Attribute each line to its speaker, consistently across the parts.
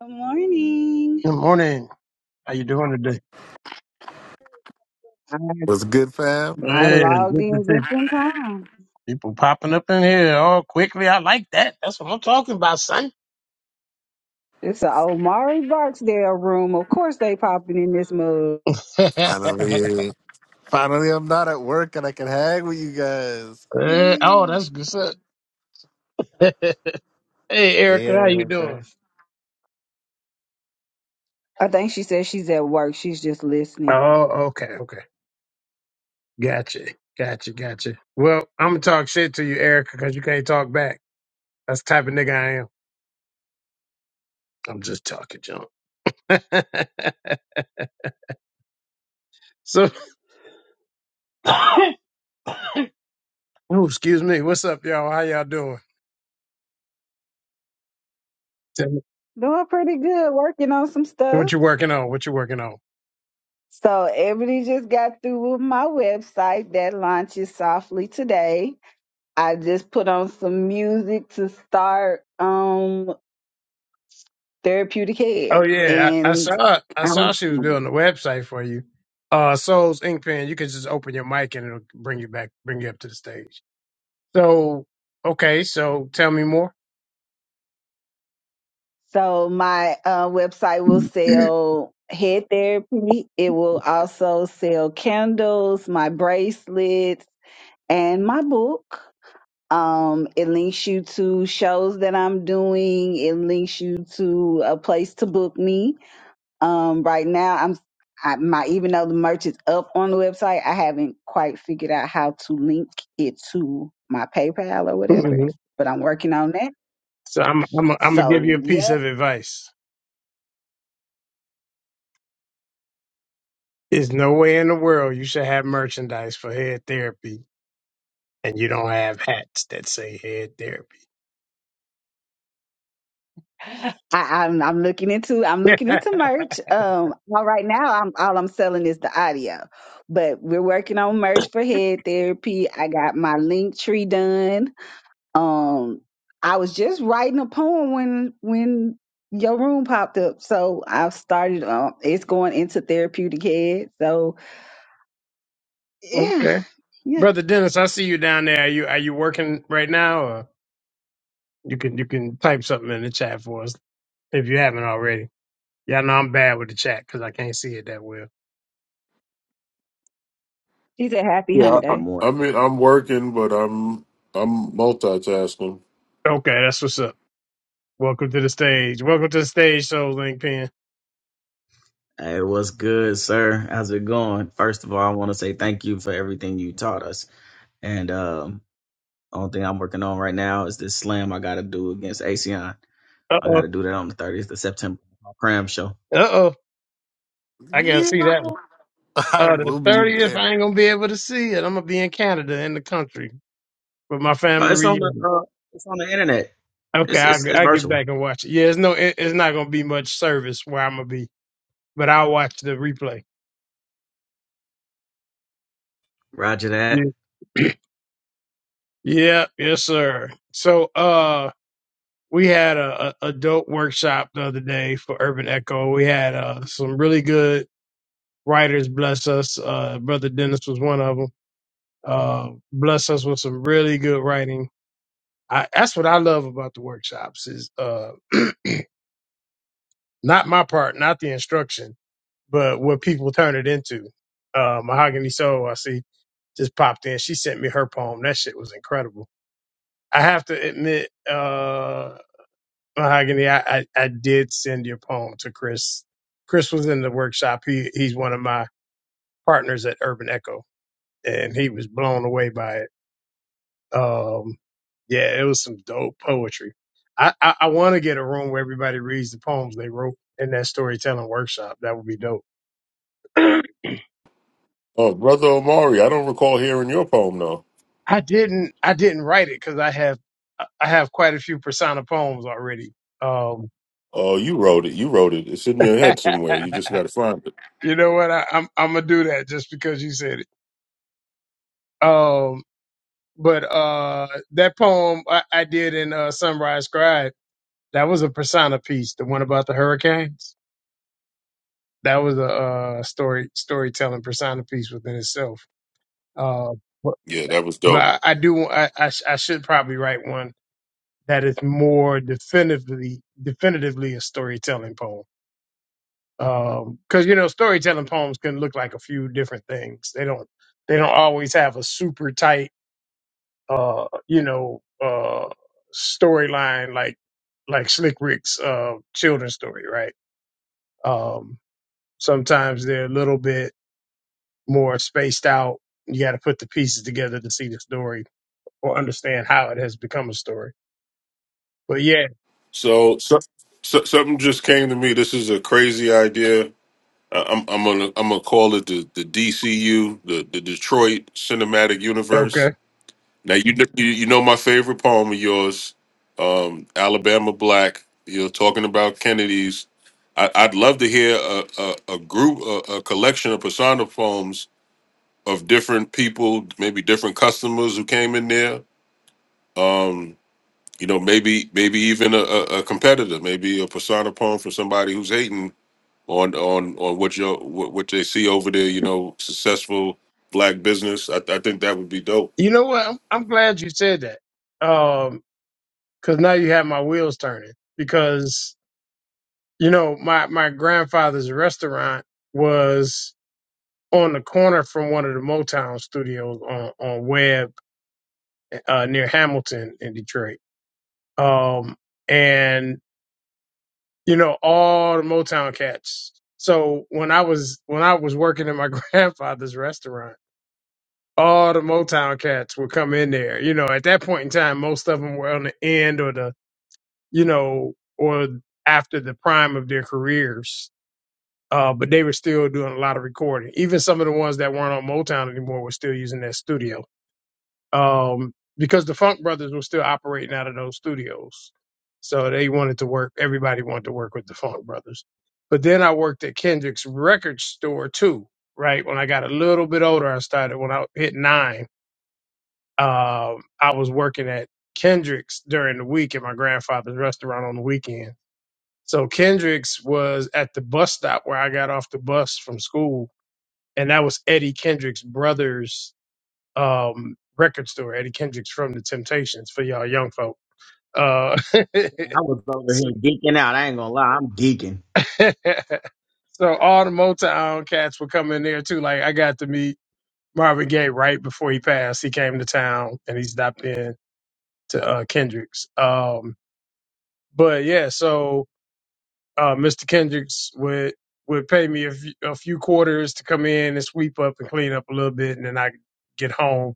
Speaker 1: Good morning.
Speaker 2: Good morning. How you doing today?
Speaker 1: I,
Speaker 3: What's good, fam?
Speaker 1: I
Speaker 2: Man,
Speaker 1: logged
Speaker 2: good to
Speaker 1: in
Speaker 2: see
Speaker 1: just in time.
Speaker 2: people popping up in here all quickly. I like that. That's what I'm talking about, son.
Speaker 1: It's a Omari Barksdale room. Of course they popping in this mug.
Speaker 3: Finally, finally, I'm not at work and I can hang with you guys.
Speaker 2: Eh, oh, that's good. Son. hey, Erica,
Speaker 3: Yeah,
Speaker 2: how you
Speaker 3: my
Speaker 2: doing?
Speaker 3: fam.
Speaker 1: I think she said she's at work. She's just listening.
Speaker 2: Oh, okay, okay. Gotcha, gotcha, gotcha. Well, I'm gonna talk shit to you, Erica, because you can't talk back. That's the type of nigga I am. I'm just talking junk. so, oh, excuse me. What's up, y'all? How y'all doing? Tell me
Speaker 1: Doing pretty good, working on some
Speaker 2: what
Speaker 1: stuff.
Speaker 2: you working on? What you working on?
Speaker 1: So Ebony just got through with my website that launches softly today. I just put on some music to start um therapeutic
Speaker 2: Oh
Speaker 1: head.
Speaker 2: yeah, I, I
Speaker 1: And
Speaker 2: saw I saw
Speaker 1: I'm
Speaker 2: she was building a website for you. Uh, Souls Ink Pen. You can just open your mic and it'll bring you back, bring you up to the stage. So okay, so tell me more.
Speaker 1: So my uh, website will sell head therapy. It will also sell candles, my bracelets, and my book. Um, it links you to shows that I'm doing. It links you to a place to book me. Um, right now, I'm I, my even though the merch is up on the website, I haven't quite figured out how to link it to my PayPal or whatever. But I'm working on that.
Speaker 2: So I'm I'm I'm gonna give you
Speaker 1: So
Speaker 2: a
Speaker 1: yeah.
Speaker 2: piece of advice. There's no way in the world you should have merchandise for head therapy and you don't have hats that say head therapy.
Speaker 1: I, I'm I'm looking into I'm looking into merch. Um, well, right now I'm all I'm selling is the audio, but we're working on merch for head therapy. I got my link tree done. Um, I was just writing a poem when when your room popped up, so i started. Um, it's going into therapeutic head. So yeah,
Speaker 2: okay,
Speaker 1: yeah,
Speaker 2: brother Dennis, I see you down there. Are you are you working right now? Or you can you can type something in the chat for us if you haven't already. Yeah, no, I'm bad with the chat because I can't see it that well.
Speaker 1: it's a happy
Speaker 4: Yeah,
Speaker 1: hump
Speaker 5: Hey,
Speaker 4: I,
Speaker 5: good
Speaker 1: day.
Speaker 4: I
Speaker 5: morning. Good-
Speaker 4: mean, I'm working, but I'm I'm multitasking.
Speaker 2: Okay, that's what's up. Welcome to the stage. Welcome to the stage, Soul Link Pen.
Speaker 5: Hey, what's good, sir? How's it going? First of all, I want to say thank you for everything you taught us. And um, only thing I'm working on right now is this slam I got to do against ASEAN.
Speaker 2: Uh
Speaker 5: I
Speaker 2: oh.
Speaker 5: got to do that on the 30th of September. My cram show.
Speaker 2: Uh oh. I gotta see
Speaker 3: Yeah,
Speaker 2: that one.
Speaker 3: I
Speaker 2: Uh, the
Speaker 3: will be
Speaker 2: 30th,
Speaker 3: there.
Speaker 2: I ain't gonna be able to see it. I'm gonna be in Canada, in the country, for my
Speaker 5: But
Speaker 2: family
Speaker 5: it's on the
Speaker 2: reunion.
Speaker 5: uh, it's on the internet.
Speaker 2: Okay,
Speaker 5: It's
Speaker 2: I'll,
Speaker 5: it's it's
Speaker 2: I'll get
Speaker 5: virtual.
Speaker 2: back and watch it. Yeah, it's no, it, it's not gonna be much service where I'm gonna be, but I'll watch the replay.
Speaker 5: Roger
Speaker 2: Yeah.
Speaker 5: that.
Speaker 2: yeah, yes, sir. So, uh, we had a, a dope workshop the other day for Urban Echo. We had uh, some really good writers bless us. Uh, Brother Dennis was one of them. Uh, bless us with some really good writing. I, that's what I love about the workshops is uh, not my part, not the instruction, but what people turn it into. Uh, Mahogany Soul, I see, just popped in. She sent me her poem. That shit was incredible. I have to admit, uh, Mahogany, I, I, I did send your poem to Chris. Chris was in the workshop. He he's one of my partners at Urban Echo, and he was blown away by it. Um, yeah, it was some dope poetry. I I, I want to get a room where everybody reads the poems they wrote in that storytelling workshop. That would be dope. I
Speaker 4: Oh, brother Omari, I don't recall hearing your poem though.
Speaker 2: didn't I didn't write it because I have I I have quite a few persona poems already. Um,
Speaker 4: Oh, you wrote it. You wrote it. It's in your head somewhere. You just got to find it.
Speaker 2: you know what? I, I'm I'm gonna do that just because you said it. Um, but uh that poem I, I did in uh Sunrise Scribe, that was a persona piece, the one about the hurricanes. That was a uh story storytelling persona piece within itself. Uh but,
Speaker 4: Yeah, that was
Speaker 2: but
Speaker 4: dope.
Speaker 2: I, I do I, I sh- I should probably write one that is more definitively definitively a storytelling poem. Um cuz you know storytelling poems can look like a few different things. They don't they don't always have a super tight uh, you know, uh, storyline like like Slick Rick's uh, children's story, right? Um, sometimes they're a little bit more spaced out. You got to put the pieces together to see the story or understand how it has become a story. But yeah,
Speaker 4: So, so, so something just came to me. This is a crazy idea. I- I'm I'm gonna I'm gonna call it the the DCU, the the Detroit Cinematic Universe.
Speaker 2: okay.
Speaker 4: Now you know, you, you know my favorite poem of yours, um, Alabama Black. You're talking about Kennedy's. I, I'd love to hear a, a, a group, a, a collection of persona poems of different people, maybe different customers who came in there. Um, you know, maybe maybe even a, a a competitor, maybe a persona poem from somebody who's hating on on on what you what, what they see over there. You know, successful black business. I, I think that would be dope.
Speaker 2: You know what? I'm, I'm glad you said that because now you have my wheels turning. Because you know, my my grandfather's restaurant was on the corner from one of the Motown studios on on Webb uh, near Hamilton in Detroit. Um, and you know all the Motown cats. So when I was when I was working in my grandfather's restaurant, all the Motown cats would come in there. You know, at that point in time, most of them were on the end or the you know or after the prime of their careers. Uh, but they were still doing a lot of recording. Even some of the ones that weren't on Motown anymore were still using that studio. um, because the Funk Brothers were still operating out of those studios. So they wanted to work, everybody wanted to work with the Funk Brothers. But then I worked at Kendrick's record store too, right? When I got a little bit older, I started, when I hit nine, um, I was working at Kendrick's during the week at my grandfather's restaurant on the weekend. So Kendrick's was at the bus stop where I got off the bus from school. And that was Eddie Kendrick's brother's um, record store, Eddie Kendricks from The Temptations for y'all young folk. Uh,
Speaker 5: I was over
Speaker 2: so,
Speaker 5: here geeking out. I ain't gonna lie, I'm geeking.
Speaker 2: so all the Motown cats were coming there too. Like I got to meet Marvin Gaye right before he passed. He came to town and he stopped in to uh, Kendricks. Um, but yeah, so uh, Mr. Kendricks would would pay me a few, a few quarters to come in and sweep up and clean up a little bit, and then I could get home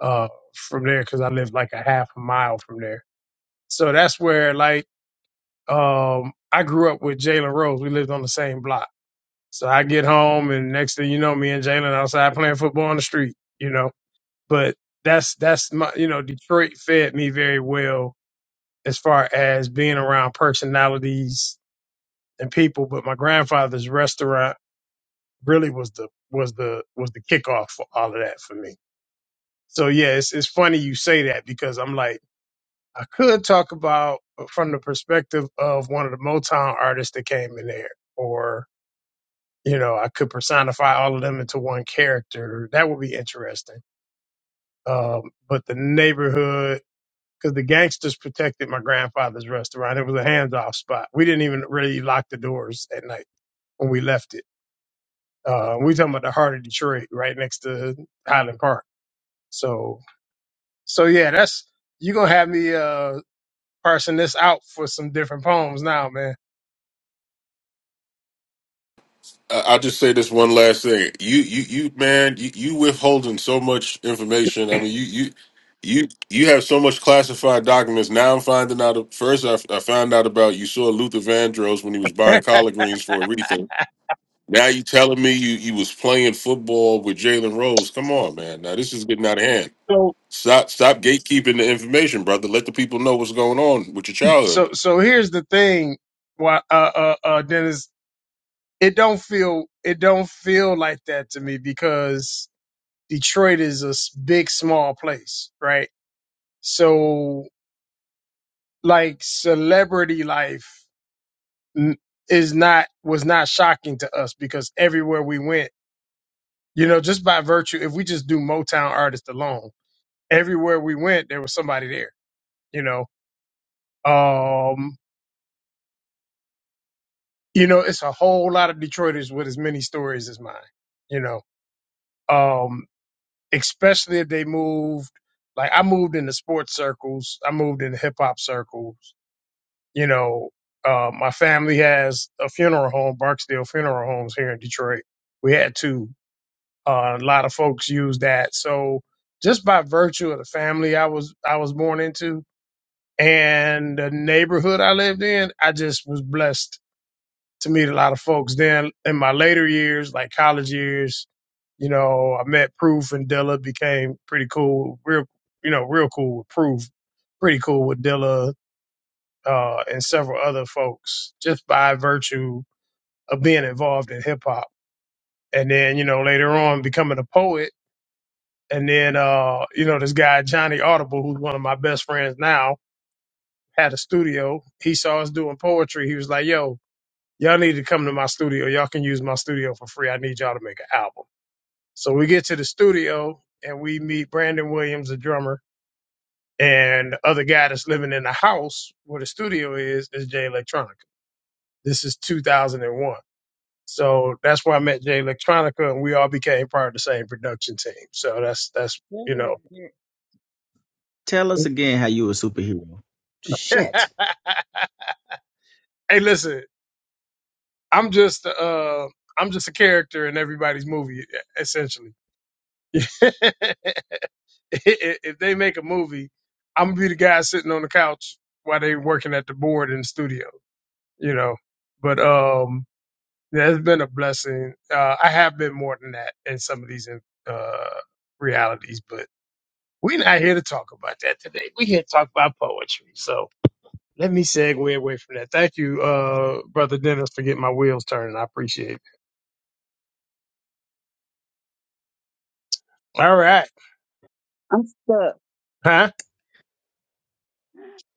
Speaker 2: uh, from there because I lived like a half a mile from there So that's where like um I grew up with Jalen Rose. We lived on the same block. So I get home and next thing you know, me and Jalen outside playing football on the street, you know. But that's that's my you know, Detroit fed me very well as far as being around personalities and people. But my grandfather's restaurant really was the was the was the kickoff for all of that for me. So yeah, it's it's funny you say that because I'm like I could talk about uh, from the perspective of one of the Motown artists that came in there, or you know, I could personify all of them into one character. That would be interesting. Um, but the neighborhood, because the gangsters protected my grandfather's restaurant, it was a hands-off spot. We didn't even really lock the doors at night when we left it. Uh, we talking about the heart of Detroit, right next to Highland Park. So, so yeah, that's you gonna have me uh parsing this out for some different poems now, man.
Speaker 4: I- I'll just say this one last thing. You, you, you, man, you, you withholding so much information. I mean, you, you, you, you have so much classified documents. Now I'm finding out. First, I, I found out about you saw Luther Vandross when he was buying collard greens for Aretha. Now you telling me you you was playing football with Jalen Rose? Come on, man. Now this is getting out of hand.
Speaker 2: So.
Speaker 4: Stop, stop gatekeeping the information, brother. Let the people know what's going on with your
Speaker 2: So
Speaker 4: childhood.
Speaker 2: so here's the thing, why uh, uh uh Dennis, it don't feel it don't feel like that to me because Detroit is a s- big small place, right? So like celebrity life n- is not was not shocking to us because everywhere we went, you know, just by virtue if we just do Motown artists alone, everywhere we went there was somebody there, you know. Um you know, it's a whole lot of Detroiters with as many stories as mine you know um, especially if they moved. Like I moved into sports circles, I moved into hip hop circles. You know, uh, my family has a funeral home, Barksdale Funeral Homes here in Detroit. We had two. Uh, a lot of folks use that. So just by virtue of the family I was I was born into and the neighborhood I lived in, I just was blessed to meet a lot of folks. Then in my later years, like college years, you know, I met Proof and Dilla became pretty cool, real, you know, real cool with Proof, pretty cool with Dilla, uh, and several other folks just by virtue of being involved in hip hop. And then, you know, later on becoming a poet. And then, uh, you know, this guy, Johnny Audible, who's one of my best friends now, had a studio. He saw us doing poetry. He was like, yo, y'all need to come to my studio. Y'all can use my studio for free. I need y'all to make an album. So we get to the studio and we meet Brandon Williams, the drummer, and the other guy that's living in the house where the studio is, is Jay Electronica. This is 2001. So that's where I met Jay Electronica and we all became part of the same production team. So that's, that's,
Speaker 5: Tell
Speaker 2: you
Speaker 5: me
Speaker 2: know,
Speaker 5: again- Tell us again how you a superhero. Shit,
Speaker 2: hey, listen, I'm just, uh, I'm just a character in everybody's movie, essentially. if they make a movie, I'm gonna be the guy sitting on the couch while they working at the board in the studio, you know. But um, yeah, it's been a blessing. Uh, I have been more than that in some of these uh realities, but we're not here to talk about that today. We're here to talk about poetry. So let me segue away from that. Thank you, uh, brother Dennis, for getting my wheels turning. I appreciate it. All right,
Speaker 1: I'm stuck.
Speaker 2: huh?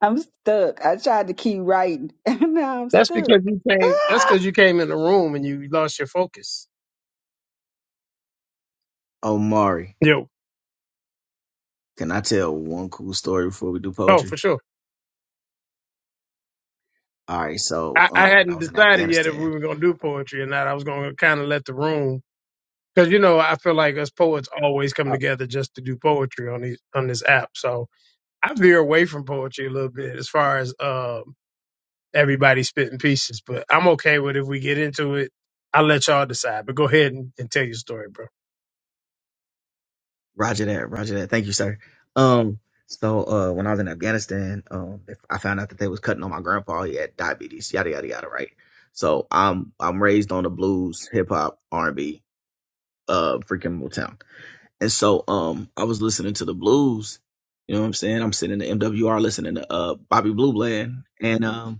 Speaker 1: I'm stuck. I tried to keep writing, and now I'm
Speaker 2: That's
Speaker 1: stuck.
Speaker 2: because you came. That's because you came in the room and you lost your focus.
Speaker 5: Omari.
Speaker 2: Yo,
Speaker 5: Can I tell one cool story before we do
Speaker 2: oh,
Speaker 5: poetry?
Speaker 2: for sure.
Speaker 5: All right. So
Speaker 2: I, I
Speaker 5: um, when I
Speaker 2: hadn't
Speaker 5: was in
Speaker 2: decided yet if we
Speaker 5: Afghanistan,
Speaker 2: were going to do poetry or not. I was going to kind of let the room because you know I feel like us poets always come
Speaker 5: Uh,
Speaker 2: together just to do poetry on these on this app. So I veer away from poetry a little bit as far as um, everybody spitting pieces, but I'm okay with if we get into it. I'll let y'all decide. But go ahead and, and tell your story, bro.
Speaker 5: Roger that, Roger that. Thank you, sir. Um, so uh, when I was in Afghanistan, um, if I found out that they was cutting on my grandpa. He had diabetes. Yada yada yada. Right. So I'm I'm raised on the blues, hip hop, R and B, uh, freaking Motown. And so um, I was listening to the blues. You know what I'm saying? I'm sitting in the MWR listening to uh Bobby Blue Bland, and um.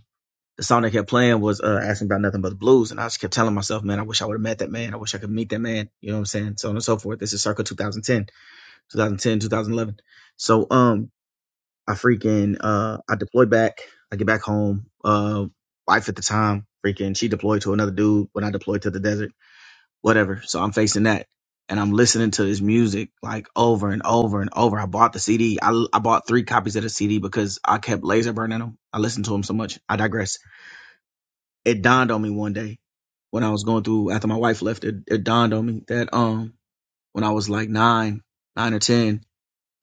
Speaker 5: the song they kept playing was uh, asking about nothing but the blues, and I just kept telling myself, man, I wish I would have met that man. I wish I could meet that man. You know what I'm saying? So on and so forth. This is circa 2010, 2010, 2011. So um, I freaking uh, I deployed back. I get back home. Uh, wife at the time, freaking, she deployed to another dude when I deployed to the desert. Whatever. So I'm facing that. And I'm listening to this music like over and over and over. I bought the CD. I, I bought three copies of the CD because I kept laser burning them. I listened to them so much. I digress it dawned on me one day when I was going through after my wife left. It, it dawned on me that um when I was like nine, nine or ten,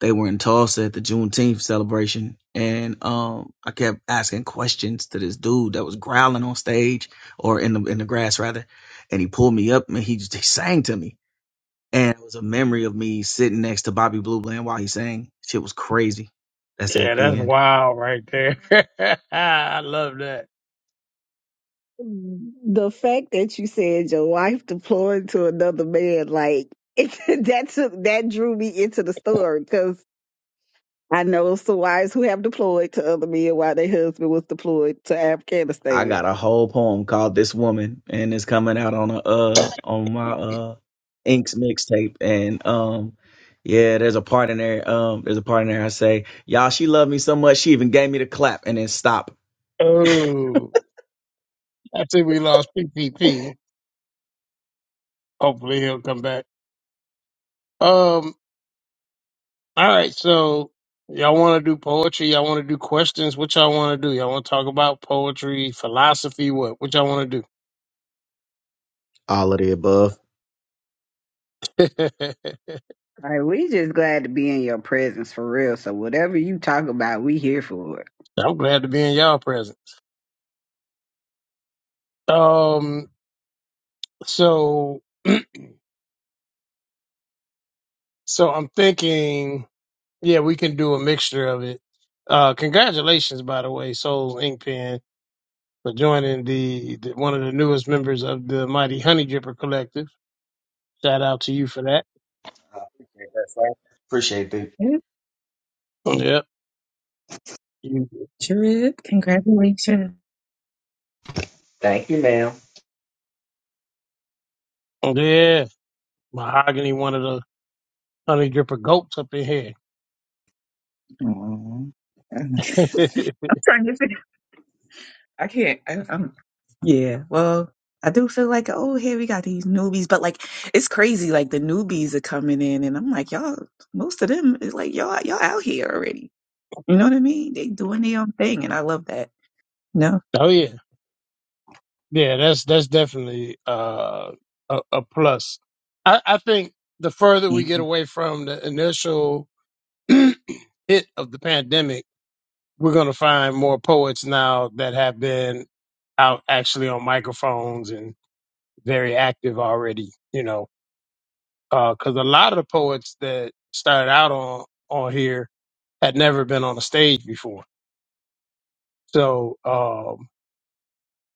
Speaker 5: they were in Tulsa at the Juneteenth celebration, and um I kept asking questions to this dude that was growling on stage or in the in the grass rather, and he pulled me up and he just he sang to me, and it was a memory of me sitting next to Bobby Blue Bland while he sang. Shit was crazy. That's
Speaker 2: Yeah,
Speaker 5: it. The
Speaker 2: that's
Speaker 5: end.
Speaker 2: wild right there. I love that.
Speaker 1: The fact that you said your wife deployed to another man, like it, that took that drew me into the story because I know some wives who have deployed to other men while their husband was deployed to
Speaker 5: I
Speaker 1: Afghanistan.
Speaker 5: got a whole poem called "This Woman," and it's coming out on a uh on my uh Inks mixtape. And um, yeah, there's a part in there. Um, there's a part in there. I say, y'all, she loved me so much, she even gave me the clap, and then stop.
Speaker 2: Oh, I think we lost P P P, Hopefully he'll come back. Um, All right, so y'all want to do poetry? Y'all want to do questions? What y'all want to do? Y'all want to talk about poetry, philosophy? What? What y'all want to
Speaker 5: All of the above.
Speaker 2: do?
Speaker 1: Like we just glad to be in your presence for real. So whatever you talk about, we here for it.
Speaker 2: I'm glad to be in y'all presence. Um, so, so I'm thinking, yeah, we can do a mixture of it. Uh, congratulations, by the way, Souls Ink Pen for joining the, the one of the newest members of the Mighty Honey Dripper Collective. Shout out to you for that.
Speaker 5: That's right. Appreciate it.
Speaker 6: Yep,
Speaker 2: Yep. You-
Speaker 6: sure is. Congratulations.
Speaker 5: Damn.
Speaker 2: Yeah. Mahogany, one of those. Honey dripper goats up in here.
Speaker 6: Aw. I'm trying to figure. I can't. I, I'm. Yeah. Well, I do feel like oh, here we got these newbies, but like it's crazy. Like the newbies are coming in, and I'm like, y'all. Most of them is like y'all. Y'all out here already. You know what I mean? They doing their own thing, and I love that. No.
Speaker 2: oh yeah, yeah. That's that's definitely uh, a, a plus. I, I think the further we get
Speaker 6: Mhm.
Speaker 2: away from the initial hit of the pandemic, we're going to find more poets now that have been out actually on microphones and very active already. You know, because a lot of the poets that started out on on here had never been on a stage before. So. Um,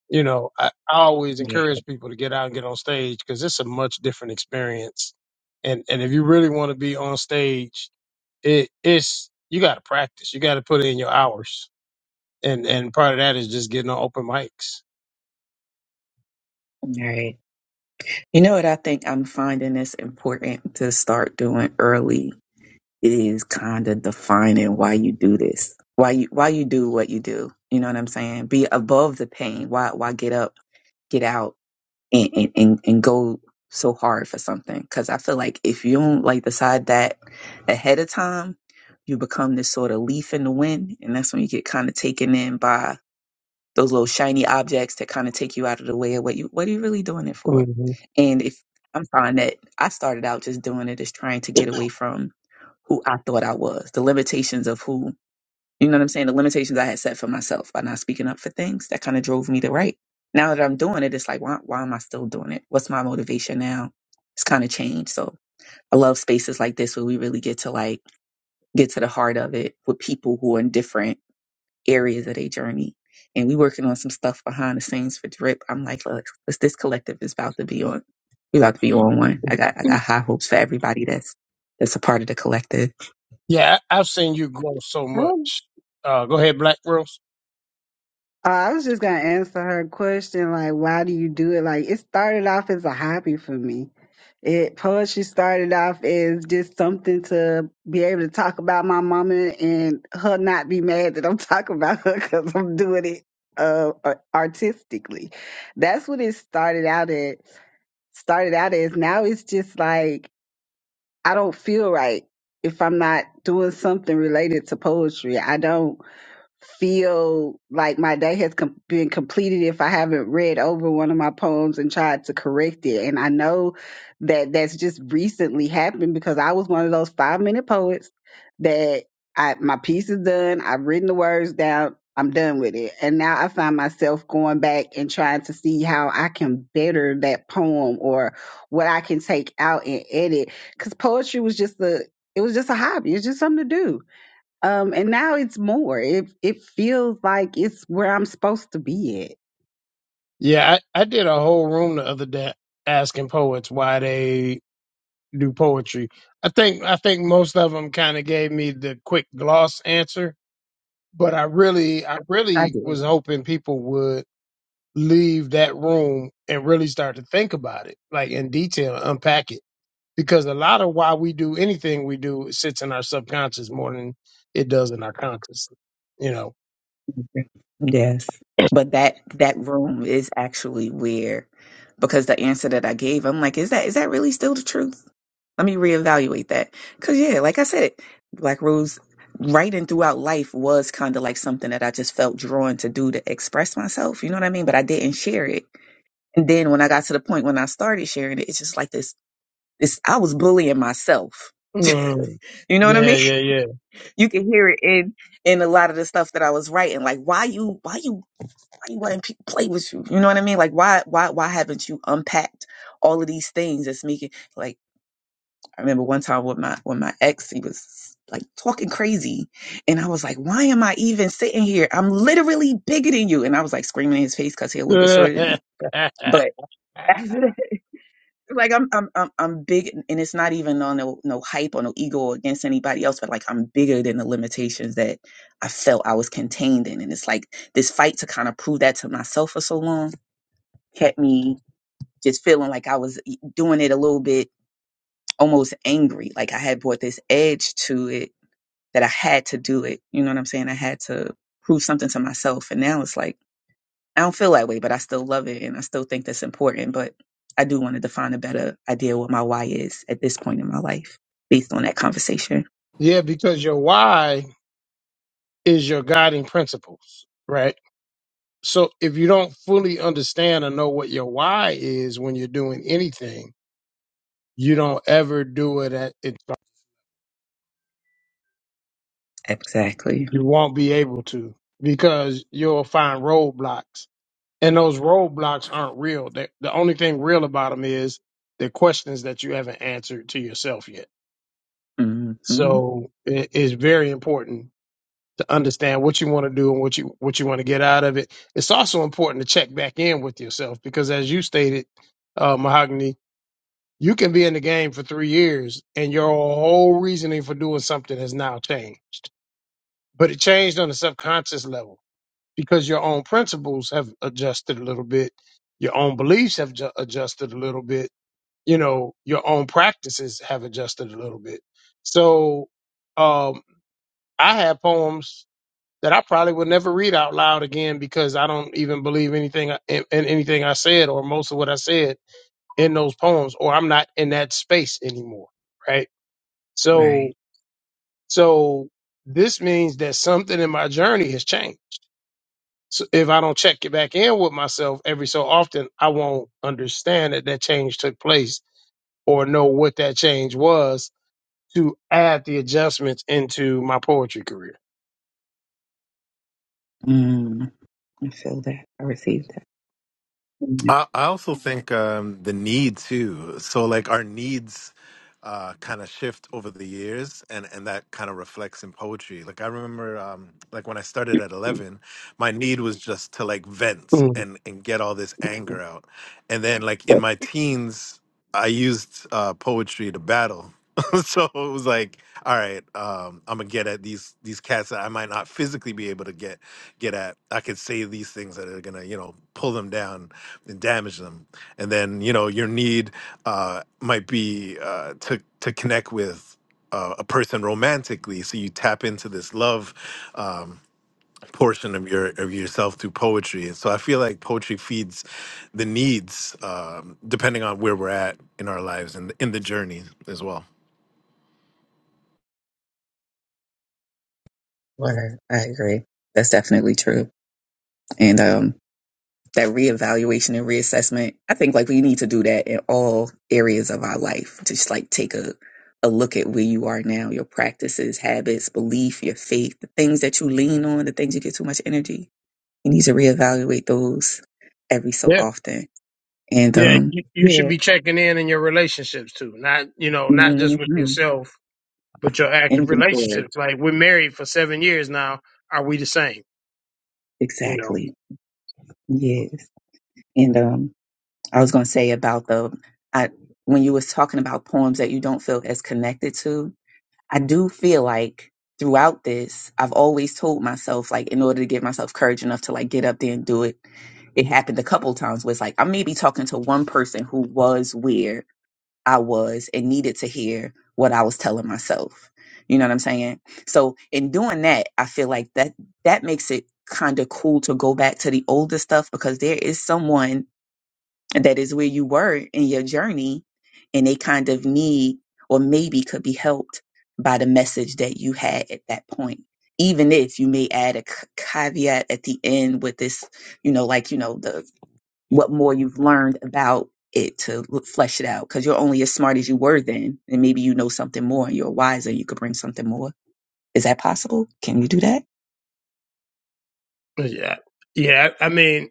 Speaker 2: you know, I, I always
Speaker 6: Yeah.
Speaker 2: encourage people to get out and get on stage because it's a much different experience. And and if you really want to be on stage, it it's you got to practice. You got to put in your hours. And and part of that is just getting on open mics.
Speaker 6: All right. You know what I think I'm finding this important to start doing early it is kind of defining why you do this, why you why you do what you do. You know what I'm saying? Be above the pain. Why why get up, get out, and and and, and go so hard for something? Because I feel like if you don't like decide that ahead of time, you become this sort of leaf in the wind, and that's when you get kind of taken in by those little shiny objects that kind of take you out of the way of what you what are you really doing it for?
Speaker 2: hmm
Speaker 6: And if I'm finding that I started out just doing it as trying to get away from who I thought I was, the limitations of who, you know what I'm saying? The limitations I had set for myself by not speaking up for things that kind of drove me to write. Now that I'm doing it, it's like, why, why am I still doing it? What's my motivation now? It's kind of changed. So I love spaces like this where we really get to like get to the heart of it with people who are different areas of their journey. And we working on some stuff behind the scenes for Drip. I'm like, look, this, this collective is about to be on. We about to be on one. I got I got high hopes for everybody that's that's a part of the collective.
Speaker 2: Yeah, I, I've seen you grow so much. Uh, go ahead, Black Rose.
Speaker 1: Uh, I was just gonna answer her question, like, why do you do it? Like, it started off as a hobby for me. It poetry started off as just something to be able to talk about my mama and her not be mad that I'm talking about her because I'm doing it uh ar- artistically. That's what it started out at. Started out as now it's just like I don't feel right if I'm not doing something related to poetry. I don't feel like my day has com- been completed if I haven't read over one of my poems and tried to correct it. And I know that that's just recently happened because I was one of those five minute poets that I my piece is done. I've written the words down. I'm done with it. And now I find myself going back and trying to see how I can better that poem or what I can take out and edit. Cause poetry was just a, it was just a hobby. It's just something to do um, and now it's more. It it feels like it's where I'm supposed to be at.
Speaker 2: Yeah, I, I did a whole room the other day asking poets why they do poetry. I think I think most of them kind of gave me the quick gloss answer but I really, I
Speaker 6: I
Speaker 2: really was
Speaker 6: do.
Speaker 2: hoping people would leave that room and really start to think about it, like in detail, unpack it, because a lot of why we do anything we do it sits in our subconscious more than it does in our conscious. You know.
Speaker 6: Yes. But that that room is actually where because the answer that I gave, I'm like, is that is that really still the truth? Let me reevaluate that. Cause yeah, like I said, Black Rose writing throughout life was kind of like something that I just felt drawn to do to express myself. You know what I mean? But I didn't share it. And then when I got to the point when I started sharing it, it's just like this This I was bullying myself.
Speaker 2: Mm.
Speaker 6: You know what I
Speaker 2: Yeah,
Speaker 6: mean?
Speaker 2: yeah,
Speaker 6: You can hear it in in a lot of the stuff that I was writing. Like why you why you why you letting people play with you? You know what I mean? Like why why why haven't you unpacked all of these things that's making like I remember one time with my with my ex, he was like talking crazy. And I was like, why am I even sitting here? I'm literally bigger than you. And I was like screaming in his face because he a little bit shorter than
Speaker 2: yeah.
Speaker 6: me. But like I'm I'm I'm I'm big and it's not even on no no hype or no ego against anybody else, but like I'm bigger than the limitations that I felt I was contained in. And it's like this fight to kind of prove that to myself for so long kept me just feeling like I was doing it a little bit almost angry. Like I had brought this edge to it that I had to do it. You know what I'm saying? I had to prove something to myself. And now it's like I don't feel that way, but I still love it and I still think that's important. But I do want to define a better idea of what my why is at this point in my life based on that conversation.
Speaker 2: yeah, because your why is your guiding principles, right? So if you don't fully understand or know what your why is when you're doing anything you don't ever do it at its
Speaker 6: Exactly.
Speaker 2: you won't be able to because you'll find roadblocks and those roadblocks aren't real they, the only thing real about them is the questions that you haven't answered to yourself yet
Speaker 6: hmm
Speaker 2: so it is very important to understand what you want to do and what you what you want to get out of it it's also important to check back in with yourself because as you stated uh, mahogany you can be in the game for three years and your whole reasoning for doing something has now changed but it changed on a subconscious level because your own principles have adjusted a little bit your own beliefs have ju- adjusted a little bit you know your own practices have adjusted a little bit so um i have poems that i probably would never read out loud again because i don't even believe anything I- in, in anything i said or most of what i said in those poems or i'm not in that space anymore right so
Speaker 6: Right.
Speaker 2: so this means that something in my journey has changed So if I don't check it back in with myself every so often, I won't understand that that change took place or know what that change was to add the adjustments into my poetry career.
Speaker 6: Mm. I feel that. I received that. Mhm.
Speaker 3: I, I also think um, the need too. So like our needs uh, kind of shift over the years, and and that kind of reflects in poetry. Like I remember, um, like when I started at eleven, my need was just to like vent
Speaker 2: Mm.
Speaker 3: and and get all this anger out, and then like in my teens, I used uh, poetry to battle. so it was like, all right, um, I'm gonna get at these these cats that I might not physically be able to get get at. I could say these things that are gonna, you know, pull them down and damage them. And then you know your need uh, might be uh, to to connect with uh, a person romantically, so you tap into this love um, portion of your of yourself through poetry. And so I feel like poetry feeds the needs, um, depending on where we're at in our lives and in the journey as well.
Speaker 6: Word. I agree. That's definitely true. And um, that reevaluation and reassessment. I think like we need to do that in all areas of our life. Just like take a a look at where you are now, your practices, habits, belief, your faith, the things that you lean on, the things you get too much energy. You need to reevaluate those every so
Speaker 2: Yeah.
Speaker 6: often. And
Speaker 2: Yeah.
Speaker 6: um
Speaker 2: You, you should
Speaker 6: yeah.
Speaker 2: be checking in in your relationships too, not, you know, not
Speaker 6: hmm
Speaker 2: just with yourself, but your active
Speaker 6: inventory.
Speaker 2: relationships. Like we're married for seven years now. Are we the same? You know,
Speaker 6: Exactly. Yes. And um I was gonna say about the I when you was talking about poems that you don't feel as connected to, I do feel like throughout this, I've always told myself, like, in order to give myself courage enough to like get up there and do it, it happened a couple times where it's like I'm maybe talking to one person who was where I was and needed to hear what I was telling myself. You know what I'm saying? So in doing that, I feel like that that makes it kind of cool to go back to the older stuff because there is someone that is where you were in your journey and they kind of need or maybe could be helped by the message that you had at that point even if you may add a c- caveat at the end with this you know like you know the what more you've learned about it to l- flesh it out because you're only as smart as you were then and maybe you know something more and you're wiser you could bring something more is that possible can you do that
Speaker 2: yeah. Yeah. I mean,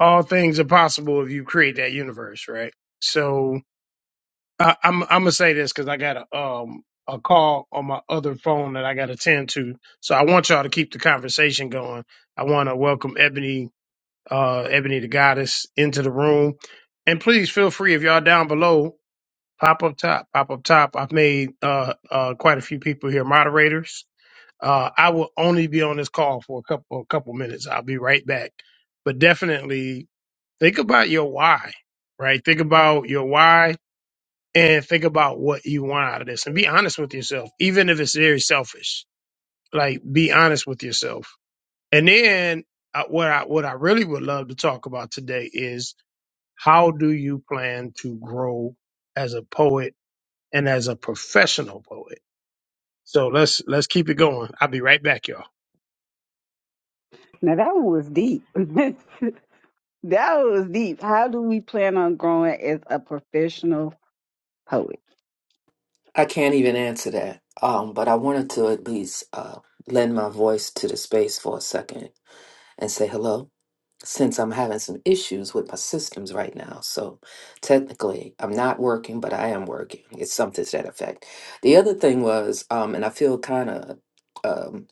Speaker 2: all things are possible if you create that universe, right? So, I, I'm I'm gonna say this because I got a um a call on my other phone that I got to attend to. So I want y'all to keep the conversation going. I want to welcome Ebony, uh, Ebony the Goddess, into the room, and please feel free if y'all down below, pop up top, pop up top. I've made uh uh quite a few people here moderators. Uh, I will only be on this call for a couple a couple minutes. I'll be right back, but definitely think about your why. Right, think about your why and think about what you want out of this and be honest with yourself, even if it's very selfish. Like, be honest with yourself. And then uh, what I, what I really would love to talk about today is how do you plan to grow as a poet and as a professional poet? So let's, let's keep it going. I'll be right back, y'all.
Speaker 1: Now that one was deep. that was deep. How do we plan on growing as a professional poet?
Speaker 7: I can't even answer that. Um, but I wanted to at least uh, lend my voice to the space for a second and say hello, since I'm having some issues with my systems right now. So technically, I'm not working, but I am working. It's something to that effect. The other thing was, um, and I feel kind of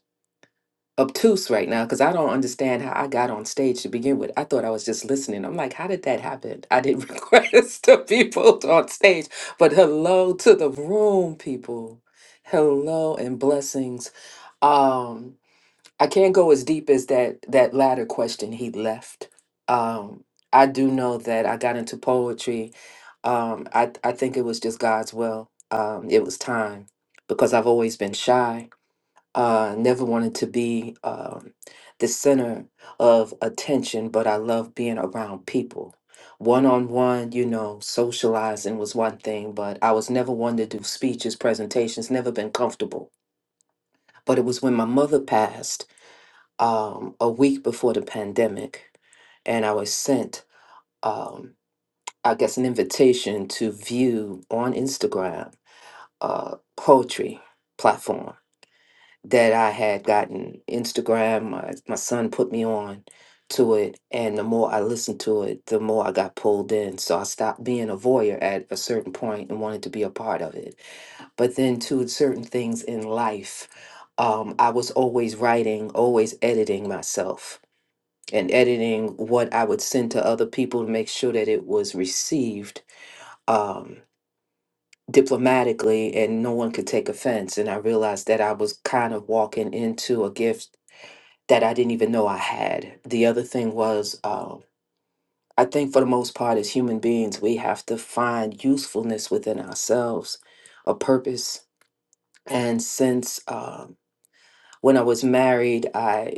Speaker 7: obtuse right now because I don't understand how I got on stage to begin with. I thought I was just listening. I'm like, how did that happen? I didn't request the people on stage, but hello to the room, people. Hello and blessings. Um, I can't go as deep as that that latter question he left. Um, I do know that I got into poetry. Um, I I think it was just God's will. Um, it was time because I've always been shy uh, never wanted to be um, the center of attention, but I love being around people. One on one, you know, socializing was one thing, but I was never one to do speeches, presentations, never been comfortable. But it was when my mother passed um, a week before the pandemic, and I was sent, um, I guess, an invitation to view on Instagram uh, poetry platform that I had gotten Instagram. My, my son put me on to it. And the more I listened to it, the more I got pulled in. So I stopped being a voyeur at a certain point and wanted to be a part of it. But then, to certain things in life, um, I was always writing, always editing myself and editing what I would send to other people to make sure that it was received. Um, diplomatically and no one could take offense and i realized that i was kind of walking into a gift that I didn't even know I had. The other thing was, um, I think for the most part, as human beings, we have to find usefulness within ourselves, a purpose. And since um, when I was married, I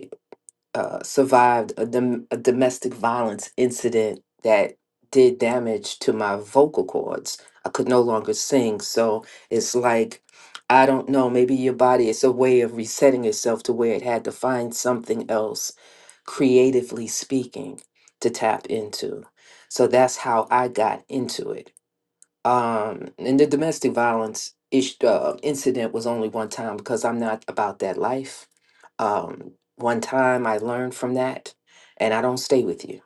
Speaker 7: uh, survived a, dom- a domestic violence incident that did damage to my vocal cords. I could no longer sing. So it's like, I don't know, maybe your body is a way of resetting itself to where it had to find something else, creatively speaking, to tap into. So that's how I got into it. Um, and the domestic violence ish, uh, incident was only one time because I'm not about that life um, one time I learned from that, and I don't stay with you.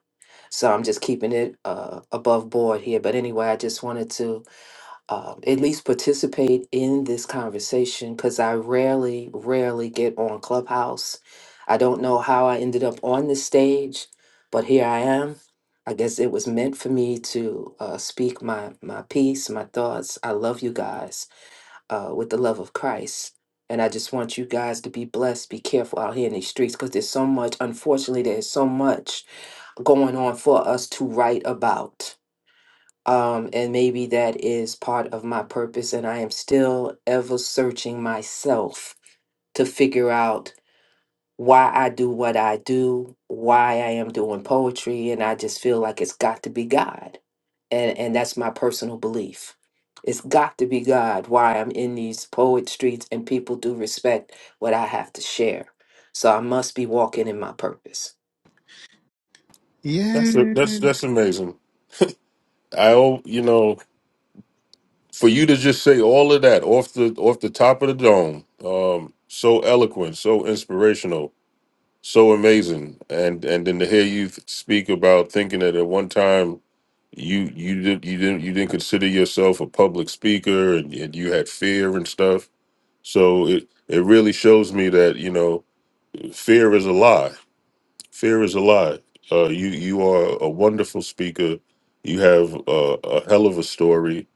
Speaker 7: So I'm just keeping it uh, above board here. But anyway, I just wanted to uh, at least participate in this conversation because I rarely, rarely get on Clubhouse. I don't know how I ended up on this stage, but here I am. I guess it was meant for me to uh, speak my my piece, my thoughts. I love you guys uh, with the love of Christ. And I just want you guys to be blessed. Be careful out here in these streets because there's so much, unfortunately, there's so much going on for us to write about. Um, and maybe that is part of my purpose. And I am still ever searching myself to figure out why I do what I do, why I am doing poetry, and I just feel like it's got to be God. And and that's my personal belief. It's got to be God why I'm in these poet streets and people do respect what I have to share. So I must be walking in my purpose.
Speaker 4: That's
Speaker 3: Yeah.
Speaker 4: that's that's amazing. I, al- you know. for you to just say all of that off the off the top of the dome um so eloquent so inspirational so amazing and and then to hear you speak about thinking that at one time you you did you didn't you didn't consider yourself a public speaker and, and you had fear and stuff so it it really shows me that you know fear is a lie Fear is a lie. Uh, you you are a wonderful speaker. You have uh, a hell of a story,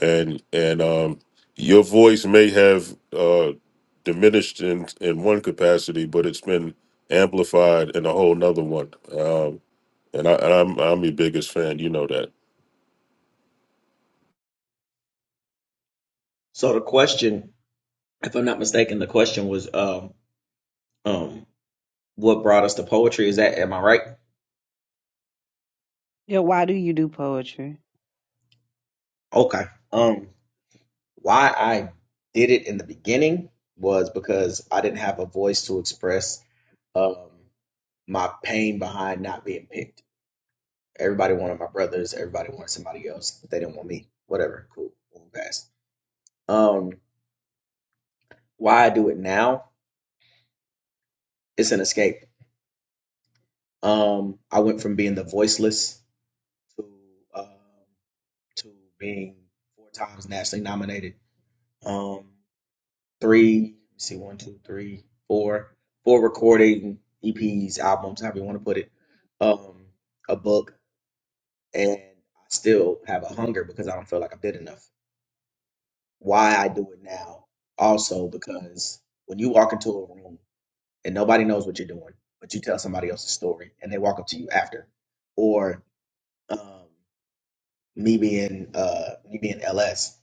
Speaker 4: and and um, your voice may have uh, diminished in in one capacity, but it's been amplified in a whole nother one. Um, and I and I'm I'm your biggest fan. You know that.
Speaker 5: So the question, if I'm not mistaken, the question was um um what brought us to poetry? Is that am I right?
Speaker 1: Yeah, why do you do poetry?
Speaker 5: Okay. um. Why I did it in the beginning was because I didn't have a voice to express um, my pain behind not being picked. Everybody wanted my brothers. Everybody wanted somebody else. But they didn't want me. Whatever. Cool. Moving past. Um, why I do it now? It's an escape. Um, I went from being the voiceless to um, to being four times nationally nominated. Um, three, let's see, one, two, three, four, four recording EPs, albums, however you want to put it, um, a book, and I still have a hunger because I don't feel like I did enough. Why I do it now, also because when you walk into a room and nobody knows what you're doing, but you tell somebody else's story and they walk up to you after, or um, me being uh, me being LS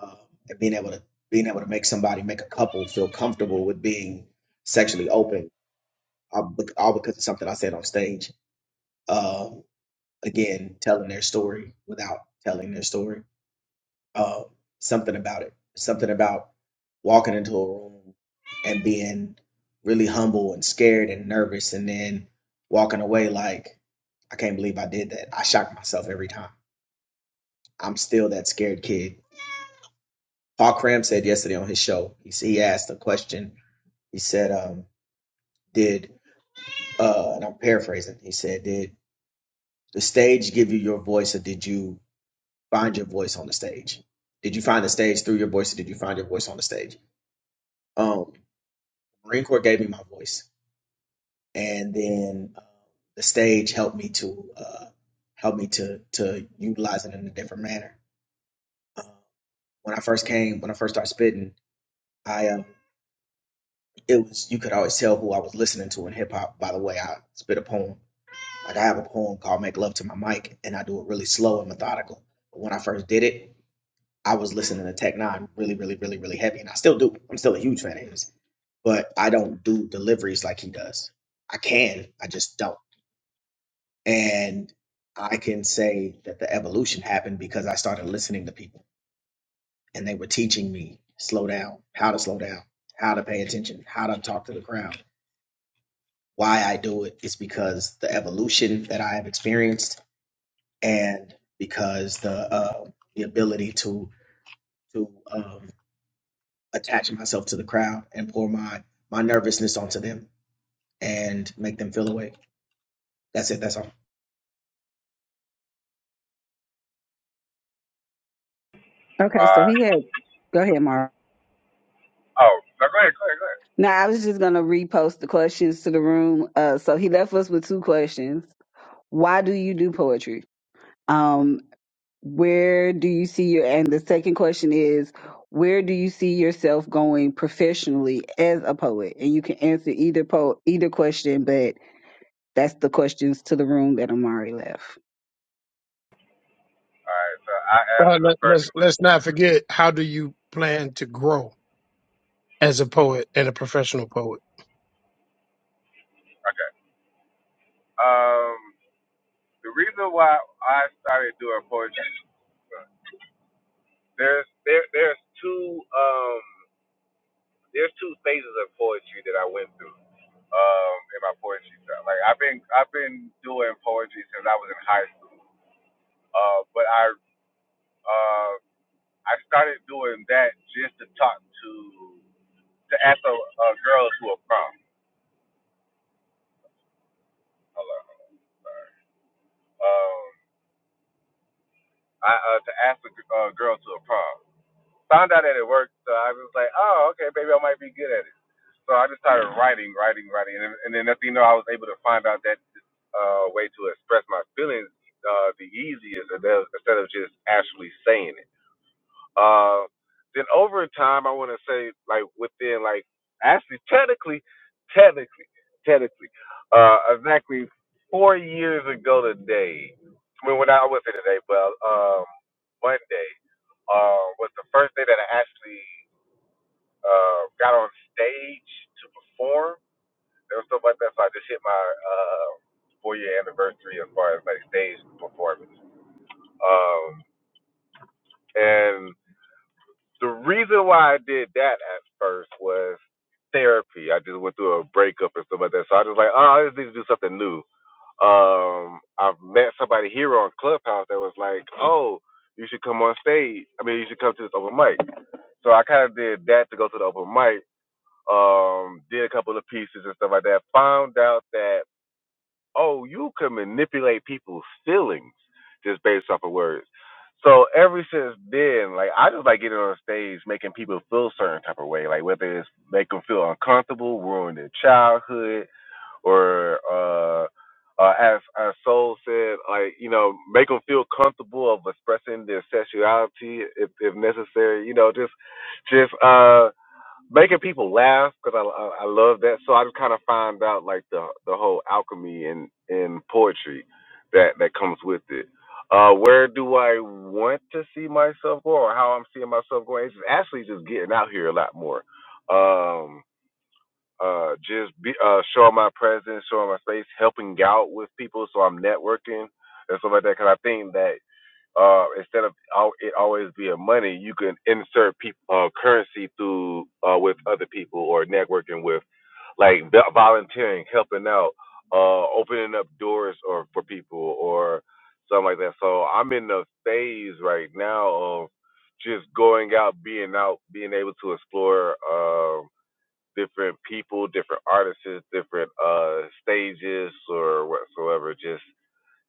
Speaker 5: um, and being able to being able to make somebody make a couple feel comfortable with being sexually open I- bec- all because of something I said on stage. Um, again, telling their story without telling their story. Um, something about it. Something about walking into a room and being really humble and scared and nervous, and then walking away like, I can't believe I did that. I shock myself every time. I'm still that scared kid. Paul Cram said yesterday on his show, he, s- he asked a question. He said, um, Did, uh, and I'm paraphrasing, he said, Did the stage give you your voice or did you Find your voice on the stage. Did you find the stage through your voice or did you find your voice on the stage? Um, Marine Corps gave me my voice, and then uh, the stage helped me to uh, help me to to utilize it in a different manner. Uh, when I first came, when I first started spitting, I um, it was you could always tell who I was listening to in hip hop by the way I spit a poem. Like I have a poem called "Make Love to My Mic," and I do it really slow and methodical. But when I first did it, I was listening to Tech Nine really, really, really, really heavy, and I still do. I'm still a huge fan of his, but I don't do deliveries like he does. I can, I just don't. And I can say that the evolution happened because I started listening to people, and they were teaching me slow down, how to slow down, how to pay attention, how to talk to the crowd. Why I do it is because the evolution that I have experienced, and because the uh, the ability to to um, attach myself to the crowd and pour my my nervousness onto them and make them feel away. That's it. That's all.
Speaker 1: Okay, so
Speaker 8: Uh,
Speaker 1: he had go ahead, Mark.
Speaker 8: oh, no, go ahead, go ahead, go ahead.
Speaker 1: Now I was just gonna repost the questions to the room. Uh, so he left us with two questions. Why do you do poetry? Um, Where do you see your, and the second question is, where do you see yourself going professionally as a poet? And you can answer either po either question, but that's the questions to the room that Amari left.
Speaker 8: All right, so I
Speaker 2: Uh,
Speaker 8: answer the
Speaker 2: let,
Speaker 8: first
Speaker 2: let's,
Speaker 8: one.
Speaker 2: let's not forget how do you plan to grow as a poet and a professional poet?
Speaker 8: Okay. Um, the reason why I started doing poetry, there's there there's two um there's two phases of poetry that I went through um in my poetry time. Like I've been I've been doing poetry since I was in high school. Uh, but I uh I started doing that just to talk to to ask a uh, girls who are from. Hello. Um, I, uh, to ask a g- uh, girl to a prom. Found out that it worked, so I was like, oh, okay, maybe I might be good at it. So I just started writing, writing, writing, and, and then next thing you know, I was able to find out that uh, way to express my feelings uh, the easiest and that- instead of just actually saying it. Uh, then over time, I want to say like within like actually technically, technically, technically, uh, exactly four years ago today. I mean, when I, I would say today, but um Monday uh, was the first day that I actually uh, got on stage to perform. There was stuff like that, so I just hit my uh, four year anniversary as far as like stage performance. Um, and the reason why I did that at first was therapy. I just went through a breakup and stuff like that, so I was like, oh, I just need to do something new. Um, I've met somebody here on Clubhouse that was like, oh, you should come on stage. I mean, you should come to this open mic. So I kind of did that to go to the open mic. Um, did a couple of pieces and stuff like that. Found out that oh, you can manipulate people's feelings just based off of words. So ever since then, like I just like getting on stage, making people feel a certain type of way, like whether it's make them feel uncomfortable, ruin their childhood, or uh, uh, as as Soul said, like you know, make them feel comfortable of expressing their sexuality if if necessary. You know, just just uh making people laugh because I, I I love that. So I just kind of find out like the the whole alchemy in in poetry that that comes with it. Uh, where do I want to see myself go, or how I'm seeing myself going? It's just actually just getting out here a lot more. Um, uh, just be, uh, showing my presence, showing my space, helping out with people, so I'm networking and stuff like that. Because I think that uh, instead of al- it always being money, you can insert peop uh, currency through uh, with other people or networking with, like vo- volunteering, helping out, uh, opening up doors or for people or something like that. So I'm in the phase right now of just going out, being out, being able to explore um different people, different artists, different uh, stages or whatsoever. Just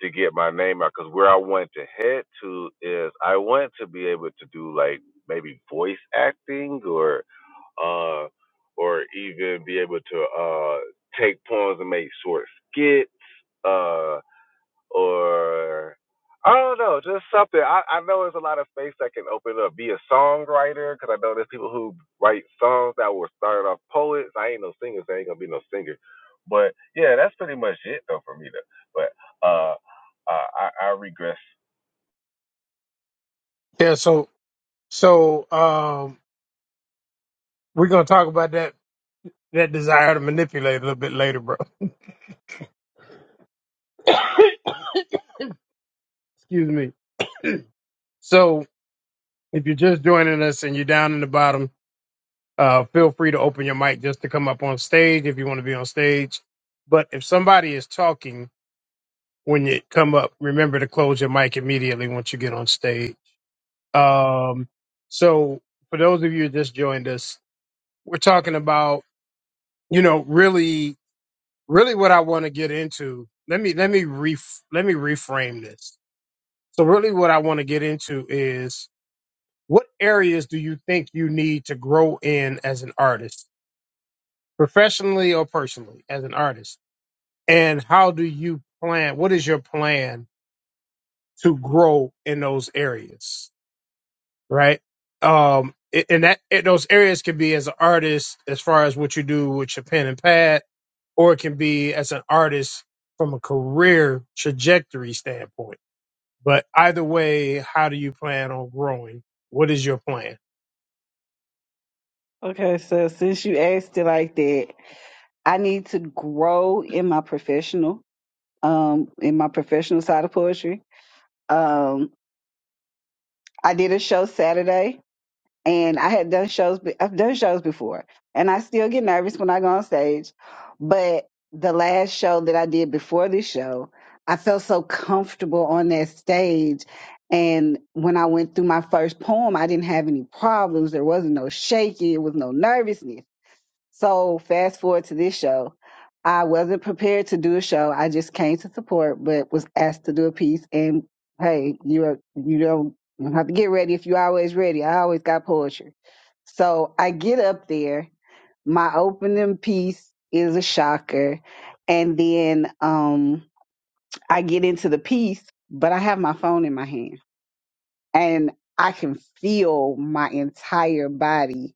Speaker 8: to get my name out because where I want to head to is I want to be able to do like maybe voice acting or uh or even be able to uh take poems and make short skits. Uh or I don't know, just something. I, I know there's a lot of space that can open up. Be a songwriter, because I know there's people who write songs that were started off poets. I ain't no singer, so I ain't gonna be no singer. But yeah, that's pretty much it though for me though. But uh, uh I, I regress.
Speaker 2: Yeah. So, so, um, we're going to talk about that that desire to manipulate a little bit later, bro. Excuse me. So if you're just joining us and you're down in the bottom, uh, feel free to open your mic just to come up on stage if you want to be on stage. But if somebody is talking when you come up, remember to close your mic immediately once you get on stage. Um, so for those of you who just joined us, we're talking about you know really, really what I want to get into. Let me let me ref- let me reframe this So really what I want to get into is what areas do you think you need to grow in as an artist, professionally or personally as an artist? And how do you plan what is your plan to grow in those areas, right? Um a- and that and those areas can be as an artist as far as what you do with your pen and pad or it can be as an artist from a career trajectory standpoint But either way, how do you plan on growing? What is your plan?
Speaker 1: Okay, so since you asked it like that, I need to grow in my professional, um, in my professional side of poetry. Um, I did a show Saturday and I had done shows. be- I've done shows before, and I still get nervous when I go on stage. But the last show that I did before this show, I felt so comfortable on that stage. And when I went through my first poem, I didn't have any problems. There wasn't no shaking. It was no nervousness. So fast forward to this show. I wasn't prepared to do a show. I just came to support, but was asked to do a piece. And hey, you're you don't you don't have to get ready if you're always ready. I always got poetry. So I get up there. My opening piece is a shocker, and then um I get into the piece, but I have my phone in my hand and I can feel my entire body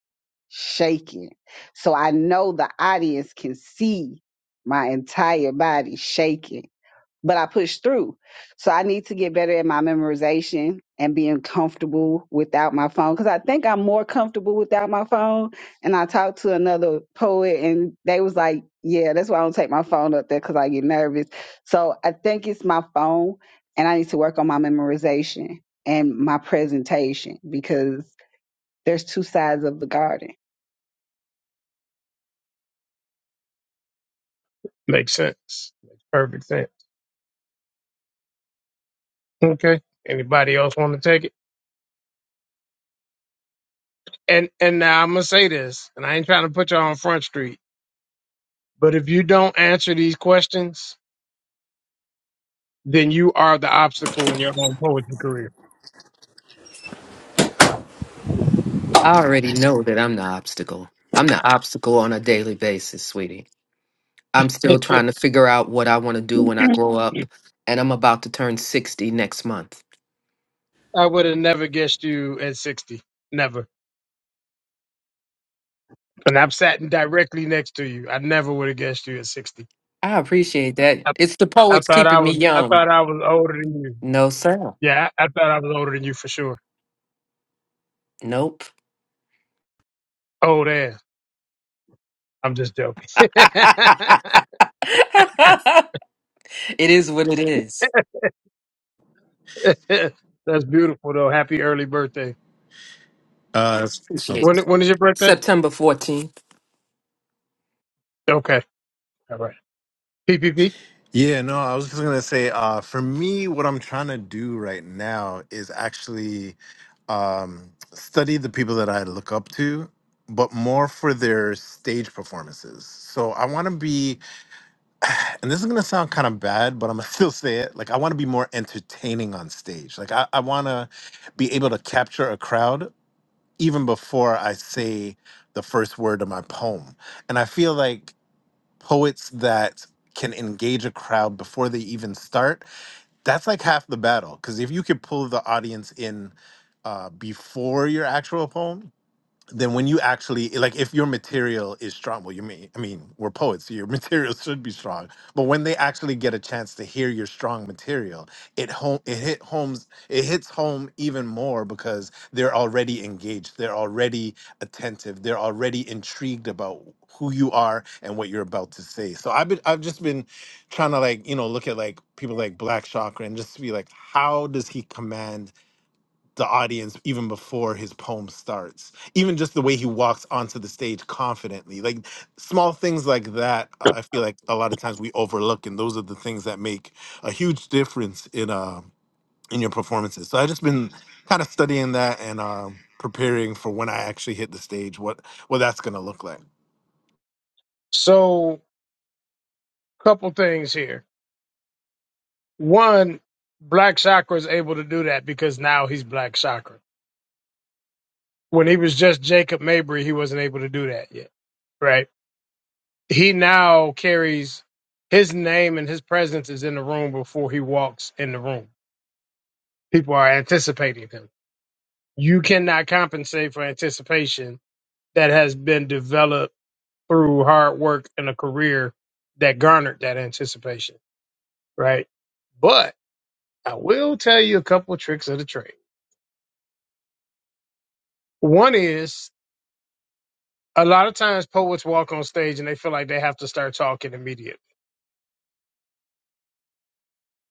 Speaker 1: shaking. So I know the audience can see my entire body shaking but I pushed through. So I need to get better at my memorization and being comfortable without my phone because I think I'm more comfortable without my phone. And I talked to another poet and they was like, "Yeah, that's why I don't take my phone up there because I get nervous." So I think it's my phone, and I need to work on my memorization and my presentation because there's two sides of the garden.
Speaker 2: Makes sense. Makes perfect sense. Okay. Anybody else want to take it? And and now I'm gonna say this, and I ain't trying to put you all on front street, but if you don't answer these questions, then you are the obstacle in your own poetry career.
Speaker 7: I already know that I'm the obstacle. I'm the obstacle on a daily basis, sweetie. I'm still trying to figure out what I want to do when I grow up, and I'm about to turn 60 next month.
Speaker 2: I would have never guessed you at 60. Never. And I'm sat directly next to you. I never would have guessed you at 60.
Speaker 7: I appreciate that.
Speaker 2: I,
Speaker 7: It's the
Speaker 2: I
Speaker 7: poets
Speaker 2: thought I
Speaker 7: keeping me
Speaker 2: was I
Speaker 7: young.
Speaker 2: thought I was older than you.
Speaker 7: No, sir.
Speaker 2: Yeah, I, I thought I was older than you for sure.
Speaker 7: Nope.
Speaker 2: Oh, damn. I'm just joking.
Speaker 7: it is what it is.
Speaker 2: That's beautiful, though. Happy early birthday.
Speaker 3: Uh,
Speaker 7: Appreciate
Speaker 2: When
Speaker 7: it.
Speaker 2: when is your birthday?
Speaker 7: September 14th.
Speaker 2: Okay. All right. P P P.
Speaker 3: Yeah, no, I was just gonna say, uh, for me, what I'm trying to do right now is actually um, study the people that I look up to, but more for their stage performances. So I want to be, and this is gonna sound kind of bad, but I'm gonna still say it. Like I want to be more entertaining on stage. Like I, I want to be able to capture a crowd even before I say the first word of my poem. And I feel like poets that can engage a crowd before they even start that's like half the battle because if you could pull the audience in uh, before your actual poem then when you actually like if your material is strong well you mean i mean we're poets so your material should be strong but when they actually get a chance to hear your strong material it home it hit homes it hits home even more because they're already engaged they're already attentive they're already intrigued about who you are and what you're about to say so i've been i've just been trying to like you know look at like people like black chakra and just be like how does he command the audience even before his poem starts even just the way he walks onto the stage confidently like small things like that uh, i feel like a lot of times we overlook and those are the things that make a huge difference in uh in your performances so i've just been kind of studying that and uh, preparing for when i actually hit the stage what what that's going to look like
Speaker 2: So, couple things here. One, Black Chakra is able to do that because now he's Black Chakra. When he was just Jacob Mabry, he wasn't able to do that yet, right? He now carries his name and his presence is in the room before he walks in the room. People are anticipating him. You cannot compensate for anticipation that has been developed through hard work and a career that garnered that anticipation, right? But I will tell you a couple of tricks of the trade. One is a lot of times poets walk on stage and they feel like they have to start talking immediately.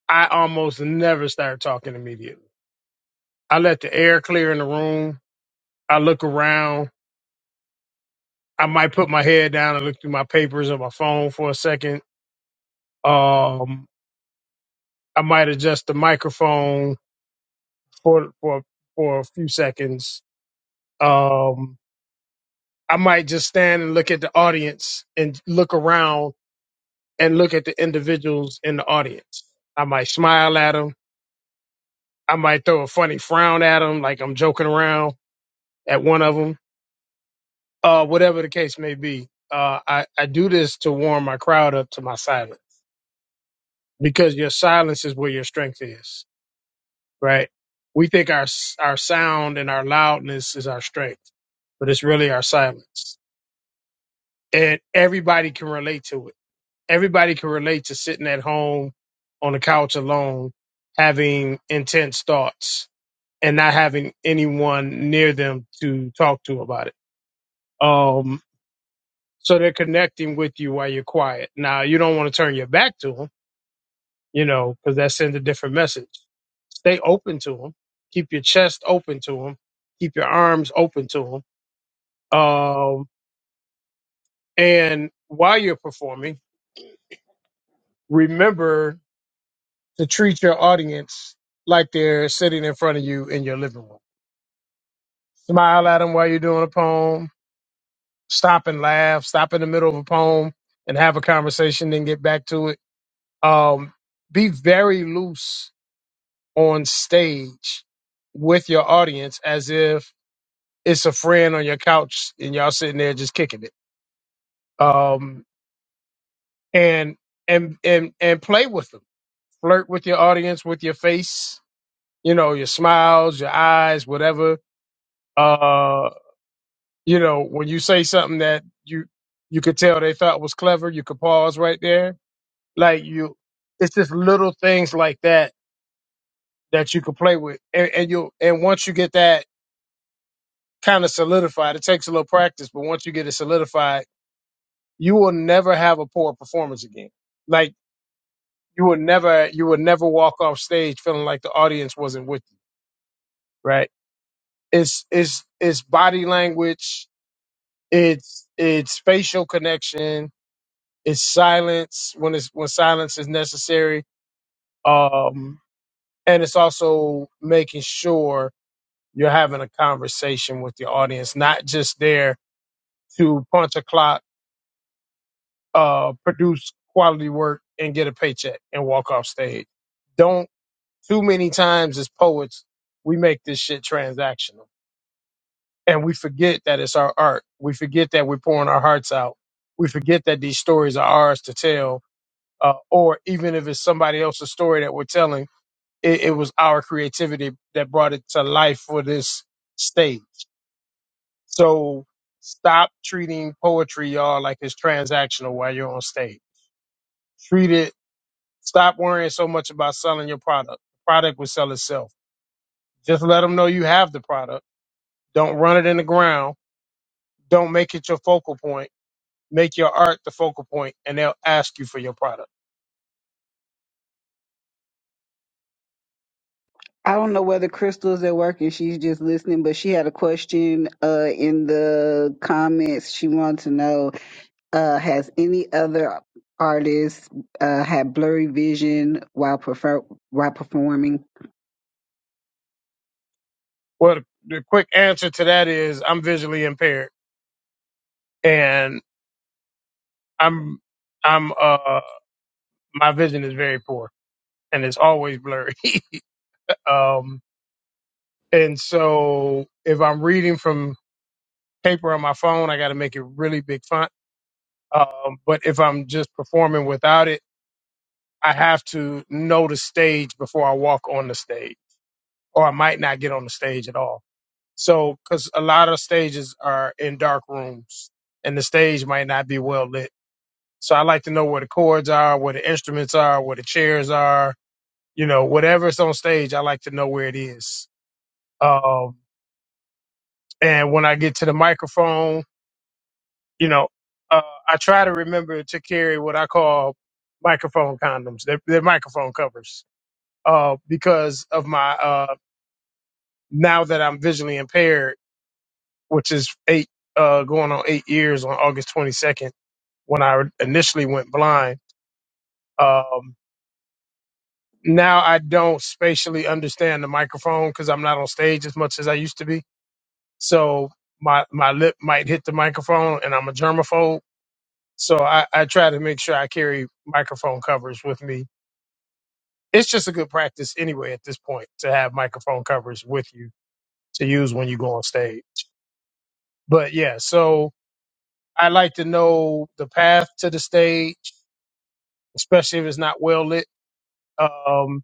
Speaker 2: I almost never start talking immediately. I let the air clear in the room. I look around. I might put my head down and look through my papers or my phone for a second. Um, I might adjust the microphone for for for a few seconds. Um, I might just stand and look at the audience and look around and look at the individuals in the audience. I might smile at them. I might throw a funny frown at them, like I'm joking around at one of them. Uh, whatever the case may be, uh, I I do this to warm my crowd up to my silence because your silence is where your strength is, right? We think our s- our sound and our loudness is our strength, but it's really our silence and everybody can relate to it. Everybody can relate to sitting at home on the couch alone, having intense thoughts and not having anyone near them to talk to about it. Um, so they're connecting with you while you're quiet. Now you don't want to turn your back to them, you know, because that sends a different message. Stay open to them. Keep your chest open to them. Keep your arms open to them. Um, and while you're performing, remember to treat your audience like they're sitting in front of you in your living room. Smile at them while you're doing a poem. Stop and laugh. Stop in the middle of a poem and have a conversation, then get back to it. Um, be very loose on stage with your audience as if it's a friend on your couch and y'all sitting there just kicking it. Um, and and and and play with them. Flirt with your audience with your face, you know, your smiles, your eyes, whatever Uh, you know, when you say something that you you could tell they thought was clever, you could pause right there. Like you, it's just little things like that that you could play with, and, and you and once you get that kind of solidified, it takes a little practice, but once you get it solidified, you will never have a poor performance again. Like you will never you will never walk off stage feeling like the audience wasn't with you, right? It's it's it's body language, it's it's facial connection, It's silence when it's when silence is necessary. Um, and it's also making sure you're having a conversation with the audience, not just there to punch a clock, uh, produce quality work, and get a paycheck and walk off stage. Don't too many times as poets we make this shit transactional and we forget that it's our art. We forget that we're pouring our hearts out. We forget that these stories are ours to tell uh, or even if it's somebody else's story that we're telling it, it was our creativity that brought it to life for this stage. So stop treating poetry, y'all, like it's transactional while you're on stage. Treat it. Stop worrying so much about selling your product. The product will sell itself. Just let them know you have the product. Don't run it in the ground. Don't make it your focal point. Make your art the focal point, and they'll ask you for your product.
Speaker 1: I don't know whether Crystal's at work and she's just listening, but she had a question uh, in the comments. She wants to know uh, Has any other artist uh, had blurry vision while, prefer- while performing?
Speaker 2: Well, the the quick answer to that is I'm visually impaired, and I'm I'm uh my vision is very poor and it's always blurry. Um, and so if I'm reading from paper on my phone, I got to make it really big font. Um, but if I'm just performing without it, I have to know the stage before I walk on the stage, or I might not get on the stage at all. So, because a lot of stages are in dark rooms and the stage might not be well lit. So, I like to know where the chords are, where the instruments are, where the chairs are, you know, whatever's on stage, I like to know where it is Um, and when I get to the microphone, you know, uh, I try to remember to carry what I call microphone condoms. They're, they're microphone covers uh, because of my uh, now that I'm visually impaired, which is eight uh, going on eight years on August 22nd when I initially went blind. Um, now I don't spatially understand the microphone because I'm not on stage as much as I used to be. So my my lip might hit the microphone, and I'm a germaphobe So I, I try to make sure I carry microphone covers with me. It's just a good practice anyway at this point to have microphone covers with you to use when you go on stage. But yeah, so I like to know the path to the stage, especially if it's not well lit. Um,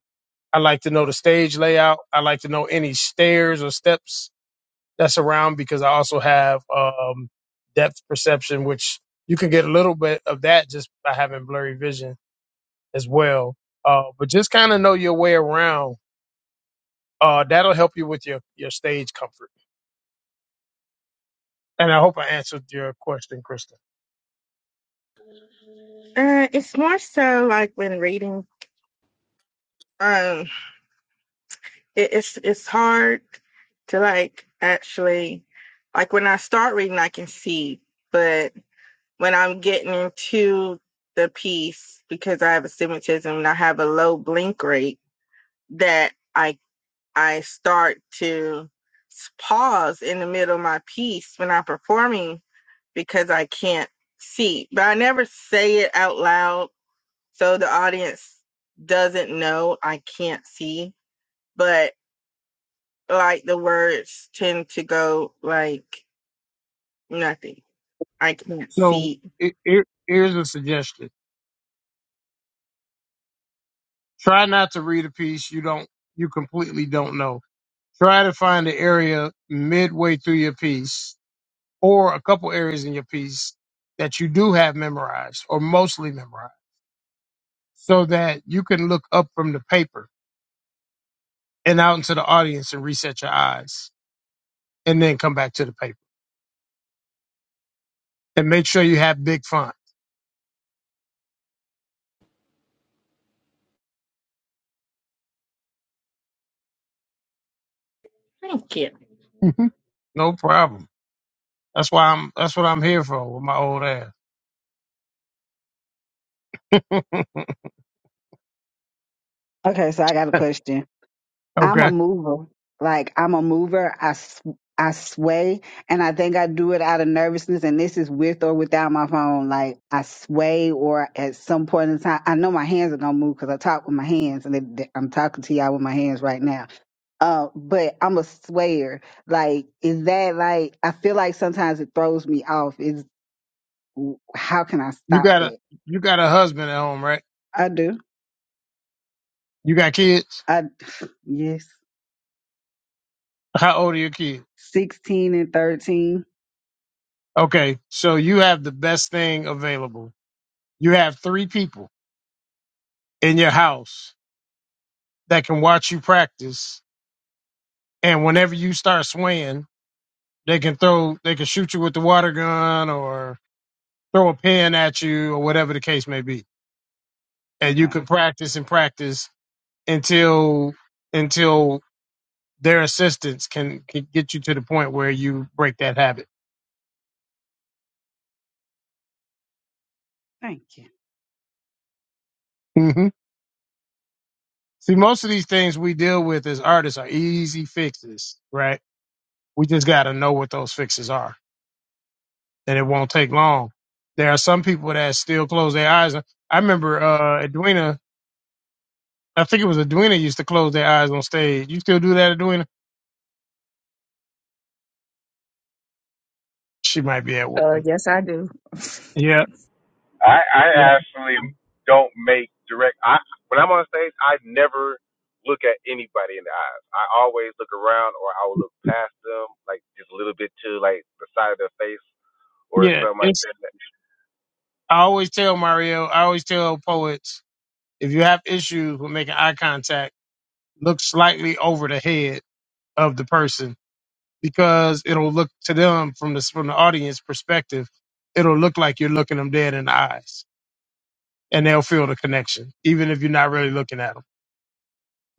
Speaker 2: I like to know the stage layout. I like to know any stairs or steps that's around because I also have um, depth perception, which you can get a little bit of that just by having blurry vision as well. Uh, but just kind of know your way around. Uh, that'll help you with your, your stage comfort. And I hope I answered your question, Krista.
Speaker 9: Uh, it's more so like when reading, um, it, it's it's hard to like actually, like when I start reading, I can see, but when I'm getting into the piece because I have astigmatism and I have a low blink rate, that I I start to pause in the middle of my piece when I'm performing because I can't see, but I never say it out loud So the audience doesn't know, I can't see, but like the words tend to go like nothing. I can't
Speaker 2: So
Speaker 9: see.
Speaker 2: it, here- here's a suggestion. Try not to read a piece you don't, you completely don't know. Try to find an area midway through your piece or a couple areas in your piece that you do have memorized or mostly memorized so that you can look up from the paper and out into the audience and reset your eyes and then come back to the paper and make sure you have big fun.
Speaker 9: I don't care.
Speaker 2: no problem. That's why I'm. That's what I'm here for with my old ass.
Speaker 1: Okay, so I got a question. I'm a
Speaker 2: Okay.
Speaker 1: mover. Like I'm a mover. I s- I sway, and I think I do it out of nervousness. And this is with or without my phone. Like I sway, or at some point in time, I know my hands are gonna move because I talk with my hands, and it, th- I'm talking to y'all with my hands right now. Uh, but I'm a swayer. Like is that like I feel like sometimes it throws me off. Is how can I
Speaker 2: You
Speaker 1: stop
Speaker 2: got a
Speaker 1: that?
Speaker 2: you got a husband at home, right?
Speaker 1: I do.
Speaker 2: You got kids?
Speaker 1: I yes.
Speaker 2: How old are your kids?
Speaker 1: Sixteen and thirteen.
Speaker 2: Okay. So you have the best thing available. You have three people in your house that can watch you practice and whenever you start swaying, they can throw they can shoot you with the water gun or throw a pen at you or whatever the case may be. And you
Speaker 1: Okay.
Speaker 2: can practice and practice until until their assistance can, can get you to the point where you break that habit.
Speaker 1: Thank you.
Speaker 2: hmm See, most of these things we deal with as artists are easy fixes, right? We just got to know what those fixes are, and it won't take long. There are some people that still close their eyes. I remember uh Edwina, I think it was Edwina used to close their eyes on stage. You still do that, Edwina? She might be at work. Yeah,
Speaker 8: I, I
Speaker 2: yeah,
Speaker 8: actually don't make direct. I when I'm on stage, I never look at anybody in the eyes. I always look around, or I will look past them, like just a little bit to like the side of their face or
Speaker 2: yeah.
Speaker 8: something like
Speaker 2: It's
Speaker 8: that.
Speaker 2: I always tell Mario, I always tell poets If you have issues with making eye contact, look slightly over the head of the person because it'll look to them from the from the audience perspective, it'll look like you're looking them dead in the eyes, and they'll feel the connection, even if you're not really looking at them.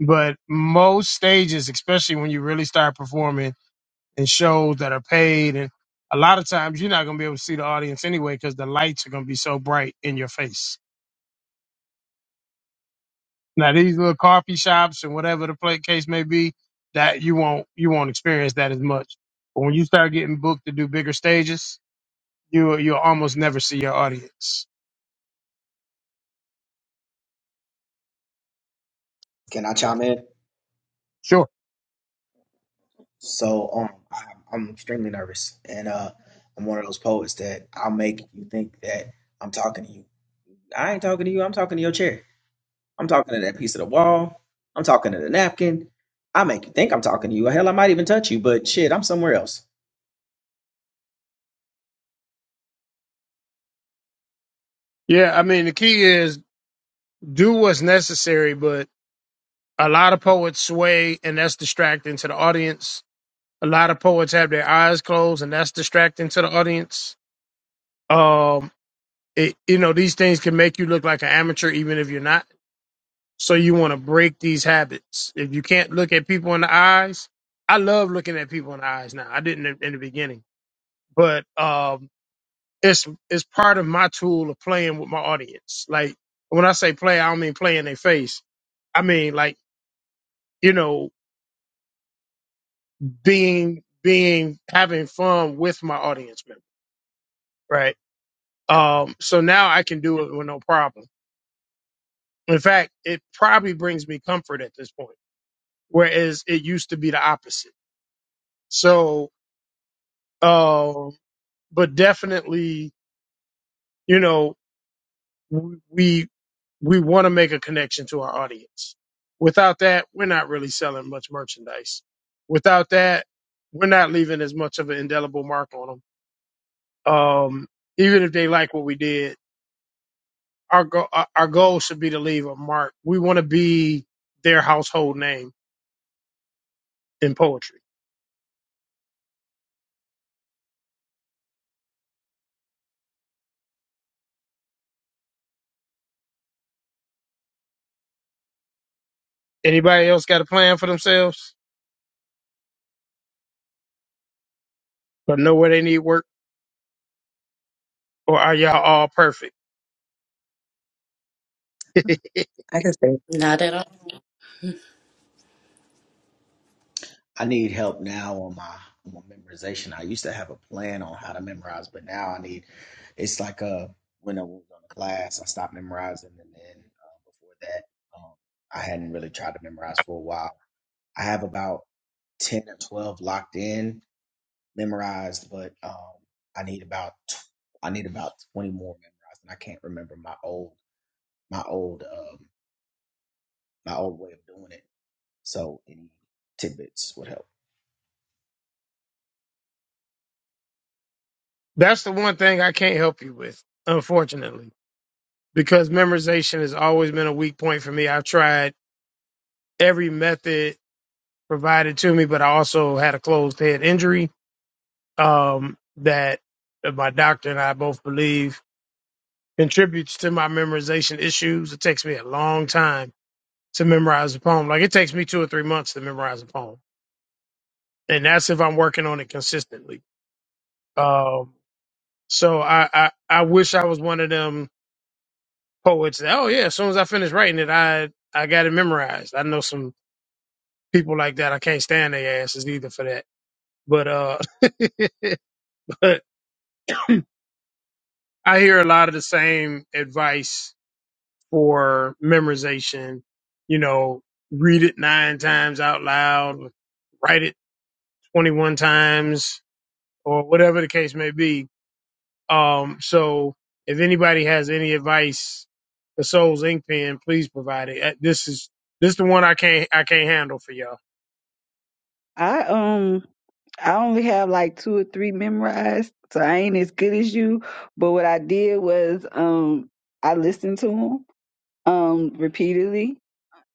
Speaker 2: But most stages, especially when you really start performing in shows that are paid, and a lot of times you're not going to be able to see the audience anyway because the lights are going to be so bright in your face. Now these little coffee shops and whatever the play, case may be, that you won't you won't experience that as much. But when you start getting booked to do bigger stages, you you'll almost never see your audience.
Speaker 5: Can I chime in?
Speaker 2: Sure.
Speaker 5: So um, I, I'm extremely nervous, and uh, I'm one of those poets that I'll make you think that I'm talking to you. I ain't talking to you. I'm talking to your chair. I'm talking to that piece of the wall. I'm talking to the napkin. I make you think I'm talking to you. Hell, I might even touch you, but shit, I'm somewhere else.
Speaker 2: Yeah, I mean the key is do what's necessary, but a lot of poets sway and that's distracting to the audience. A lot of poets have their eyes closed and that's distracting to the audience. Um it, you know, these things can make you look like an amateur even if you're not So you want to break these habits. If you can't look at people in the eyes, I love looking at people in the eyes now. I didn't in in the beginning, but um, it's it's part of my tool of playing with my audience. Like when I say play, I don't mean play in their face. I mean like you know being being having fun with my audience member, right? Um, so now I can do it with no problem. In fact, it probably brings me comfort at this point, whereas it used to be the opposite. So Um, but definitely, you know, we we want to make a connection to our audience. Without that, we're not really selling much merchandise. Without that, we're not leaving as much of an indelible mark on them. Um, even if they like what we did, our go- our our goal should be to leave a mark. We want to be their household name in poetry. Anybody else got a plan for themselves? But know where they need work, or are y'all all perfect?
Speaker 6: i could say
Speaker 10: Not at all.
Speaker 5: I need help now on my, on my memorization. I used to have a plan on how to memorize, but now I need it's like uh when I was on the class, I stopped memorizing, and then uh, before that, um, I hadn't really tried to memorize for a while. I have about ten or twelve locked in memorized, but um, I need about tw- I need about twenty more memorized, and I can't remember my old my old um my old way of doing it. So any tidbits would help.
Speaker 2: That's the one thing I can't help you with, unfortunately, because memorization has always been a weak point for me. I've tried every method provided to me, but I also had a closed head injury um, that uh, my doctor and I both believe contributes to my memorization issues. It takes me a long time to memorize a poem. Like it takes me two or three months to memorize a poem, and that's if I'm working on it consistently. Um, so I, I I wish I was one of them poets. Oh yeah, as soon as I finished writing it, I I got it memorized. I know some people like that. I can't stand their asses either for that. But uh, but I hear a lot of the same advice for memorization. You know, read it nine times out loud, write it twenty one times, or whatever the case may be. Um, so if anybody has any advice for Souls Ink Pen, please provide it. Uh, This is this the one I can't I can't handle for y'all.
Speaker 1: I um I only have like two or three memorized, so I ain't as good as you. But what I did was um I listened to them um repeatedly.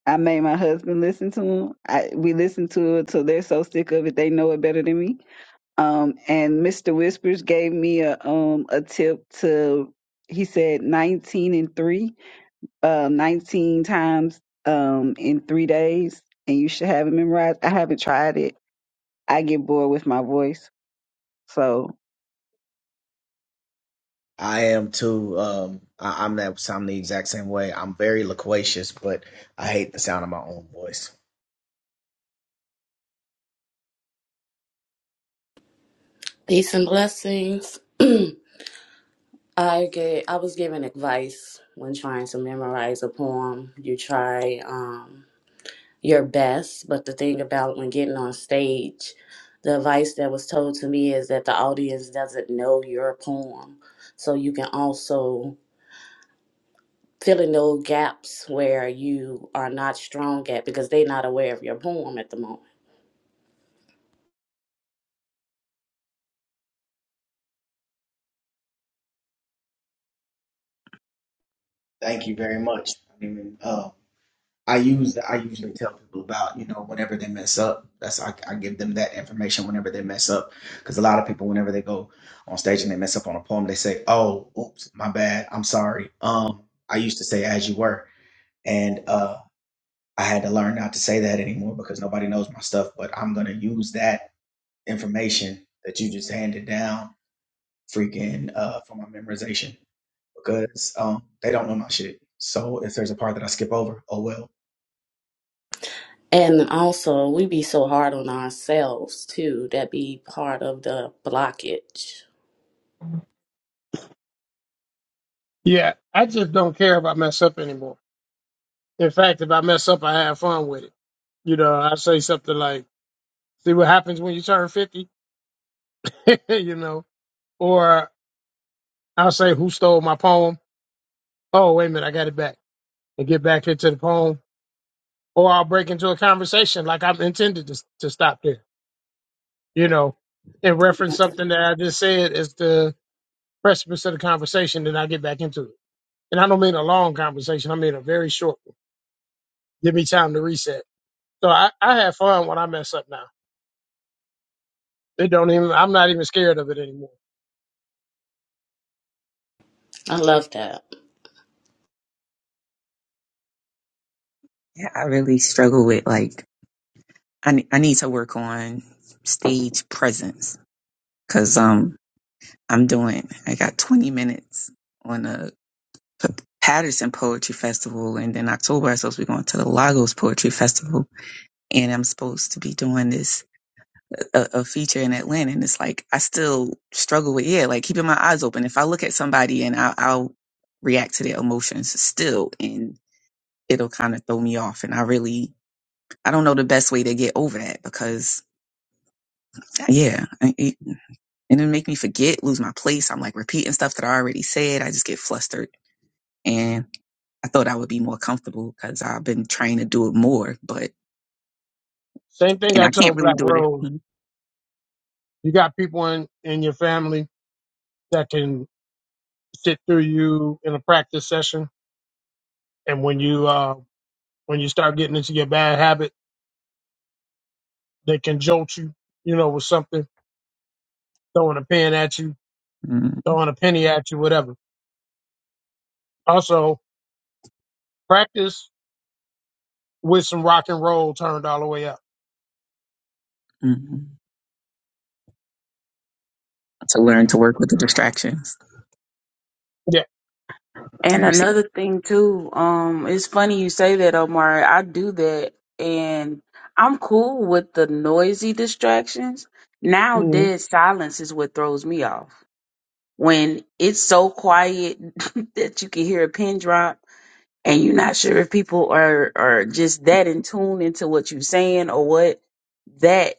Speaker 1: I made my husband listen to them. I we listened to it till they're so sick of it they know it better than me. Um and Mr. Whispers gave me a um a tip to he said 19 and 3, uh 19 times um in 3 days and you should have it memorized. I haven't tried it I get bored with my voice. So
Speaker 5: I am too. Um, I, I'm that. I'm the exact same way. I'm very loquacious, but I hate the sound of my own voice.
Speaker 10: Peace and blessings. I gave, I was given advice when trying to memorize a poem. You try um, your best, but the thing about when getting on stage, the advice that was told to me is that the audience doesn't know your poem. So you can also fill in those gaps where you are not strong at because they're not aware of your poem at the moment.
Speaker 5: Thank you very much. I mean, uh, I use. I usually tell people about you know whenever they mess up. That's I, I give them that information whenever they mess up, because a lot of people whenever they go on stage and they mess up on a poem, they say, "Oh, oops, my bad. I'm sorry." Um, I used to say "as you were," and uh, I had to learn not to say that anymore because nobody knows my stuff. But I'm gonna use that information that you just handed down freaking uh, for my memorization because um, they don't know my shit. So if there's a part that I skip over, oh well.
Speaker 10: And also, we be so hard on ourselves too. That be part of the blockage.
Speaker 2: Yeah, I just don't care if I mess up anymore. In fact, if I mess up, I have fun with it. You know, I say something like, "See what happens when you turn 50," you know, or I'll say, "Who stole my poem?" Oh, wait a minute, I got it back, and get back into the poem. Or I'll break into a conversation like I'm intended to to stop there. You know, and reference something that I just said as the precipice of the conversation, then I get back into it. And I don't mean a long conversation; I mean a very short one. Give me time to reset. So I, I have fun when I mess up now It don't even. I'm not even scared of it anymore.
Speaker 10: I love that.
Speaker 6: Yeah, I really struggle with like I ne- I need to work on stage presence because um I'm doing I got 20 minutes on a P- Patterson Poetry Festival and then October I'm supposed to be going to the Lagos Poetry Festival and I'm supposed to be doing this a, a feature in Atlanta and it's like I still struggle with yeah like keeping my eyes open if I look at somebody and I, I'll react to their emotions still and it'll kind of throw me off and I really I don't know the best way to get over that because yeah, and it, and it make me forget, lose my place. I'm like repeating stuff that I already said. I just get flustered, and I thought I would be more comfortable because I've been trying to do it more, but
Speaker 2: Same thing
Speaker 6: and
Speaker 2: I
Speaker 6: I can't
Speaker 2: told
Speaker 6: really
Speaker 2: Black
Speaker 6: do it
Speaker 2: Rose.
Speaker 6: Mhm.
Speaker 2: You got people in in your family that can sit through you in a practice session, and when you uh when you start getting into your bad habit, they can jolt you. You know, with something throwing a pen at you,
Speaker 6: Mhm.
Speaker 2: throwing a penny at you, whatever. Also, practice with some rock and roll turned all the way up.
Speaker 6: Mhm. to learn to work with the distractions.
Speaker 2: Yeah.
Speaker 6: I
Speaker 11: And
Speaker 6: received.
Speaker 11: another thing too, um, it's funny you say that, Omar. I do that, and I'm cool with the noisy distractions. Now,
Speaker 2: Mhm.
Speaker 11: dead silence is what throws me off. When it's so quiet that you can hear a pin drop, and you're not sure if people are are just that in tune into what you're saying or what. That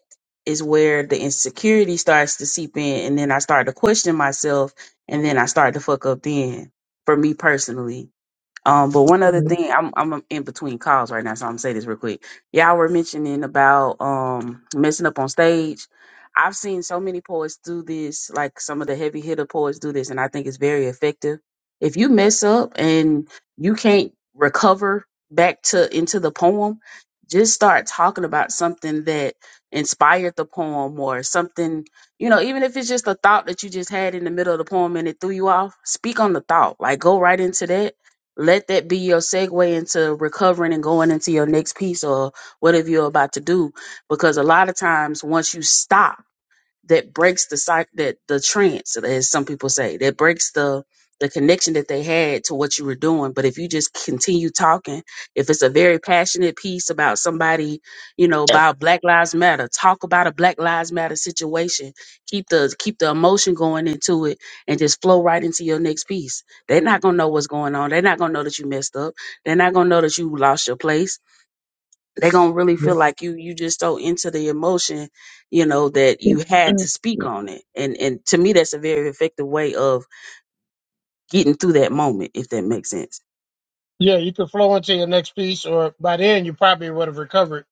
Speaker 11: is where the insecurity starts to seep in, and then I start to question myself, and then I start to fuck up. Then, for me personally um, but one other thing, I'm I'm in between calls right now, so I'm gonna say this real quick. Y'all were mentioning about um messing up on stage. I've seen so many poets do this, like some of the heavy hitter poets do this, and I think it's very effective. If you mess up and you can't recover back to into the poem, just start talking about something that inspired the poem or something, you know, even if it's just a thought that you just had in the middle of the poem and it threw you off, speak on the thought. Like go right into that let that be your segue into recovering and going into your next piece or whatever you're about to do. Because a lot of times, once you stop, that breaks the psych that the trance as some people say that breaks the the connection that they had to what you were doing but if you just continue talking if it's a very passionate piece about somebody you know about black lives matter talk about a black lives matter situation keep the keep the emotion going into it and just flow right into your next piece they're not going to know what's going on they're not going to know that you messed up they're not going to know that you lost your place they're gonna really feel like you you just so into the emotion you know that you had to speak on it and and to me that's a very effective way of getting through that moment if that makes sense
Speaker 2: Yeah, you could flow into your next piece, or by then you probably would have recovered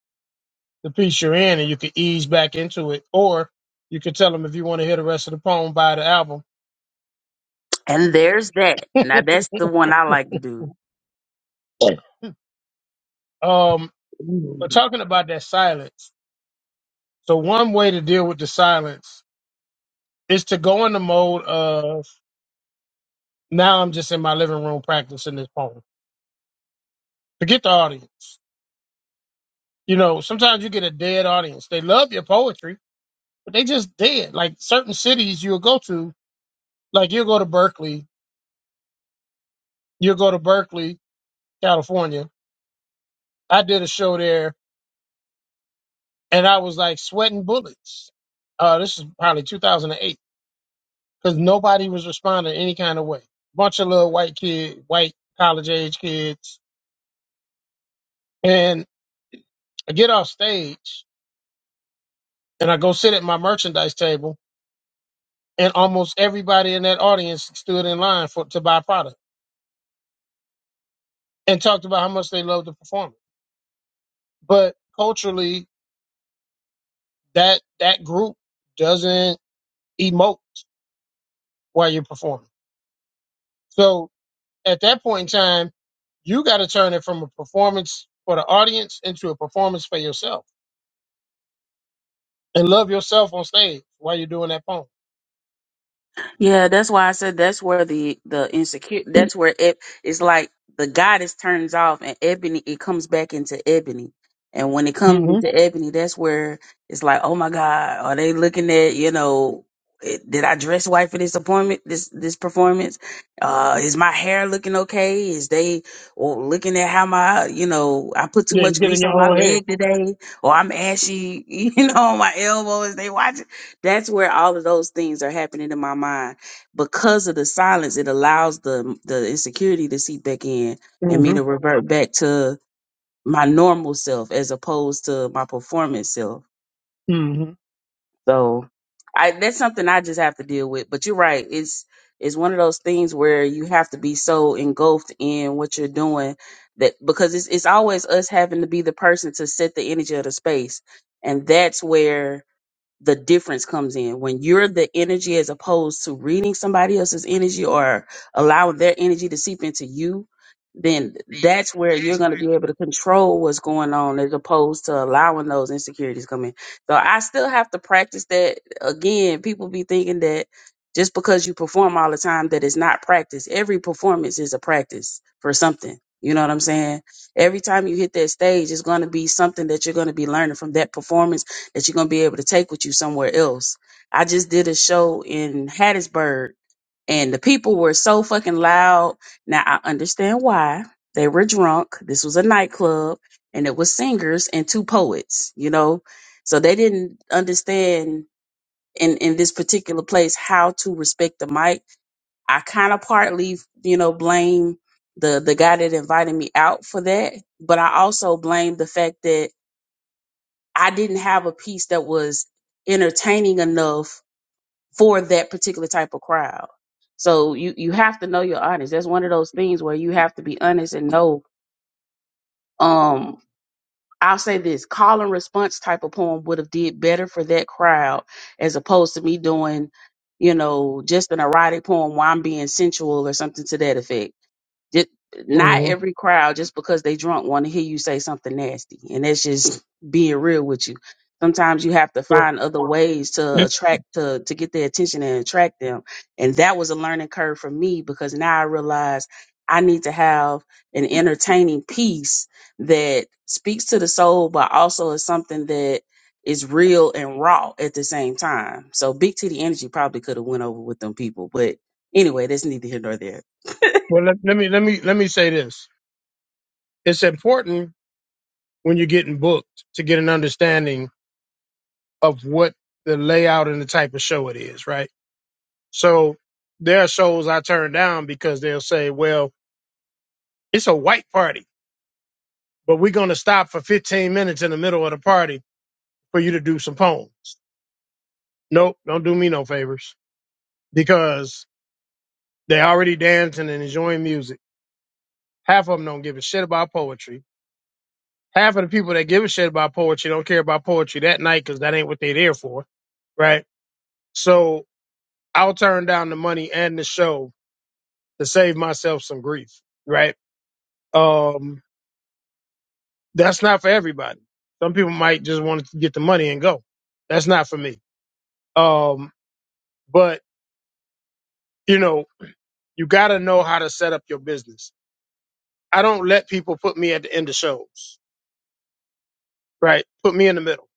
Speaker 2: the piece you're in and you could ease back into it. Or you could tell them if you want to hear the rest of the poem, buy the album.
Speaker 11: and there's that now that's the one i like to do
Speaker 2: Um, but
Speaker 6: Ooh.
Speaker 2: talking about that silence, so one way to deal with the silence is to go in the mode of now I'm just in my living room practicing this poem. Forget the audience. You know, sometimes you get a dead audience. They love your poetry, but they just dead. Like certain cities you'll go to, like you'll go to Berkeley, you'll go to Berkeley, California. I did a show there and I was like sweating bullets. Uh, this is probably 2008 because nobody was responding any kind of way. Bunch of little white kid, white college age kids, and I get off stage and I go sit at my merchandise table, and almost everybody in that audience stood in line for to buy product and talked about how much they loved the performance. But culturally, that that group doesn't emote while you're performing. So at that point in time, you got to turn it from a performance for the audience into a performance for yourself and love yourself on stage while you're doing that poem.
Speaker 11: Yeah, that's why I said that's where the the insecure. That's where it is like the goddess turns off and ebony. It comes back into ebony, and when it comes
Speaker 2: Mm-hmm.
Speaker 11: into ebony, that's where it's like, oh my god, are they looking at you know? It, did I dress white for this appointment? This this performance? Uh, is my hair looking okay? Is they or looking at how my you know I put too
Speaker 2: Yeah, you
Speaker 11: much
Speaker 2: get in
Speaker 11: grease
Speaker 2: your
Speaker 11: on my
Speaker 2: own head.
Speaker 11: leg today, or I'm ashy, you know, on my elbow? Is they watching? that's where all of those things are happening in my mind because of the silence it allows the the insecurity to seep back in and me
Speaker 2: Mm-hmm.
Speaker 11: to revert back to my normal self as opposed to my performance self
Speaker 2: Mm-hmm.
Speaker 11: so i that's something i just have to deal with but you're right it's it's one of those things where you have to be so engulfed in what you're doing that because it's it's always us having to be the person to set the energy of the space and that's where the difference comes in when you're the energy as opposed to reading somebody else's energy or allowing their energy to seep into you then that's where you're going to be able to control what's going on as opposed to allowing those insecurities come in so i still have to practice that again people be thinking that just because you perform all the time that it's not practice every performance is a practice for something you know what i'm saying every time you hit that stage it's going to be something that you're going to be learning from that performance that you're going to be able to take with you somewhere else. I just did a show in Hattiesburg and the people were so fucking loud. Now I understand why they were drunk. This was a nightclub, and it was singers and two poets. You know, so they didn't understand in in this particular place how to respect the mic. I kind of partly, you know, blame the the guy that invited me out for that, but I also blame the fact that I didn't have a piece that was entertaining enough for that particular type of crowd. So you you have to know your audience. That's one of those things where you have to be honest and know. Um, I'll say this: call and response type of poem would have did better for that crowd as opposed to me doing, you know, just an erotic poem while I'm being sensual or something to that effect just, not
Speaker 2: Mm-hmm.
Speaker 11: every crowd, just because they drunk, want to hear you say something nasty, and that's just being real with you. Sometimes you have to
Speaker 2: Well,
Speaker 11: find other ways to
Speaker 2: eh,
Speaker 11: attract to to get their attention and attract them. And that was a learning curve for me because now I realize I need to have an entertaining piece that speaks to the soul, but also is something that is real and raw at the same time. So Big Titty Energy probably could have went over with them people, but anyway, that's neither here nor there.
Speaker 2: Well, let, let me let me let me say this. It's important when you're getting booked to get an understanding of what the layout and the type of show it is, right? So there are shows I turn down because they'll say, "Well, it's a white party." but we're going to stop for 15 minutes in the middle of the party for you to do some poems. Nope, don't do me no favors because they already dancing and enjoying music. Half of them don't give a shit about poetry. Half of the people that give a shit about poetry don't care about poetry that night because that ain't what they there for, right? So I'll turn down the money and the show to save myself some grief, right? Um, that's not for everybody. Some people might just want to get the money and go. That's not for me. Um, but you know, you got to know how to set up your business. I don't let people put me at the end of shows, right? Put me in the middle.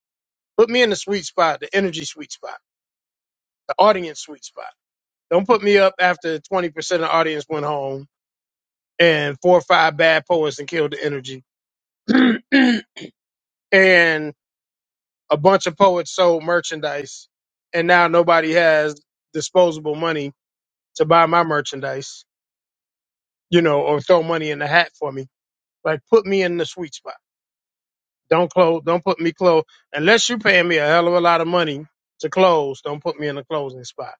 Speaker 2: Put me in the sweet spot, the energy sweet spot, the audience sweet spot. Don't put me up after 20% of the audience went home and four or five bad poets and killed the energy. and a bunch of poets sold merchandise and now nobody has disposable money to buy my merchandise, you know, or throw money in the hat for me. Like put me in the sweet spot Don't close. Don't put me close unless you paying me a hell of a lot of money to close. Don't put me in a closing spot.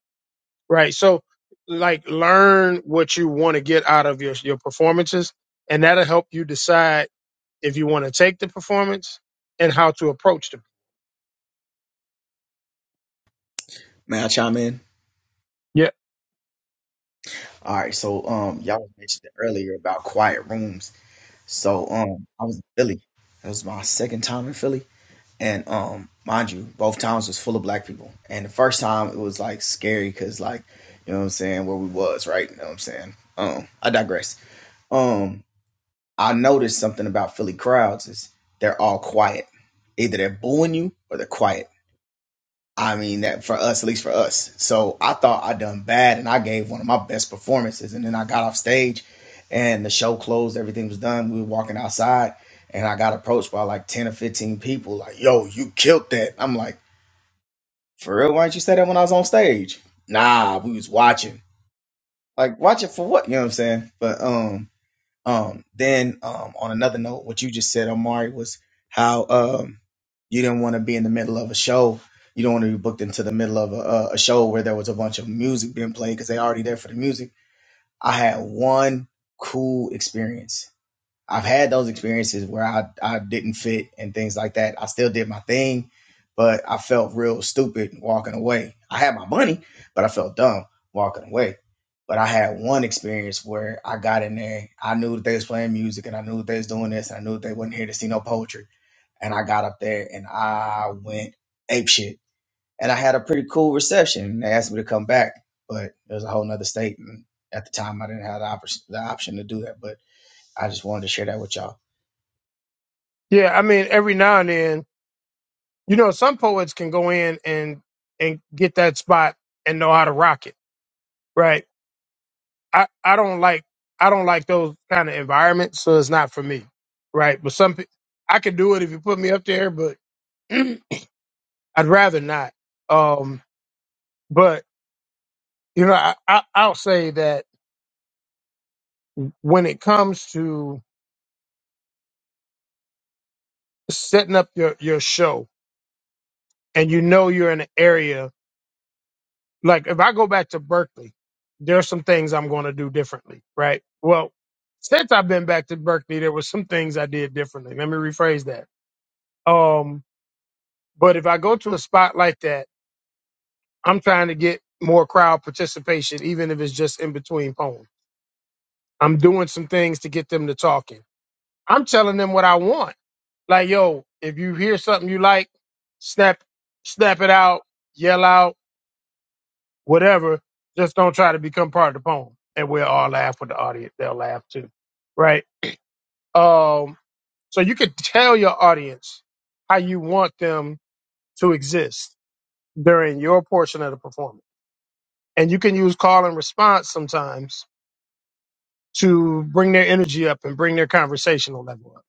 Speaker 2: Right. So, like, learn what you want to get out of your your performances, and that'll help you decide if you want to take the performance and how to approach them.
Speaker 5: May I chime in?
Speaker 2: Yeah.
Speaker 5: All right. So um, y'all mentioned earlier about quiet rooms. So um, I was in Philly. That was my second time in Philly, and um, mind you, both times was full of black people. And the first time it was like scary because like you know what I'm saying where we was right. You know what I'm saying. Um, I digress. Um, I noticed something about Philly crowds is they're all quiet. Either they're booing you or they're quiet. I mean that for us, at least for us. So I thought I done bad and I gave one of my best performances. And then I got off stage and the show closed, everything was done. We were walking outside and I got approached by like 10 or 15 people, like, yo, you killed that. I'm like, for real, why didn't you say that when I was on stage? Nah, we was watching. Like, watching for what? You know what I'm saying? But um um, then um, on another note, what you just said, Omari, was how um, you didn't want to be in the middle of a show. You don't want to be booked into the middle of a, a a show where there was a bunch of music being played because they already there for the music. I had one cool experience I've had those experiences where I, I didn't fit and things like that. I still did my thing, but I felt real stupid walking away. I had my money, but I felt dumb walking away. But I had one experience where I got in there. I knew that they was playing music and I knew that they was doing this and I knew that they wasn't here to see no poetry. And I got up there and I went apeshit. And I had a pretty cool reception. They asked me to come back, but it was a whole nother state. And at the time, I didn't have the, oppor- the option to do that. But I just wanted to share that with y'all.
Speaker 2: Yeah. I mean, every now and then, you know, some poets can go in and and get that spot and know how to rock it. Right I, I don't like I don't like those kind of environments, so it's not for me, right? But some pe- I could do it if you put me up there, but I'd rather not. Um, but you know, I, I I'll say that when it comes to setting up your your show, and you know you're in an area like if I go back to Berkeley, there's some things I'm going to do differently, right? Well, since I've been back to Berkeley, there were some things I did differently. Let me rephrase that. Um, but if I go to a spot like that I'm trying to get more crowd participation, even if it's just in between poems. I'm doing some things to get them to talking. I'm telling them what I want. Like, yo, if you hear something you like, snap, snap it out, yell out, whatever. Just don't try to become part of the poem. And we'll all laugh with the audience. They'll laugh too. Right. Um, so you could tell your audience how you want them to exist during your portion of the performance. And you can use call and response sometimes to bring their energy up and bring their conversational level up.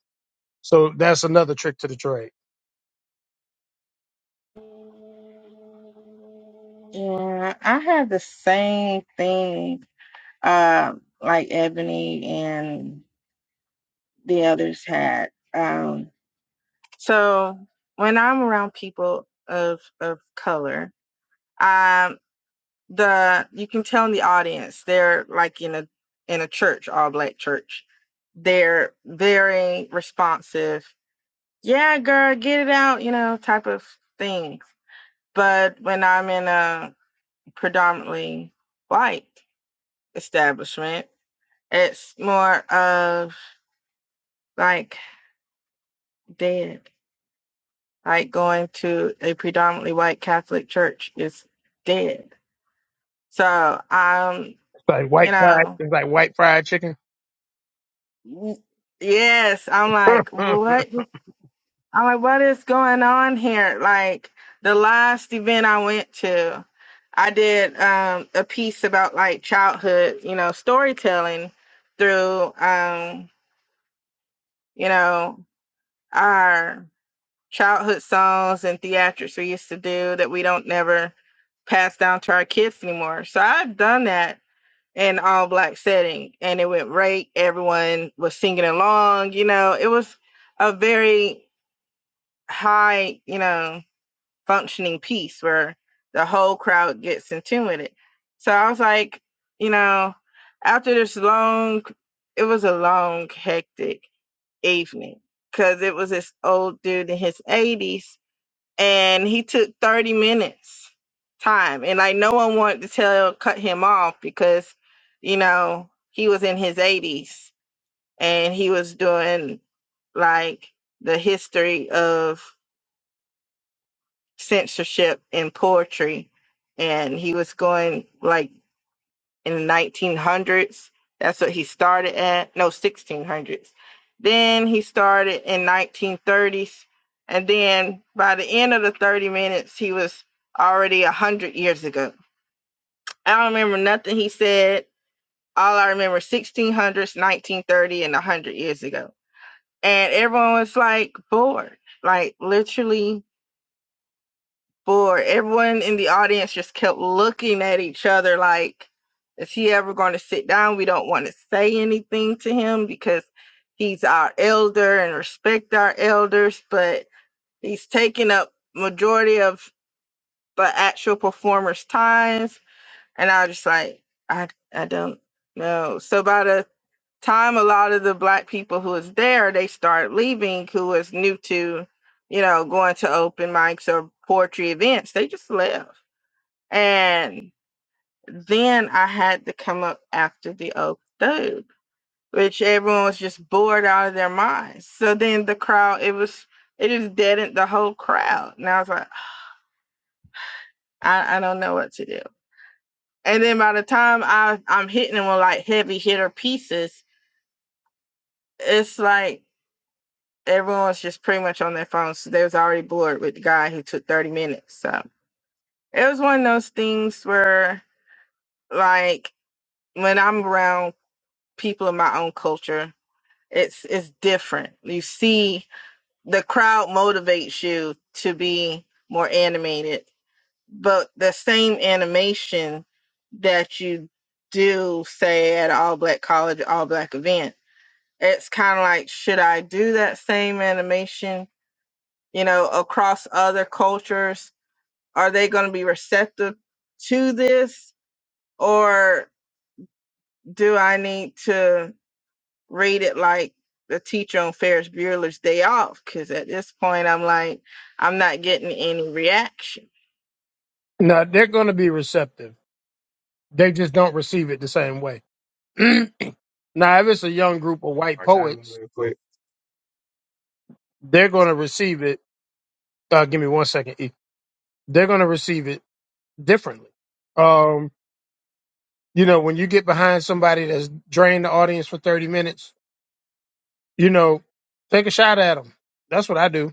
Speaker 2: So that's another trick to the trade.
Speaker 9: Yeah, I have the same thing uh, like Ebony and the others had. Um, so when I'm around people of of color, I. the you can tell in the audience they're like in a in a church all black church they're very responsive yeah girl get it out you know type of thing but when i'm in a predominantly white establishment it's more of like dead like going to a predominantly white catholic church is dead so um
Speaker 2: It's like
Speaker 9: you
Speaker 2: white fried,
Speaker 9: know
Speaker 2: it's like white fried chicken.
Speaker 9: Yes, I'm like,
Speaker 2: no,
Speaker 9: what? I'm like, what is going on here? Like the last event I went to, I did um, a piece about like childhood, you know, storytelling through, um, you know, our childhood songs and theatrics we used to do that we don't never pass down to our kids anymore. So I've done that an all black setting and it went right. Everyone was singing along, you know, it was a very high, you know, functioning piece where the whole crowd gets in tune with it. So I was like, you know, after this long, it was a long, hectic evening because it was this old dude in his 80s and he took 30 minutes time and like no one wanted to tell cut him off because you know he was in his 80s and he was doing like the history of censorship in poetry and he was going like in the 1900s. That's what he started at. No, 1600s. Then he started in 1930s. And then by the end of the 30 minutes, he was already 100 years ago. I don't remember nothing he said. All I remember 1600s, 1930, and 100 years ago. And everyone was like bored, like literally For Everyone in the audience just kept looking at each other like, is he ever going to sit down? We don't want to say anything to him because he's our elder and respect our elders, but he's taking up majority of the actual performers' times. And I was just like, I I don't know. So by the time a lot of the black people who was there, they started leaving, who was new to, you know, going to open mics or poetry events, they just left and then I had to come up after the oak third, which everyone was just bored out of their minds. So then the crowd, it was, it just deadened the whole crowd. And I was like, I, I don't know what to do. And then by the time I, I'm hitting them with like heavy hitter pieces, it's like everyone was just pretty much on their phones. So they was already bored with the guy who took 30 minutes. So it was one of those things where like when I'm around people of my own culture, It's it's different. You see the crowd motivates you to be more animated, but the same animation that you do say at an all black college, all black event, it's kind of like should I do that same animation, you know, across other cultures? Are they going to be receptive to this or do I need to rated like the teacher on Ferris Bueller's Day Off because at this point I'm like, I'm not getting any reaction.
Speaker 2: they're going to be receptive. They just don't receive it the same way. now, if it's a young group of white
Speaker 12: I chime in
Speaker 2: poets,
Speaker 12: real quick?
Speaker 2: they're going to receive it. Uh, give me one second. E. They're going to receive it differently. Um, you know, when you get behind somebody that's drained the audience for 30 minutes, you know, take a shot at them. That's what I do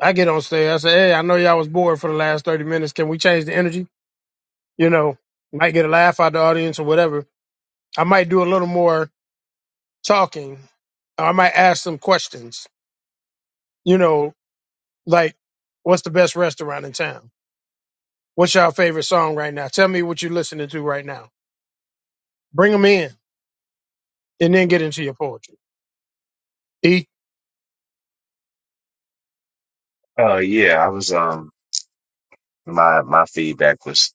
Speaker 2: I get on stage. I say, "Hey, I know y'all was bored for the last thirty minutes. Can we change the energy? You know, might get a laugh out the audience or whatever. I might do a little more talking. I might ask some questions. You know, like, what's the best restaurant in town? What's your favorite song right now? Tell me what you're listening to right now. Bring them in, and then get into your poetry. E.
Speaker 12: Uh, yeah, I was um my my feedback was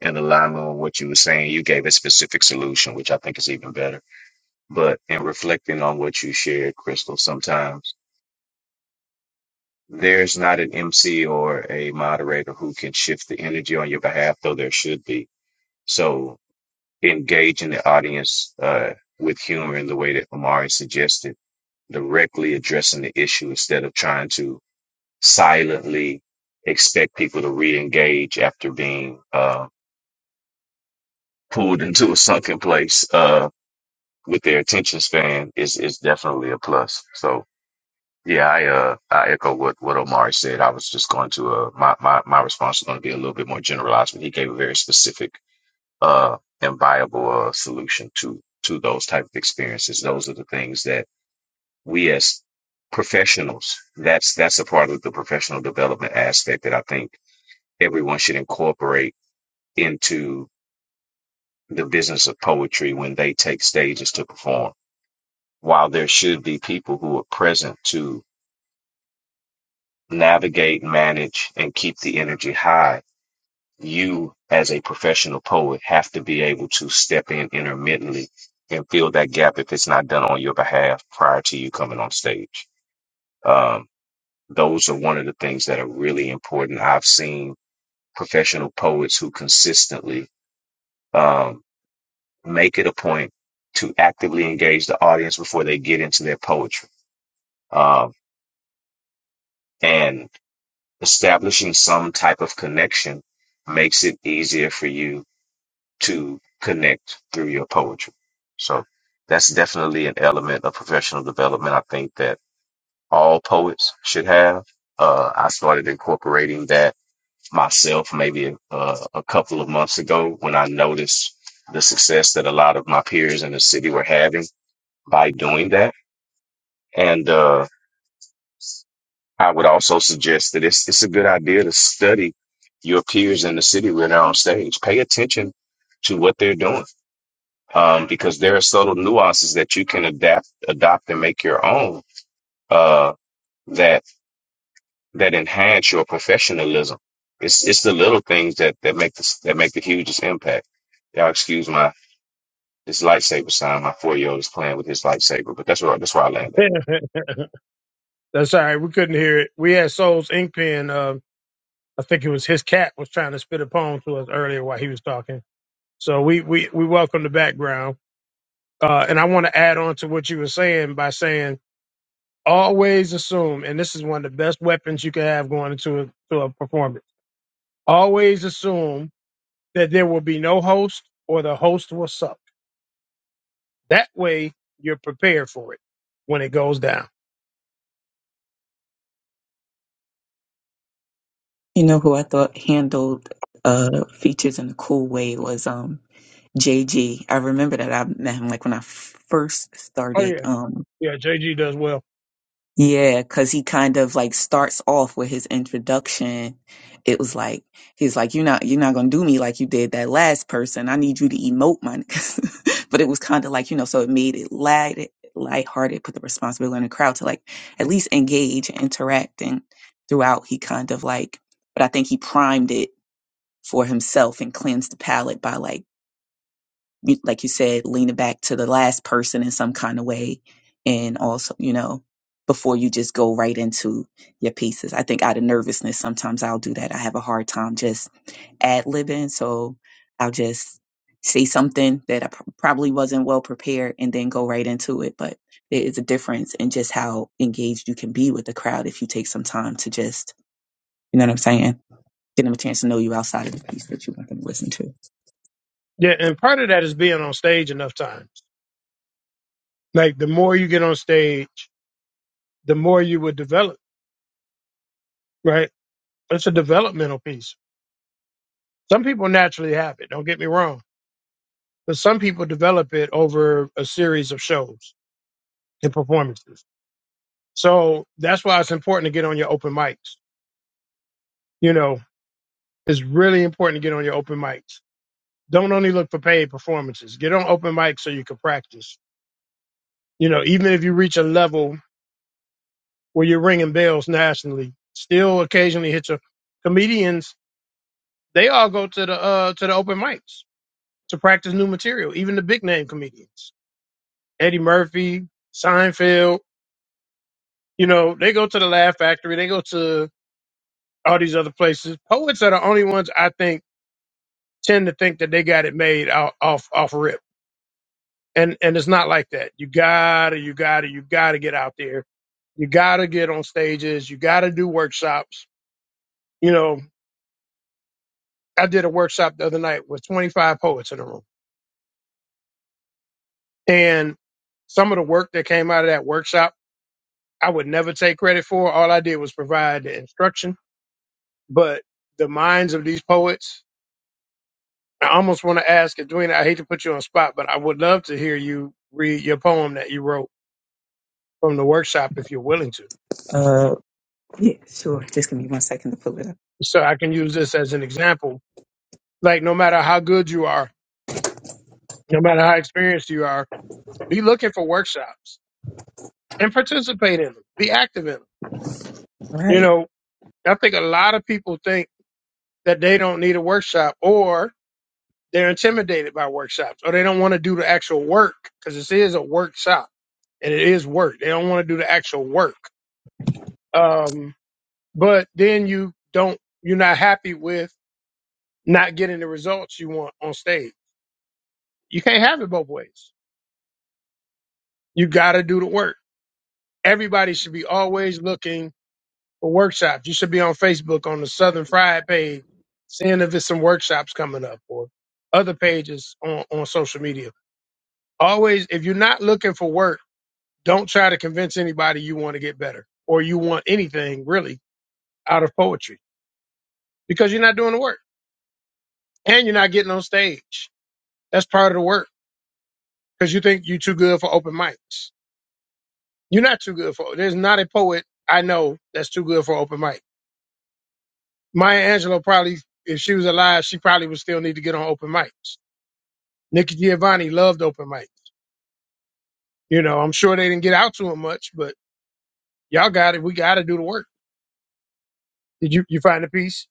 Speaker 12: in alignment with what you were saying. You gave a specific solution, which I think is even better. But in reflecting on what you shared, Crystal, sometimes there's not an MC or a moderator who can shift the energy on your behalf, though there should be. So engaging the audience uh with humor in the way that Amari suggested, directly addressing the issue instead of trying to silently expect people to re-engage after being uh, pulled into a sunken place uh, with their attention span is is definitely a plus. So yeah, I uh, I echo what what Omari said. I was just going to uh, my my my response is going to be a little bit more generalized, but he gave a very specific uh, and viable uh, solution to to those type of experiences. Those are the things that we as professionals that's that's a part of the professional development aspect that I think everyone should incorporate into the business of poetry when they take stages to perform. While there should be people who are present to navigate, manage, and keep the energy high, you as a professional poet have to be able to step in intermittently and fill that gap if it's not done on your behalf prior to you coming on stage. Um, those are one of the things that are really important. I've seen professional poets who consistently um, make it a point to actively engage the audience before they get into their poetry. Um, and establishing some type of connection makes it easier for you to connect through your poetry. So that's definitely an element of professional development. I think that all poets should have. Uh, I started incorporating that myself maybe uh, a couple of months ago when I noticed the success that a lot of my peers in the city were having by doing that And uh, I would also suggest that it's it's a good idea to study your peers in the city where they're on stage. Pay attention to what they're doing, um, because there are subtle nuances that you can adapt, adopt, and make your own uh, that that enhance your professionalism. It's it's the little things that that make the that make the hugest impact. Y'all excuse my this lightsaber sign. My four year old is playing with his lightsaber, but that's where that's where I land at.
Speaker 2: Yeah, that's all right. We couldn't hear it. We had Souls Ink Pen. Uh, I think it was his cat was trying to spit a poem to us earlier while he was talking. So we we we welcome the background. Uh, and I want to add on to what you were saying by saying always assume, and this is one of the best weapons you can have going into a, to a performance. Always assume that there will be no host or the host will suck. That way you're prepared for it when it goes down.
Speaker 6: You know who I thought handled uh features in a cool way was um JG. I remember that I met him like when I first
Speaker 2: Oh
Speaker 6: started.
Speaker 2: yeah,
Speaker 6: um,
Speaker 2: yeah. JG does well.
Speaker 6: Yeah, because he kind of like starts off with his introduction. It was like he's like, "You're not, you're not gonna do me like you did that last person. I need you to emote, my nigga." but it was kind of like you know, so it made it light, lighthearted, put the responsibility on the crowd to like at least engage and interact. And throughout, he kind of like, but I think he primed it for himself and cleansed the palate by like you- like you said, leaning back to the last person in some kind of way. And also, you know, before you just go right into your pieces. I think out of nervousness, sometimes I'll do that. I have a hard time just ad libbing. So I'll just say something that I pr- probably wasn't well prepared and then go right into it. But there is a difference in just how engaged you can be with the crowd if you take some time to just, you know what I'm saying? Give them a chance to know you outside of the piece that you want them to listen to.
Speaker 2: Yeah, and part of that is being on stage enough times. Like the more you get on stage, the more you would develop. Right? It's a developmental piece. Some people naturally have it. Don't get me wrong but some people develop it over a series of shows and performances. So that's why it's important to get on your open mics. You know, it's really important to get on your open mics. Don't only look for paid performances. Get on open mics so you can practice. You know, even if you reach a level where you're ringing bells nationally, still occasionally hit your comedians. They all go to the uh, to the open mics to practice new material. Even the big name comedians, Eddie Murphy, Seinfeld, You know, they go to the Laugh Factory, they go to all these other places. Poets are the only ones I think tend to think that they got it made off off, off rip, and and it's not like that. You gotta, you gotta, you gotta get out there. You gotta get on stages. You gotta do workshops. You know, I did a workshop the other night with 25 poets in the room, and some of the work that came out of that workshop, I would never take credit for. All I did was provide the instruction, but the minds of these poets I almost want to ask, and Dwayne, I hate to put you on spot, but I would love to hear you read your poem that you wrote from the workshop if you're willing to.
Speaker 6: Uh, Yeah, sure. Just give me one second to pull it up.
Speaker 2: So I can use this as an example. Like, no matter how good you are, no matter how experienced you are, be looking for workshops and participate in them, be active in them.
Speaker 6: All
Speaker 2: You
Speaker 6: right.
Speaker 2: know, I think a lot of people think that they don't need a workshop or they're intimidated by workshops or they don't want to do the actual work because this is a workshop and it is work. They don't want to do the actual work. Um, but then you don't you're not happy with not getting the results you want on stage. You can't have it both ways. You got to do the work. Everybody should be always looking for workshops. You should be on Facebook on the Southern Fried page, seeing if it's some workshops coming up or other pages on, on social media. Always, if you're not looking for work, don't try to convince anybody you want to get better or you want anything really out of poetry because you're not doing the work and you're not getting on stage. That's part of the work because you think you're too good for open mics. You're not too good for. There's not a poet I know that's too good for open mic. Maya Angelou probably, if she was alive, she probably would still need to get on open mics. Nikki Giovanni loved open mic. You know, I'm sure they didn't get out to him much, but y'all got it. We got to do the work. Did you you find the piece,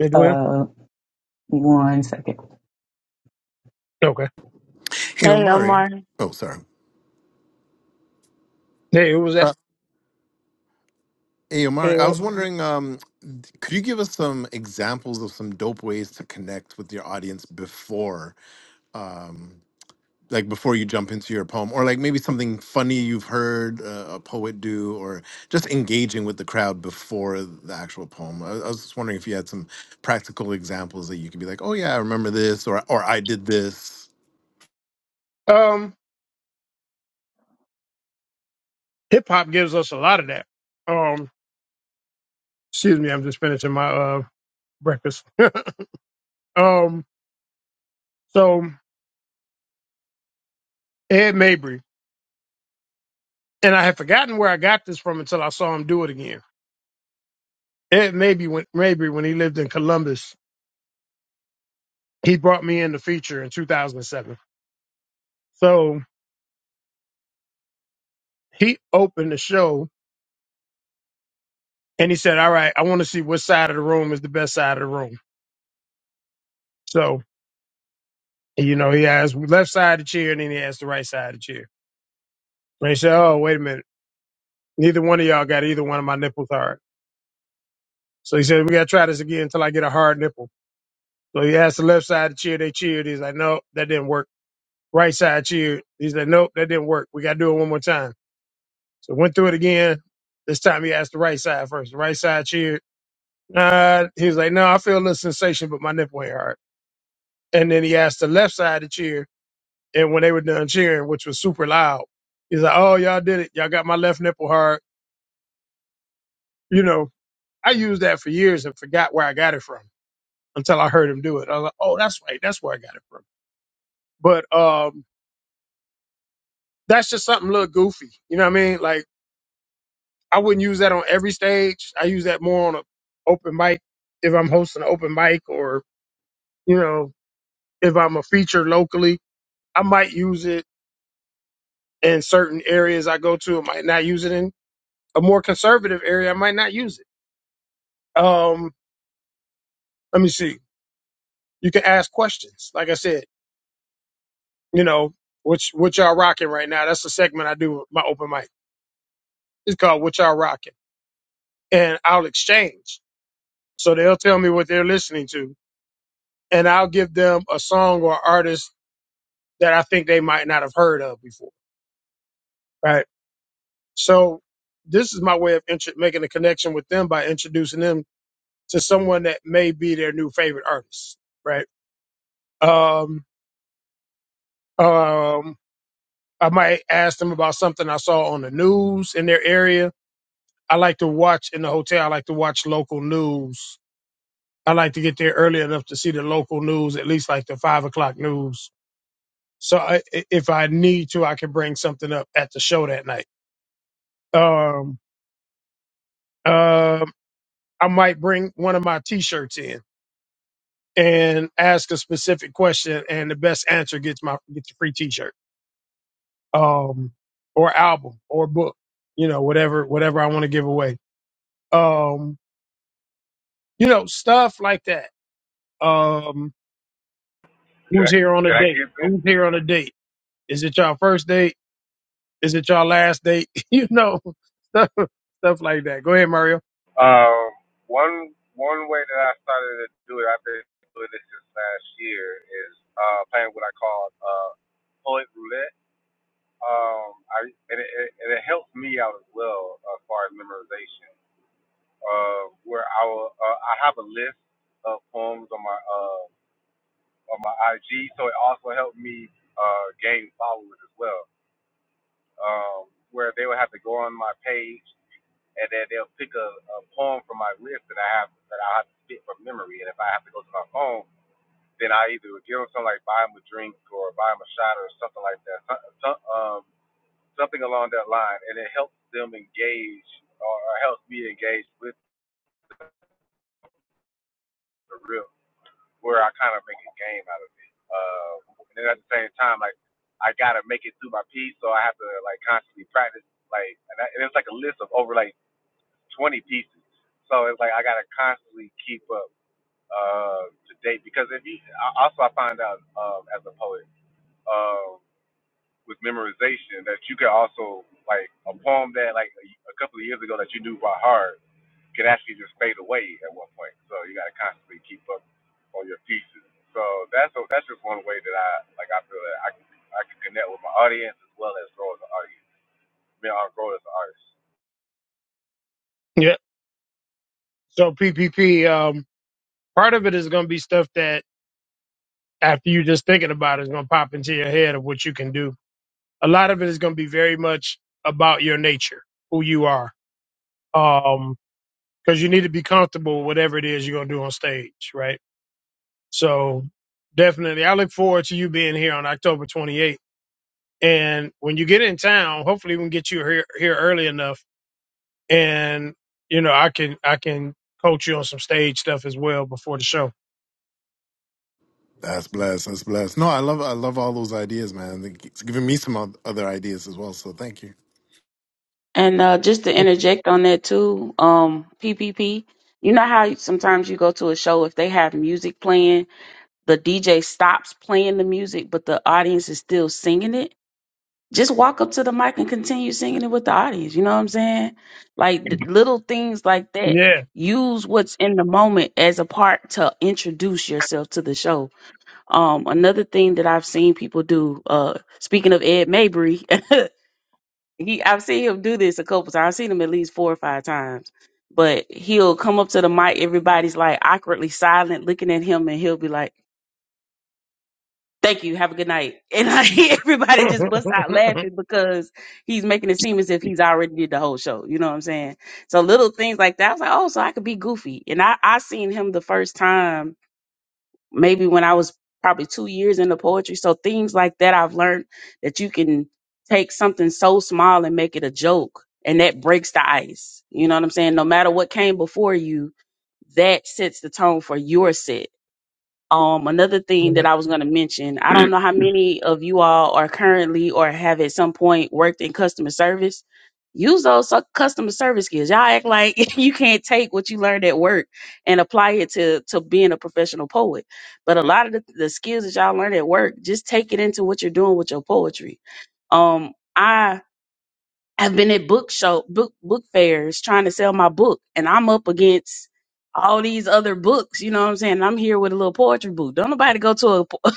Speaker 2: Edwina?
Speaker 6: Uh, one second.
Speaker 2: Okay,
Speaker 3: hey
Speaker 11: Hey
Speaker 3: omari
Speaker 11: Omar,
Speaker 3: oh sorry
Speaker 2: hey, it was that.
Speaker 3: uh, hey
Speaker 1: eh,
Speaker 3: omari i was wondering um could you give us some examples of some dope ways to connect with your audience before like before you jump into your poem or like maybe something funny you've heard uh, a poet do or just engaging with the crowd before the actual poem I, I was just wondering if you had some practical examples that you could be like oh yeah i remember this or or i did this
Speaker 2: Um, hip hop gives us a lot of that. Um, excuse me, I'm just finishing my uh breakfast. um, so Ed Mabry. and I had forgotten where I got this from until I saw him do it again. It maybe when maybe when he lived in Columbus, he brought me in the feature in 2007. So he opened the show and he said, "All right, I want to see what side of the room is the best side of the room." So you know, he asked left side of the chair, and then he asked the right side of the chair. And he said, "Oh, wait a minute, neither one of y'all got either one of my nipples hard." So he said, "We got to try this again until I get a hard nipple." So he asked the left side of the chair, they cheered. He's like, "No, that didn't work." Right side cheered. He said, nope, that didn't work. We got to do it one more time. So went through it again. This time he asked the right side first. The right side cheered. Nah, he was like, no, I feel a little sensation, but my nipple ain't hard. And then he asked the left side to cheer. And when they were done cheering, which was super loud, he's like, oh, y'all did it. Y'all got my left nipple hard. You know, I used that for years and forgot where I got it from until I heard him do it. I was like, oh, that's right. That's where I got it from. But um, that's just something a little goofy. You know what I mean? Like, I wouldn't use that on every stage. I use that more on an open mic if I'm hosting an open mic or, you know, if I'm a feature locally, I might use it in certain areas I go to. I might not use it in a more conservative area. I might not use it. Um, let me see. You can ask questions. Like I said, you know, which what y'all rocking right now. That's the segment I do with my open mic. It's called What Y'all Rocking. And I'll exchange. So they'll tell me what they're listening to. And I'll give them a song or artist that I think they might not have heard of before. Right. So this is my way of intro- making a connection with them by introducing them to someone that may be their new favorite artist. Right. Um, um, I might ask them about something I saw on the news in their area. I like to watch in the hotel. I like to watch local news. I like to get there early enough to see the local news, at least like the five o'clock news. So I, if I need to, I can bring something up at the show that night. Um, um, I might bring one of my T-shirts in and ask a specific question, and the best answer gets my gets a free T-shirt, um, or album, or book, you know, whatever whatever I want to give away, um, you know, stuff like that. Um, who's
Speaker 8: Jack, I,
Speaker 2: here on a
Speaker 8: can I
Speaker 2: date?
Speaker 8: get this?
Speaker 2: Who's here on a date? Is it y'all first date? Is it y'all last date? you know, stuff stuff like that. Go ahead, Mario.
Speaker 8: Um, one one way that I started to do it, I've been doing this since last year, is uh, playing what I call uh, poet roulette. Um, I and it, it, and it helps me out as well as far as memorization. Uh, where I will, uh, I have a list of poems on my uh, on my IG, so it also helped me uh, gain followers as well. Um, where they would have to go on my page and then they'll pick a, a poem from my list that I have that I have to spit from memory. And if I have to go to my phone, then I either give them something like buy them a drink or buy them a shot or something like that, some, um, something along that line, and it helps them engage or, or helps me engage with the real where I kind of make a game out of it. Uh, and then at the same time, like I gotta make it through my piece, so I have to like constantly practice. Like, and, I, and it's like a list of over like 20 pieces, so it's like I gotta constantly keep up. uh, to date because if you I- also I find out um, as a poet uh, with memorization that you can also like a poem that like a, a couple of years ago that you knew by heart can actually just fade away at one point. So you got to constantly keep up on your pieces. So that's a, that's just one way that I like I feel that I can I can connect with my audience as well as grow as an audience. I mean, I'll grow as an artist.
Speaker 2: Yeah. So PPP, um, part of it is going to be stuff that after you just thinking about it is going to pop into your head of what you can do. A lot of it is going to be very much about your nature, who you are, um, because you need to be comfortable with whatever it is you're going to do on stage, right? So definitely, I look forward to you being here on October 28th. And when you get in town, hopefully we can get you here here early enough, and you know I can I can coach you on some stage stuff as well before the show.
Speaker 3: that's blessed that's blessed no i love i love all those ideas man Like, it's giving me some oth- other ideas as well so thank you
Speaker 11: and uh, just to interject on that too, um, PPP. You know how sometimes you go to a show if they have music playing, the DJ stops playing the music, but the audience is still singing it. Just walk up to the mic and continue singing it with the audience. You know what I'm saying? Like th- little things like that.
Speaker 2: Yeah.
Speaker 11: Use what's in the moment as a part to introduce yourself to the show. Um, another thing that I've seen people do. Uh, speaking of Ed Mabry, he I've seen him do this a couple times. I've seen him at least four or five times. But he'll come up to the mic, everybody's like awkwardly silent, looking at him, and he'll be like, Thank you, have a good night. And like everybody just busts out laughing because he's making it seem as if he's already did the whole show. You know what I'm saying? So little things like that. I was like, Oh, so I could be goofy. And I, I seen him the first time maybe when I was probably two years into poetry. So things like that I've learned that you can take something so small and make it a joke. And that breaks the ice. You know what I'm saying? No matter what came before you, that sets the tone for your set um, another thing that I was going to mention, I don't know how many of you all are currently or have at some point worked in customer service. Use those su- customer service skills. Y'all act like you can't take what you learned at work and apply it to to being a professional poet. But a lot of the, the skills that y'all learned at work, just take it into what you're doing with your poetry. Um, I I've been at book show book book fairs trying to sell my book and I'm up against all these other books, you know what I'm saying? And I'm here with a little poetry booth. Don't nobody go to a po-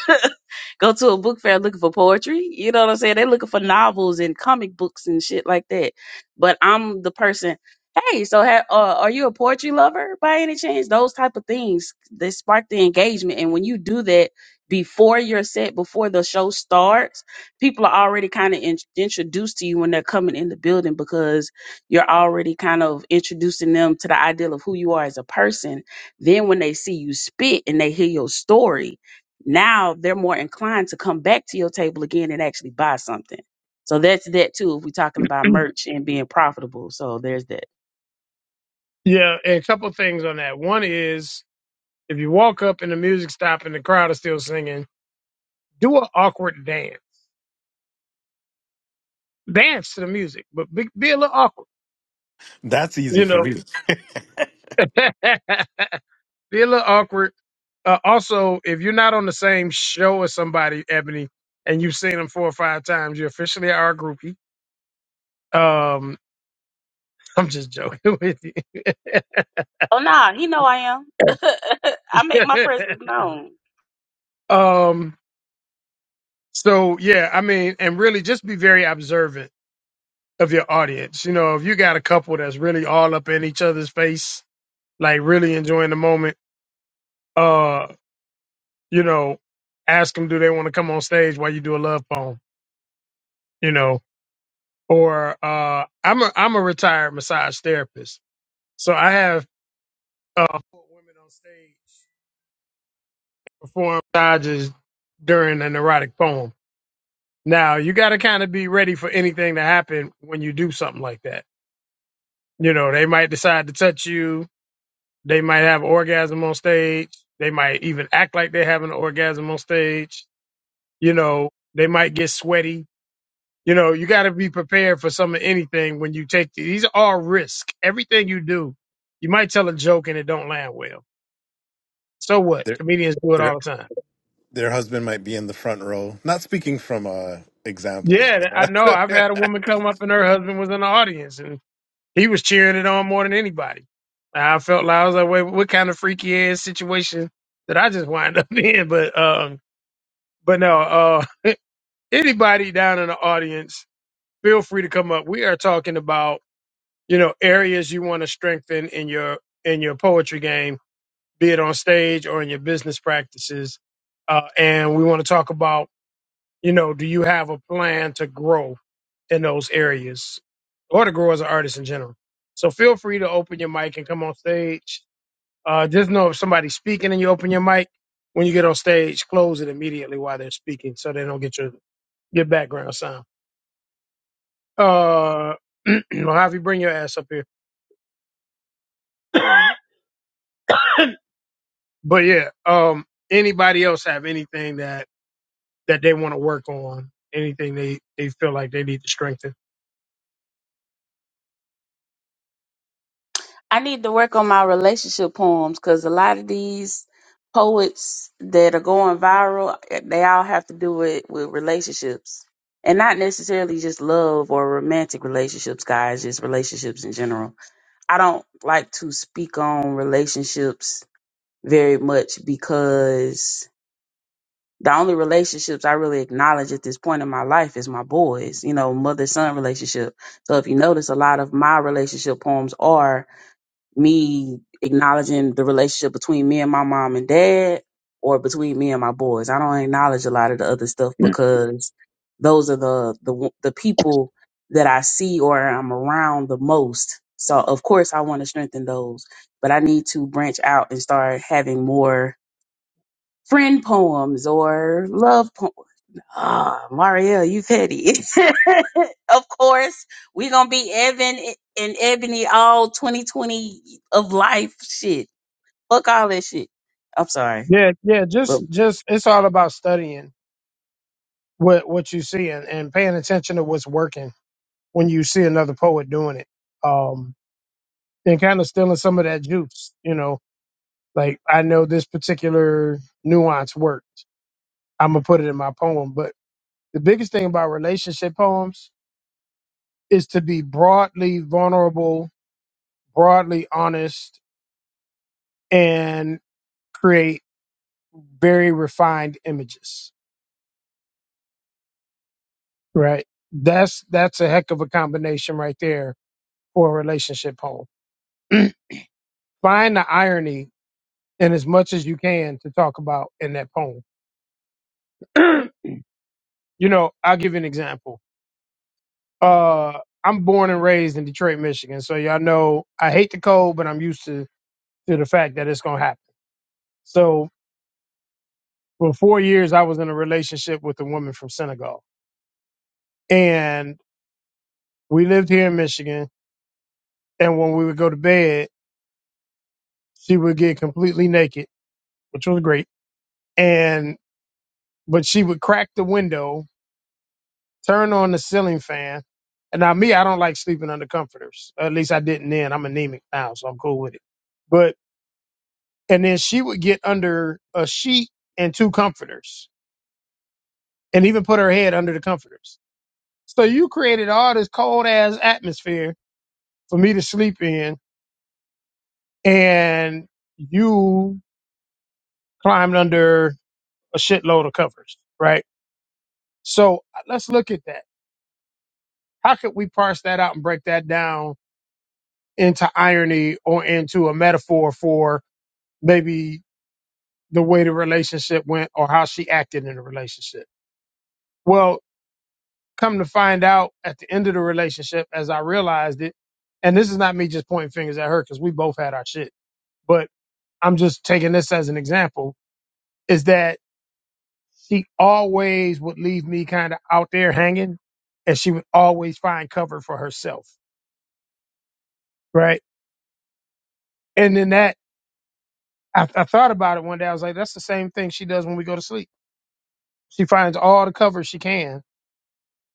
Speaker 11: go to a book fair looking for poetry. You know what I'm saying? They're looking for novels and comic books and shit like that. But I'm the person. Hey, so ha- uh, are you a poetry lover by any chance? Those type of things they spark the engagement, and when you do that before your set, before the show starts people are already kind of in, introduced to you when they're coming in the building because you're already kind of introducing them to the ideal of who you are as a person. Then when they see you spit and they hear your story, now they're more inclined to come back to your table again and actually buy something. So that's that too. If we're talking about merch and being profitable, so there's that.
Speaker 2: Yeah, and a couple things on that. One is If you walk up and the music stops and the crowd is still singing, do an awkward dance. Dance to the music, but be, be a little awkward.
Speaker 3: that's easy
Speaker 2: You
Speaker 3: for
Speaker 2: know,
Speaker 3: me
Speaker 2: be a little awkward. Uh, also, if you're not on the same show as somebody, Ebony, and you've seen them four or five times, you're officially our groupie. Um, I'm just joking with
Speaker 11: Oh nah, he know I am. I make my
Speaker 2: you.
Speaker 11: presence known.
Speaker 2: um, so yeah, I mean, and really just be very observant of your audience. You know, if you got a couple that's really all up in each other's face like really enjoying the moment. Uh, you know, ask them do they want to come on stage while you do a love poem, you know, or uh, I'm a I'm a retired massage therapist, so I have uh four women on stage perform massages during an erotic poem. Now you got to kind of be ready for anything to happen when you do something like that. You know, they might decide to touch you. They might have orgasm on stage. They might even act like they're having an orgasm on stage you know, they might get sweaty. You know, you got to be prepared for some of anything when you take the, these are all risk. Everything you do, you might tell a joke and it don't land well. So what?
Speaker 3: their
Speaker 2: Comedians do it
Speaker 3: their
Speaker 2: all the time.
Speaker 3: their husband might be in the front row not speaking from uh examples
Speaker 2: Yeah, I know. I've had a woman come up and her husband was in the audience and he was cheering it on more than anybody. I felt like I was like, wait, what kind of freaky ass situation did I just wind up in? But um, but no, uh, anybody down in the audience, feel free to come up. We are talking about you know areas you want to strengthen in your in your poetry game be it on stage or in your business practices uh, and we want to talk about you know do you have a plan to grow in those areas or to grow as an artist in general so feel free to open your mic and come on stage uh, just know if somebody's speaking and you open your mic when you get on stage close it immediately while they're speaking so they don't get your your background sound uh, i you bring your ass up here But yeah, um, anybody else have anything that that they want to work on? Anything they they feel like they need to strengthen?
Speaker 11: I need to work on my relationship poems because a lot of these poets that are going viral, they all have to do it with relationships. And not necessarily just love or romantic relationships, guys, just relationships in general. I don't like to speak on relationships very much because the only relationships I really acknowledge at this point in my life is my boys, you know, mother son relationship. So if you notice, a lot of my relationship poems are me acknowledging the relationship between me and my mom and dad or between me and my boys. I don't acknowledge a lot of the other stuff because those are the the w- the people that I see or I'm around the most. So of course I want to strengthen those, but I need to branch out and start having more friend poems or love Ah, Marielle, you petty. of course, we gonna be Evan and Ebony all 2020 of life shit. Fuck all that shit. I'm sorry.
Speaker 2: Yeah, yeah,
Speaker 11: But
Speaker 2: just just it's all about studying what what you see and, and paying attention to what's working when you see another poet doing it. Um and kind of stealing some of that juice, you know. Like I know this particular nuance work. I'm gonna put it in my poem. But the biggest thing about relationship poems is to be broadly vulnerable, broadly honest, and create very refined images, right? That's that's a heck of a combination right there for a relationship poem. Find the irony in as much as you can to talk about in that poem. you know, I'll give you an example. Uh I'm born and raised in Detroit, Michigan, so y'all know I hate the cold, but I'm used to to the fact that it's gonna happen. So for four years, I was in a relationship with a woman from Senegal, and we lived here in Michigan and when we would go to bed, she would get completely naked, which was great. And but she would crack the window, turn on the ceiling fan. And now me, I don't like sleeping under comforters. At least I didn't then. I'm anemic now, so I'm cool with it. But and then she would get under a sheet and two comforters, and even put her head under the comforters. So you created all this cold ass atmosphere for me to sleep in, and you climbed under a shitload of covers, right? So uh, let's look at that. How could we parse that out and break that down into irony or into a metaphor for maybe the way the relationship went or how she acted in the relationship? Well, come to find out at the end of the relationship, as I realized it, and this is not me just pointing fingers at her because we both had our shit, but I'm just taking this as an example, is that she always would leave me kind of out there hanging and she would always find cover for herself, right? And then that I, I thought about it one day. I was like, that's the same thing she does when we go to sleep. She finds all the cover she can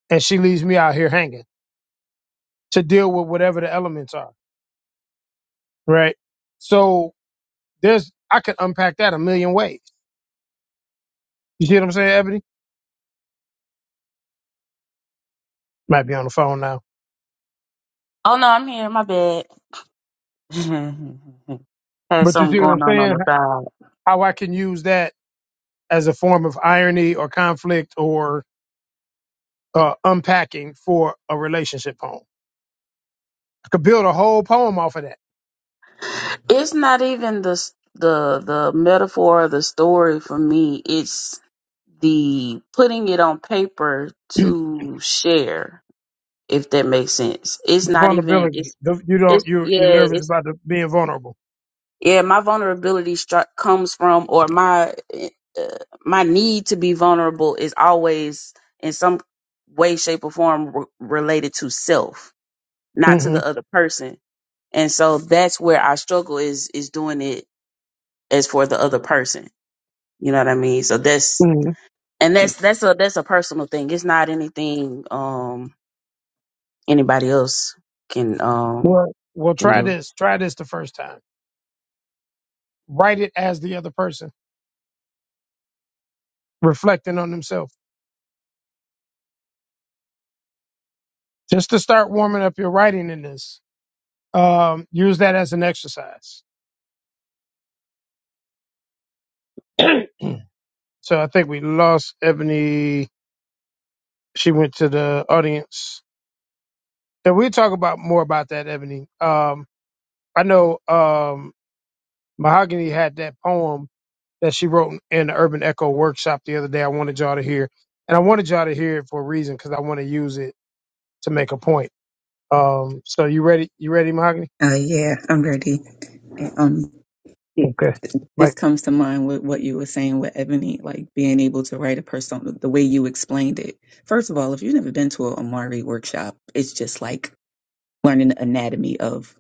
Speaker 2: and she leaves me out here hanging to deal with whatever the elements are. Right. So there's, I could unpack that a million ways. You see what I'm saying, Ebony? Might be on the phone now,
Speaker 11: oh no, I'm here. My bad. Had
Speaker 2: but you
Speaker 11: something
Speaker 2: see what I'm
Speaker 11: going on on
Speaker 2: saying?
Speaker 11: the side.
Speaker 2: How I can use that as a form of irony or conflict or uh, unpacking for a relationship poem. I could build a whole poem off of that.
Speaker 11: It's not even the s- the the metaphor or the story for me. It's the putting it on paper to share. If that makes sense. It's
Speaker 2: The
Speaker 11: not even.
Speaker 2: vulnerability.
Speaker 11: It's
Speaker 2: The, you
Speaker 11: it's
Speaker 2: don't, you're, you're
Speaker 11: yeah.
Speaker 2: nervous about the, being vulnerable.
Speaker 11: yeah my vulnerability stri- comes from or my uh, my need to be vulnerable is always in some way shape or form re- related to self not to
Speaker 2: hmm
Speaker 11: the other person and so that's where our struggle is is doing it as for the other person you know what i mean so that's and that's that's a that's a personal thing it's not anything um anybody else can um
Speaker 2: Well, well,
Speaker 11: can
Speaker 2: try
Speaker 11: do
Speaker 2: this. Try this the first time. Write it as the other person, reflecting on themselves. Just to start warming up your writing in this. Um, use that as an exercise. so I think we lost Ebony. She went to the audience. And we talk about more about that, Ebony. Um, I know um, Mahogany had that poem that she wrote in the Urban Echo workshop the other day. I wanted y'all to hear, and I wanted y'all to hear it for a reason because I want to use it to make a point. Um, so you ready? You ready, Mahogany?
Speaker 6: Uh, yeah, I'm ready. And, Um, it,
Speaker 2: Okay.
Speaker 6: this
Speaker 2: Mike,
Speaker 6: comes to mind with what you were saying with Ebony, like being able to write a persona, the way you explained it. First of all, if you've never been to a Amari workshop, it's just like learning the anatomy of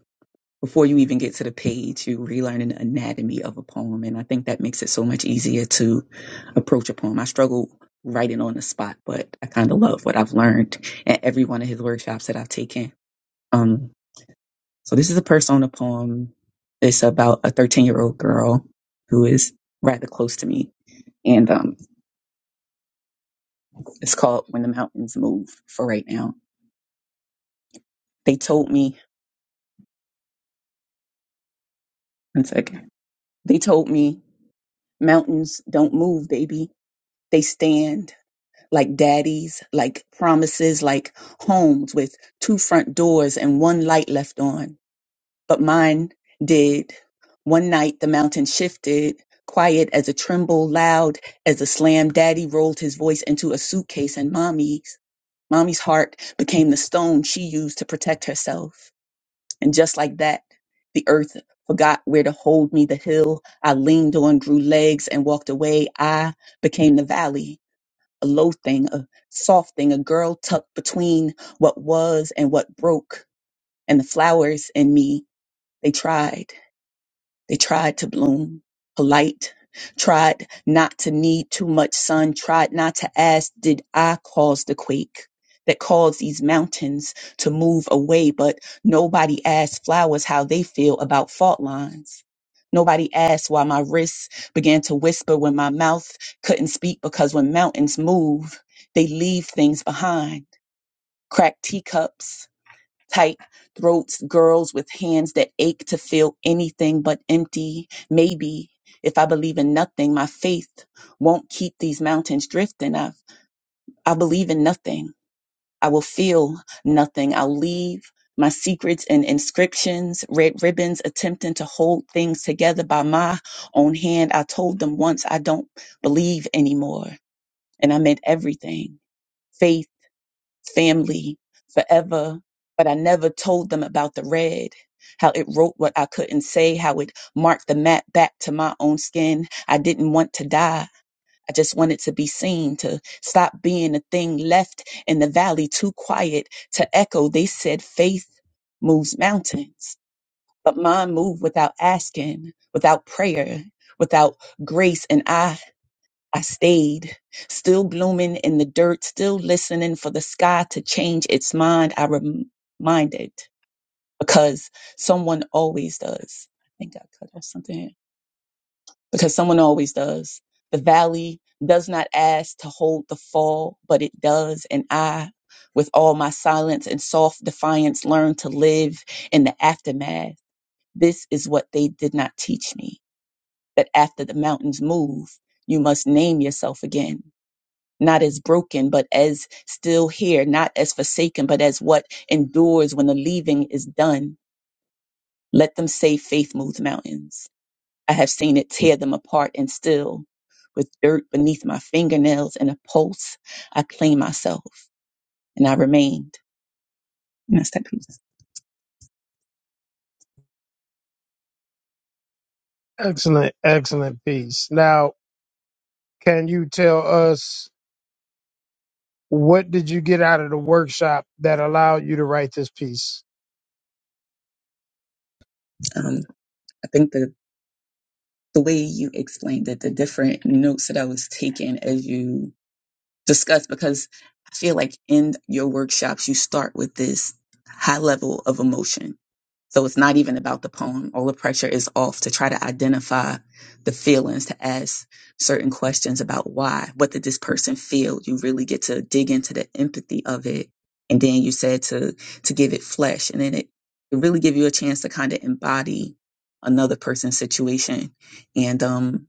Speaker 6: before you even get to the page, you relearn an anatomy of a poem. And I think that makes it so much easier to approach a poem. I struggle writing on the spot, but I kind of love what I've learned at every one of his workshops that I've taken. Um, so this is a persona poem. It's about a 13 year old girl who is rather close to me. And um, it's called When the Mountains Move for right now. They told me, one second, they told me mountains don't move, baby. They stand like daddies, like promises, like homes with two front doors and one light left on. But mine did. One night the mountain shifted, quiet as a tremble, loud as a slam. Daddy rolled his voice into a suitcase and mommy's. Mommy's heart became the stone she used to protect herself. And just like that, the earth forgot where to hold me. The hill I leaned on grew legs and walked away. I became the valley a low thing, a soft thing, a girl tucked between what was and what broke. And the flowers in me, they tried. They tried to bloom polite, tried not to need too much sun, tried not to ask, Did I cause the quake that caused these mountains to move away? But nobody asked flowers how they feel about fault lines. Nobody asked why my wrists began to whisper when my mouth couldn't speak because when mountains move, they leave things behind. Cracked teacups, tight throats, girls with hands that ache to feel anything but empty. Maybe if I believe in nothing, my faith won't keep these mountains drifting. I, I believe in nothing. I will feel nothing. I'll leave my secrets and inscriptions, red ribbons attempting to hold things together by my own hand. I told them once I don't believe anymore, and I meant everything. Faith family forever, but I never told them about the red. How it wrote what I couldn't say, how it marked the map back to my own skin. I didn't want to die. I just wanted to be seen, to stop being a thing left in the valley too quiet to echo. They said faith moves mountains, but mine moved without asking, without prayer, without grace. And I I stayed, still blooming in the dirt, still listening for the sky to change its mind. I rem- reminded because someone always does. I think I cut off something here. because someone always does. The valley does not ask to hold the fall, but it does. And I, with all my silence and soft defiance, learned to live in the aftermath. This is what they did not teach me that after the mountains move, you must name yourself again not as broken, but as still here, not as forsaken, but as what endures when the leaving is done. Let them say faith moves mountains. I have seen it tear them apart and still, with dirt beneath my fingernails and a pulse, I claim myself and I remained. And that's that piece.
Speaker 2: excellent, excellent piece. Now, can you tell us what did you get out of the workshop that allowed you to write this piece?
Speaker 6: Um, I think the, the way you explained it, the different notes that I was taking as you discussed, because I feel like in your workshops, you start with this high level of emotion So it's not even about the poem. All the pressure is off to try to identify the feelings, to ask certain questions about why, what did this person feel? You really get to dig into the empathy of it. And then you said to to give it flesh. And then it, it really give you a chance to kind of embody another person's situation. And um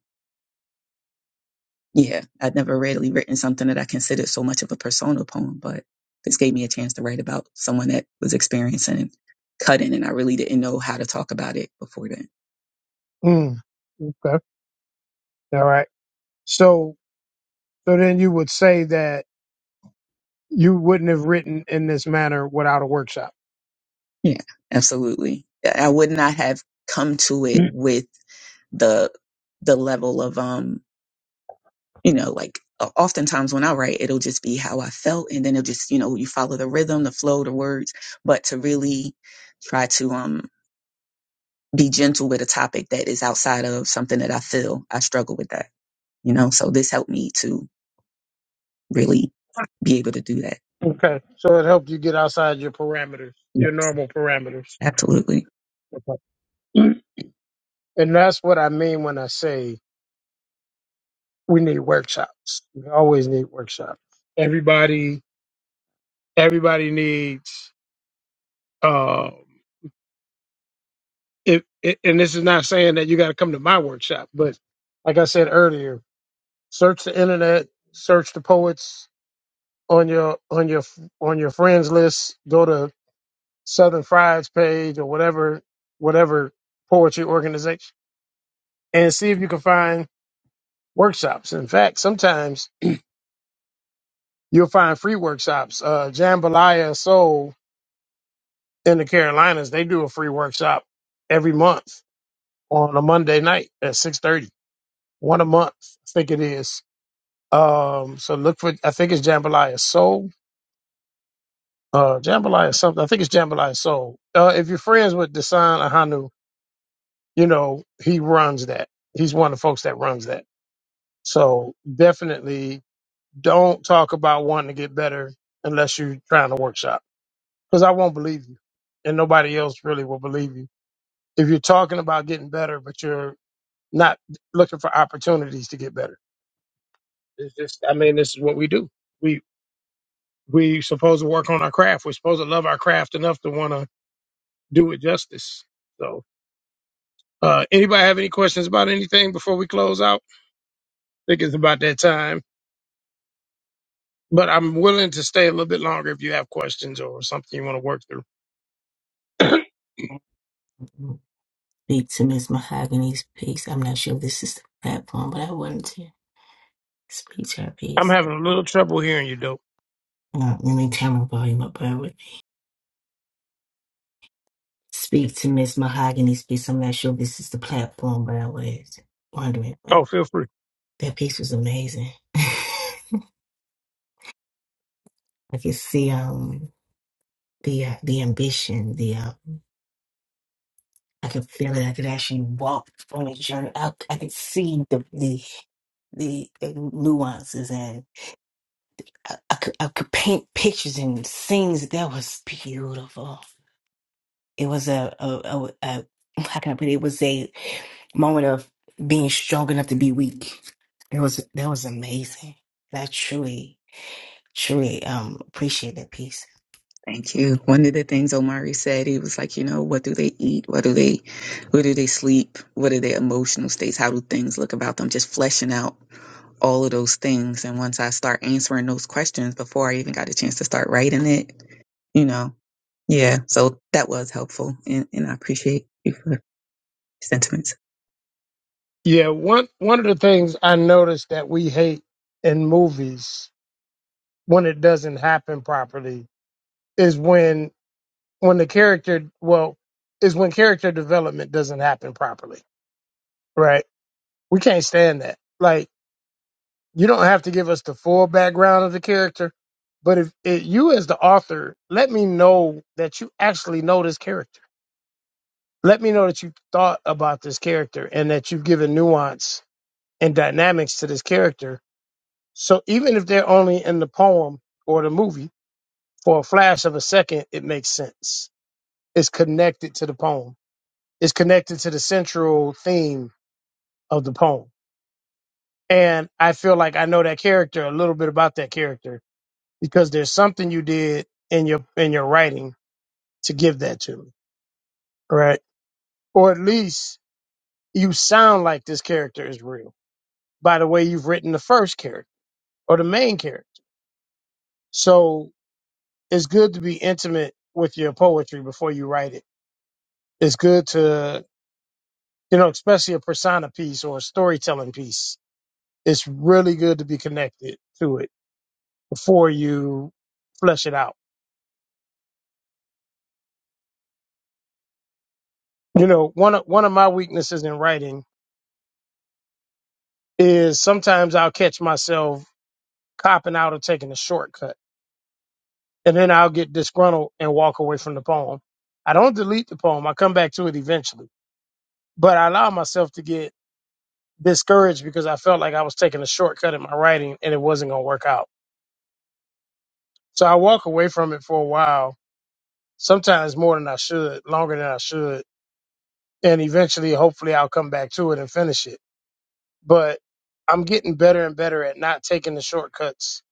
Speaker 6: yeah, I'd never really written something that I considered so much of a personal poem, but this gave me a chance to write about someone that was experiencing cutting, and I really didn't know how to talk about it before then.
Speaker 2: Mm, okay. All right. So, so then you would say that you wouldn't have written in this manner without a workshop.
Speaker 6: Yeah, absolutely. I would not have come to it
Speaker 2: Mm,
Speaker 6: with the the level of um, you know, like o- oftentimes when I write, it'll just be how I felt, and then it'll just you know you follow the rhythm, the flow, the words, but to really try to um be gentle with a topic that is outside of something that I feel I struggle with that, you know? So this helped me to really be able to do that.
Speaker 2: Okay. So it helped you get outside your parameters,
Speaker 6: Yeah,
Speaker 2: your normal parameters.
Speaker 6: absolutely.
Speaker 2: Okay. And that's what I mean when I say we need workshops. We always need workshops. Everybody, everybody needs. Um, if, it, and this is not saying that you got to come to my workshop, but like I said earlier, search the internet, search the poets on your on your on your friends list. Go to Southern Fried's page or whatever whatever poetry organization, and see if you can find workshops. In fact, sometimes you'll find free workshops. Uh, Jambalaya Soul in the Carolinas, they do a free workshop every month on a Monday night at six thirty. One a month, I think it is. Um, so look for. I think it's Jambalaya Soul. Uh, Jambalaya something. I think it's Jambalaya Soul. Uh, if you're friends with Desan Ahanu, you know he runs that. He's one of the folks that runs that. So definitely don't talk about wanting to get better unless you're trying to workshop because I won't believe you, and nobody else really will believe you if you're talking about getting better, but you're not looking for opportunities to get better. It's just, I mean, this is what we do. We we supposed to work on our craft. We're supposed to love our craft enough to want to do it justice. So, uh, anybody have any questions about anything before we close out? I think it's about that time. But I'm willing to stay a little bit longer if you have questions or something you want to work through.
Speaker 13: Speak to Miss Mahogany's piece. I'm not sure if this is the platform, but I wanted to speak to her
Speaker 2: I'm
Speaker 13: piece.
Speaker 2: having a little trouble hearing you, though.
Speaker 13: Uh, let me turn my volume up. Bear with me. Speak to Miss Mahogany's piece. I'm not sure if this is the platform, but I was wondering. Like,
Speaker 2: Oh, feel free.
Speaker 13: that piece was amazing. I could see um the uh, the ambition. The uh, I could feel it. I could actually walk on a journey. I, I could see the the the nuances I, I could, I could paint pictures and scenes that was beautiful. It was a, a, a, a how can I put it? It was a moment of being strong enough to be weak. It was that was amazing. And I truly, truly um appreciate that piece.
Speaker 6: Thank you. One of the things Omari said, he was like, you know, what do they eat? What do they, where do they sleep? What are their emotional states? How do things look about them? Just fleshing out all of those things. And once I start answering those questions before I even got a chance to start writing it, you know, yeah. So that was helpful. And, and I appreciate you for your sentiments.
Speaker 2: Yeah, one one of the things I noticed that we hate in movies when it doesn't happen properly is when when the character well is when character development doesn't happen properly right we can't stand that like you don't have to give us the full background of the character but if it, you as the author let me know that you actually know this character let me know that you thought about this character and that you've given nuance and dynamics to this character so even if they're only in the poem or the movie for a flash of a second it makes sense it's connected to the poem is connected to the central theme of the poem. And I feel like I know that character a little bit about that character because there's something you did in your in your writing to give that to me, right? Or at least you sound like this character is real by the way you've written the first character or the main character. So it's good to be intimate with your poetry before you write it. It's good to you know, especially a persona piece or a storytelling piece. It's really good to be connected to it before you flesh it out. You know, one of, one of my weaknesses in writing is sometimes I'll catch myself copping out or taking a shortcut, and then I'll get disgruntled and walk away from the poem. I don't delete the poem; I come back to it eventually, but I allow myself to get discouraged because I felt like I was taking a shortcut in my writing and it wasn't going to work out. So I walk away from it for a while, sometimes more than I should, longer than I should, and eventually, hopefully, I'll come back to it and finish it but I'm getting better and better at not taking the shortcuts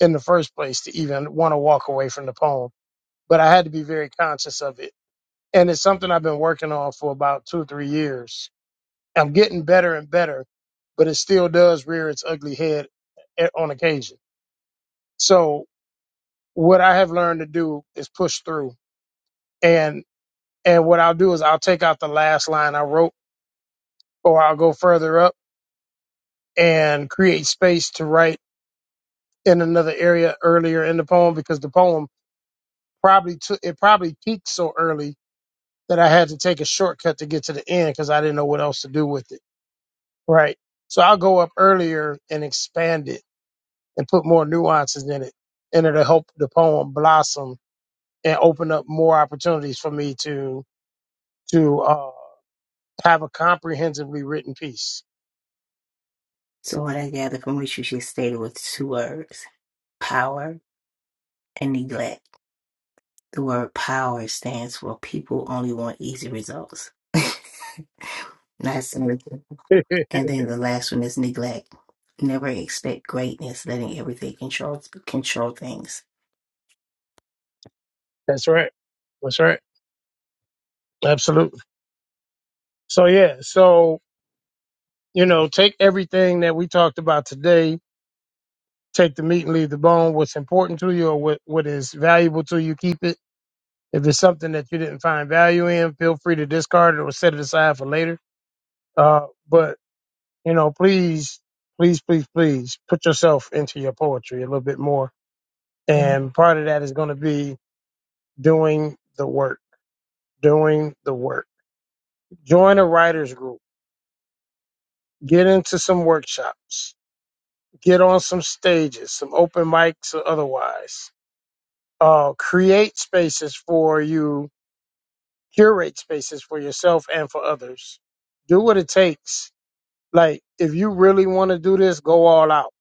Speaker 2: in the first place to even want to walk away from the poem. But I had to be very conscious of it. And it's something I've been working on for about two or three years. I'm getting better and better, but it still does rear its ugly head e- on occasion. So what I have learned to do is push through. And, and what I'll do is I'll take out the last line I wrote or I'll go further up and create space to write in another area earlier in the poem because the poem probably took it probably peaked so early that I had to take a shortcut to get to the end because I didn't know what else to do with it. Right. So I'll go up earlier and expand it and put more nuances in it. And it'll help the poem blossom and open up more opportunities for me to to uh, have a comprehensively written piece.
Speaker 13: So what I gather from what you just stated was two words: power and neglect. The word power stands for people only want easy results. Not service. And then the last one is neglect. Never expect greatness, letting everything control control things.
Speaker 2: That's right. That's right. Absolutely. So yeah. So you know, take everything that we talked about today take the meat and leave the bone. What's important to you or what, what is valuable to you, keep it. If it's something that you didn't find value in, feel free to discard it or set it aside for later. Uh, but, you know, please, please, please, please put yourself into your poetry a little bit more. And part of that is going to be doing the work, doing the work. Join a writer's group, get into some workshops, get on some stages, some open mics or otherwise uh, create spaces for you curate spaces for yourself and for others. Do what it takes. Like, if you really want to do this, go all out.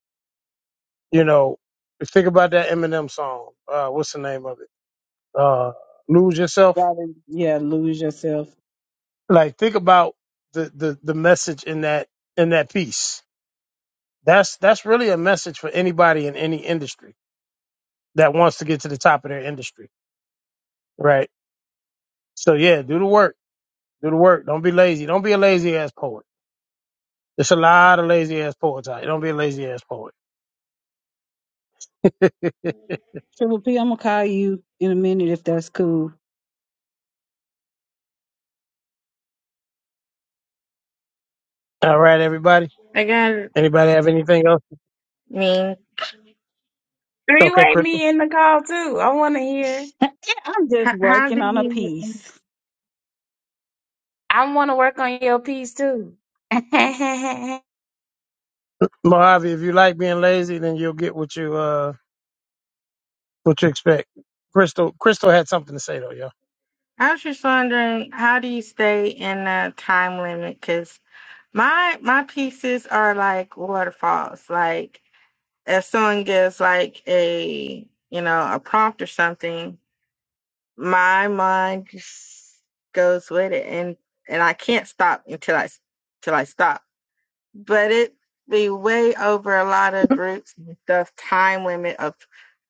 Speaker 2: You know, think about that Eminem song. Uh, what's the name of it? Uh, Lose Yourself.
Speaker 1: rather, yeah, lose yourself.
Speaker 2: Like, think about the, the, the message in that, in that piece. That's, that's really a message for anybody in any industry that wants to get to the top of their industry. Right. So yeah, do the work. Do the work. Don't be lazy. Don't be a lazy ass poet. There's a lot of lazy ass poets out. here. Don't be a lazy ass poet.
Speaker 1: Triple P, I'm gonna call you in a minute if that's cool.
Speaker 2: All right, everybody.
Speaker 9: I got to
Speaker 2: Anybody have anything else?
Speaker 9: mean,
Speaker 11: three
Speaker 2: Okay,
Speaker 11: way
Speaker 2: Crystal.
Speaker 11: me in the call too i want to hear
Speaker 1: I'm
Speaker 9: how,
Speaker 1: just
Speaker 9: how do
Speaker 1: working on a
Speaker 9: you?
Speaker 1: piece.
Speaker 11: I want to work on your piece too.
Speaker 2: Mojave, if you like being lazy, then you'll get what you uh what you expect. Crystal Crystal had something to say though, yo.
Speaker 9: I was just wondering, how do you stay in a time limit? Because my my pieces are like waterfalls. Like if someone gives like a you know a prompt or something, my mind just goes with it, and and I can't stop until I, till I stop. but it be way over a lot of groups and stuff time limit of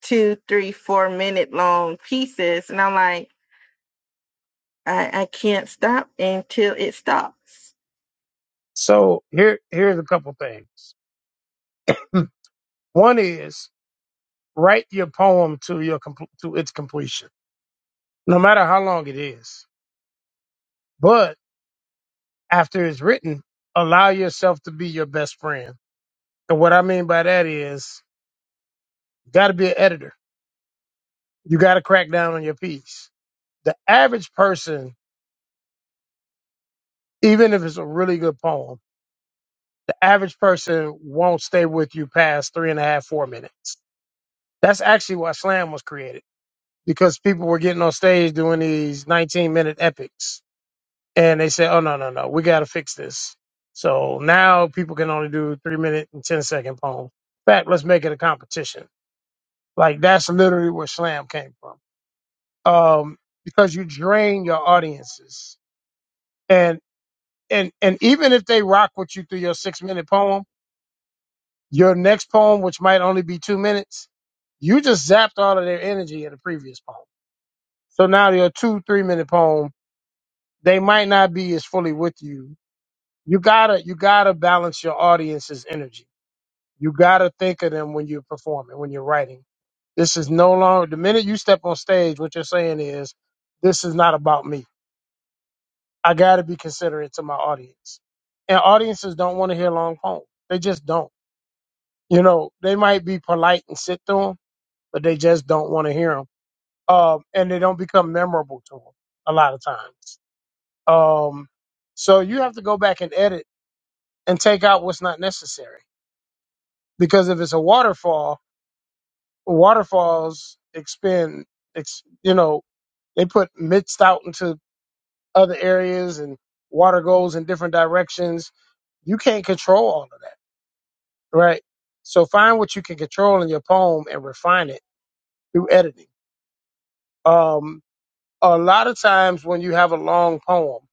Speaker 9: two three four minute long pieces and i'm like i, I can't stop until it stops
Speaker 2: So here here's a couple things. One is write your poem to your compl- to its completion, no matter how long it is. But after it's written, allow yourself to be your best friend. And what I mean by that is, you got to be an editor. You got to crack down on your piece. The average person even if it's a really good poem, the average person won't stay with you past three and a half, four minutes. That's actually why slam was created because people were getting on stage doing these 19 minute epics and they said, oh, no, no, no, we got to fix this. So now people can only do three minute and ten-second poem. In fact, let's make it a competition. Like that's literally where slam came from. Um, because you drain your audiences and, and, and even if they rock with you through your six minute poem, Your next poem, which might only be two minutes, you just zapped all of their energy in the previous poem. So now your two, three minute poem, they might not be as fully with you. You gotta, you gotta balance your audience's energy. You gotta think of them when you're performing, when you're writing. This is no longer, the minute you step on stage, what you're saying is, this is not about me. I gotta be considerate to my audience. And audiences don't want to hear long poems. They just don't. You know, they might be polite and sit through 'em, but they just don't want to hear them. Um, and they don't become memorable to them a lot of times. Um, so you have to go back and edit and take out what's not necessary because if it's a waterfall, waterfalls expend, ex, you know, they put mixed out into other areas and water goes in different directions. You can't control all of that, right? So find what you can control in your poem and refine it through editing. Um, a lot of times when you have a long poem,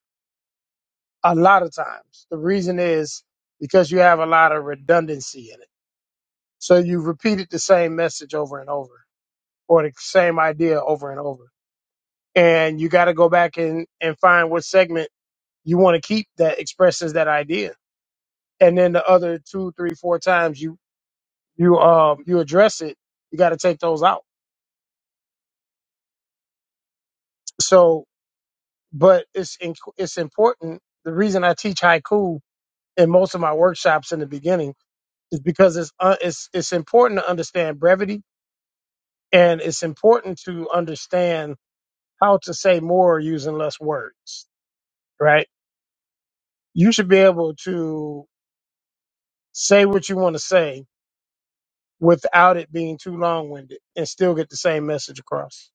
Speaker 2: a lot of times. The reason is because you have a lot of redundancy in it. So you repeated the same message over and over or the same idea over and over. And you got to go back and, and find what segment you want to keep that expresses that idea. And then the other two, three, four times you, you, um, you address it, you got to take those out. So, but it's, in, it's important. The reason I teach haiku in most of my workshops in the beginning is because it's, uh, it's, it's important to understand brevity And it's important to understand how to say more using less words, right? You should be able to say what you want to say without it being too long winded and still get the same message across.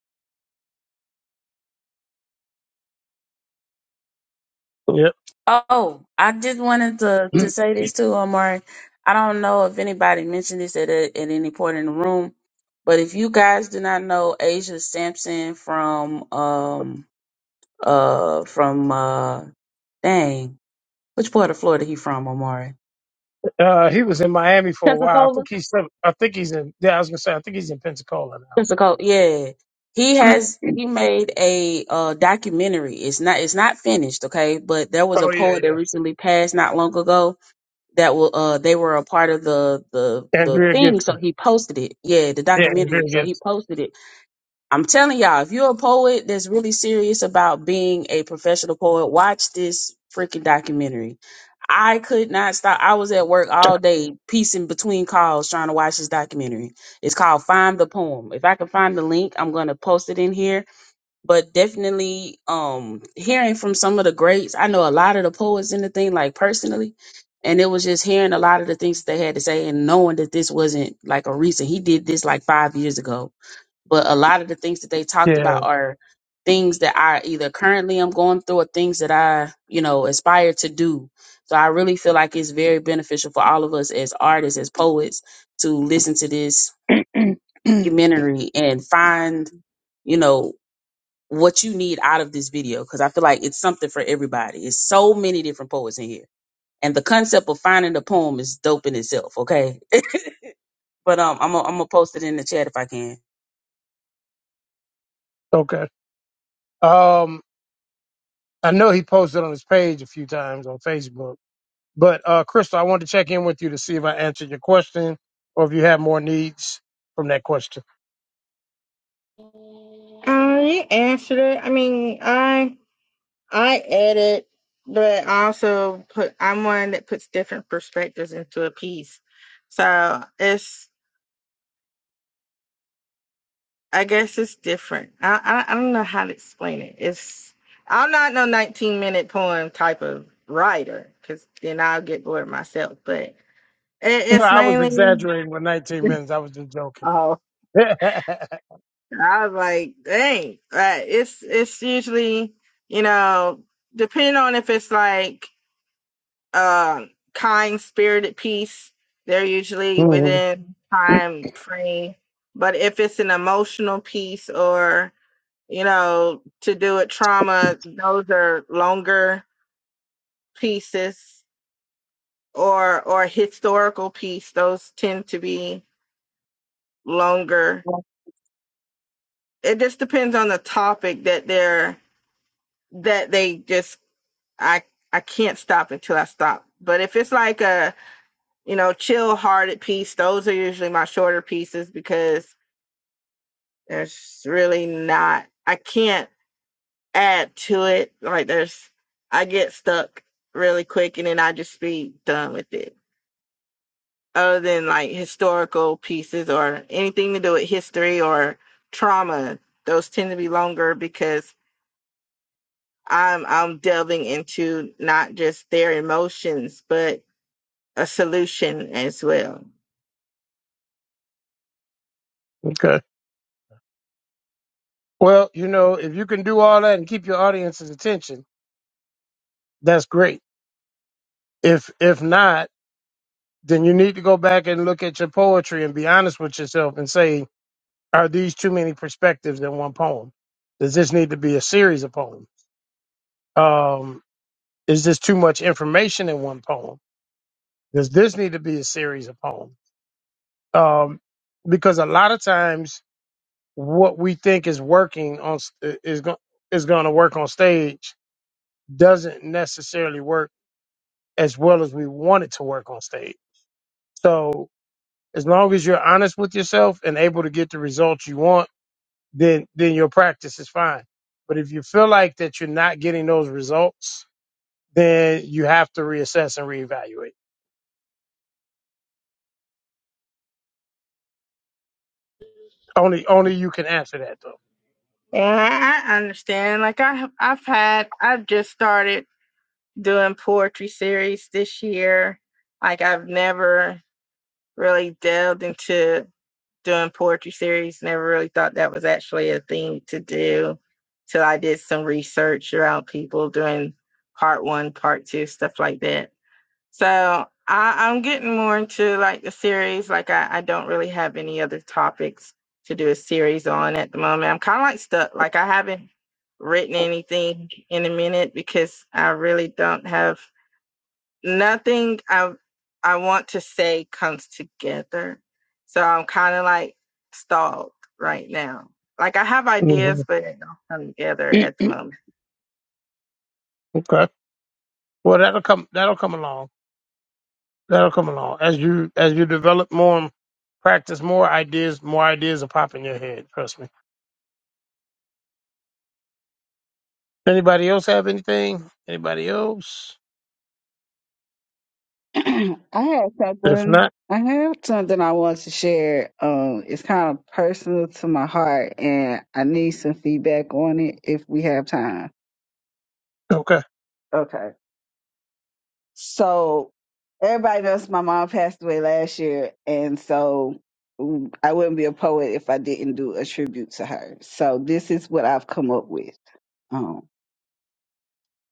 Speaker 2: Yep.
Speaker 11: oh, I just wanted to to say this too, Omari. I don't know if anybody mentioned this at a, at any point in the room, but if you guys do not know Asia Sampson from um uh from uh dang which part of Florida he from, Omari?
Speaker 2: Uh, he was in Miami for a while. I
Speaker 11: Pensacola.
Speaker 2: think he's, still- I think he's in, yeah, I was going to say, I think he's in Pensacola now.
Speaker 11: Pensacola, yeah. He has he made a uh documentary. It's not it's not finished, okay? But there was a
Speaker 2: oh, yeah,
Speaker 11: poet that
Speaker 2: yeah.
Speaker 11: recently passed not long ago that will uh they were a part of the the the
Speaker 2: Andrea
Speaker 11: thing so
Speaker 2: Gibson.
Speaker 11: he posted it yeah the
Speaker 2: Yeah, Andrea
Speaker 11: documentary so he
Speaker 2: Gibson.
Speaker 11: posted it i'm telling y'all if you're a poet that's really serious about being a professional poet watch this freaking documentary i could not stop i was at work all day piecing between calls trying to watch this documentary it's called find the poem if i can find the link i'm going to post it in here but definitely um hearing from some of the greats i know a lot of the poets and the thing like personally and it was just hearing a lot of the things they had to say and knowing that this wasn't like a recent he did this like five years ago but a lot of the things that they talked
Speaker 2: Yeah.
Speaker 11: about are things that i either currently am going through or things that i you know aspire to do so i really feel like it's very beneficial for all of us as artists as poets to listen to this documentary and find you know what you need out of this video because I feel like it's something for everybody. It's so many different poets in here, and the concept of finding a poem is dope in itself. Okay, but um, I'm i I'm gonna post it in the chat if I can.
Speaker 2: Okay. Um, I know he posted on his page a few times on Facebook But uh, Crystal, I wanted to check in with you to see if I answered your question or if you had more needs from that question.
Speaker 9: uh, you answered it i mean i i edit but I also put i'm one that puts different perspectives into a piece so it's I guess it's different. I, I I don't know how to explain it. It's I'm not no 19 minute poem type of writer because then I'll get bored myself. But it,
Speaker 2: No,
Speaker 9: it's
Speaker 2: I was
Speaker 9: mainly
Speaker 2: exaggerating with 19 minutes. I was just joking.
Speaker 9: oh I was like dang like it's it's usually you know depending on if it's like um kind spirited piece they're usually
Speaker 2: Mhm.
Speaker 9: within time frame. But if it's an emotional piece or you know, to do it trauma, those are longer pieces or or historical piece, those tend to be longer. It just depends on the topic that they're that they just I I can't stop until I stop. But if it's like a, you know, chill hearted piece, those are usually my shorter pieces because there's really not I can't add to it. Like there's, I get stuck really quick and then I just be done with it. Other than like historical pieces or anything to do with history or trauma, those tend to be longer because I'm I'm delving into not just their emotions but a solution as well.
Speaker 2: Okay. Well, you know, if you can do all that and keep your audience's attention, that's great. If if not, then you need to go back and look at your poetry and be honest with yourself and say, are these too many perspectives in one poem? Does this need to be a series of poems? Um, is this too much information in one poem? Does this need to be a series of poems? Um, because a lot of times, what we think is working on s- is going is going to work on stage doesn't necessarily work as well as we want it to work on stage. So as long as you're honest with yourself and able to get the results you want, then then your practice is fine. But if you feel like that you're not getting those results, then you have to reassess and reevaluate. Only only you can answer that though.
Speaker 9: And I understand. Like I I've had I've just started doing poetry series this year. Like I've never really delved into doing poetry series. Never really thought that was actually a thing to do till I did some research around people doing part one, part two, stuff like that. So I, I'm getting more into like the series. Like I, I don't really have any other topics to do a series on at the moment. I'm kind of like stuck. Like I haven't written anything in a minute because I really don't have nothing I I want to say comes together. So I'm kind of like stalled right now. Like I have ideas,
Speaker 2: hmm
Speaker 9: but they don't come together at the moment.
Speaker 2: Okay. Well, that'll come. That'll come along. That'll come along as you as you develop more, and practice more ideas. More ideas will pop in your head. Trust me. Anybody else have anything? Anybody else?
Speaker 1: I have
Speaker 2: If
Speaker 1: something.
Speaker 2: not,
Speaker 1: I have something I want to share. Um, it's kind of personal to my heart, and I need some feedback on it if we have time.
Speaker 2: okay.
Speaker 1: Okay. So everybody knows my mom passed away last year, and so mm, I wouldn't be a poet if I didn't do a tribute to her. So this is what I've come up with. Um,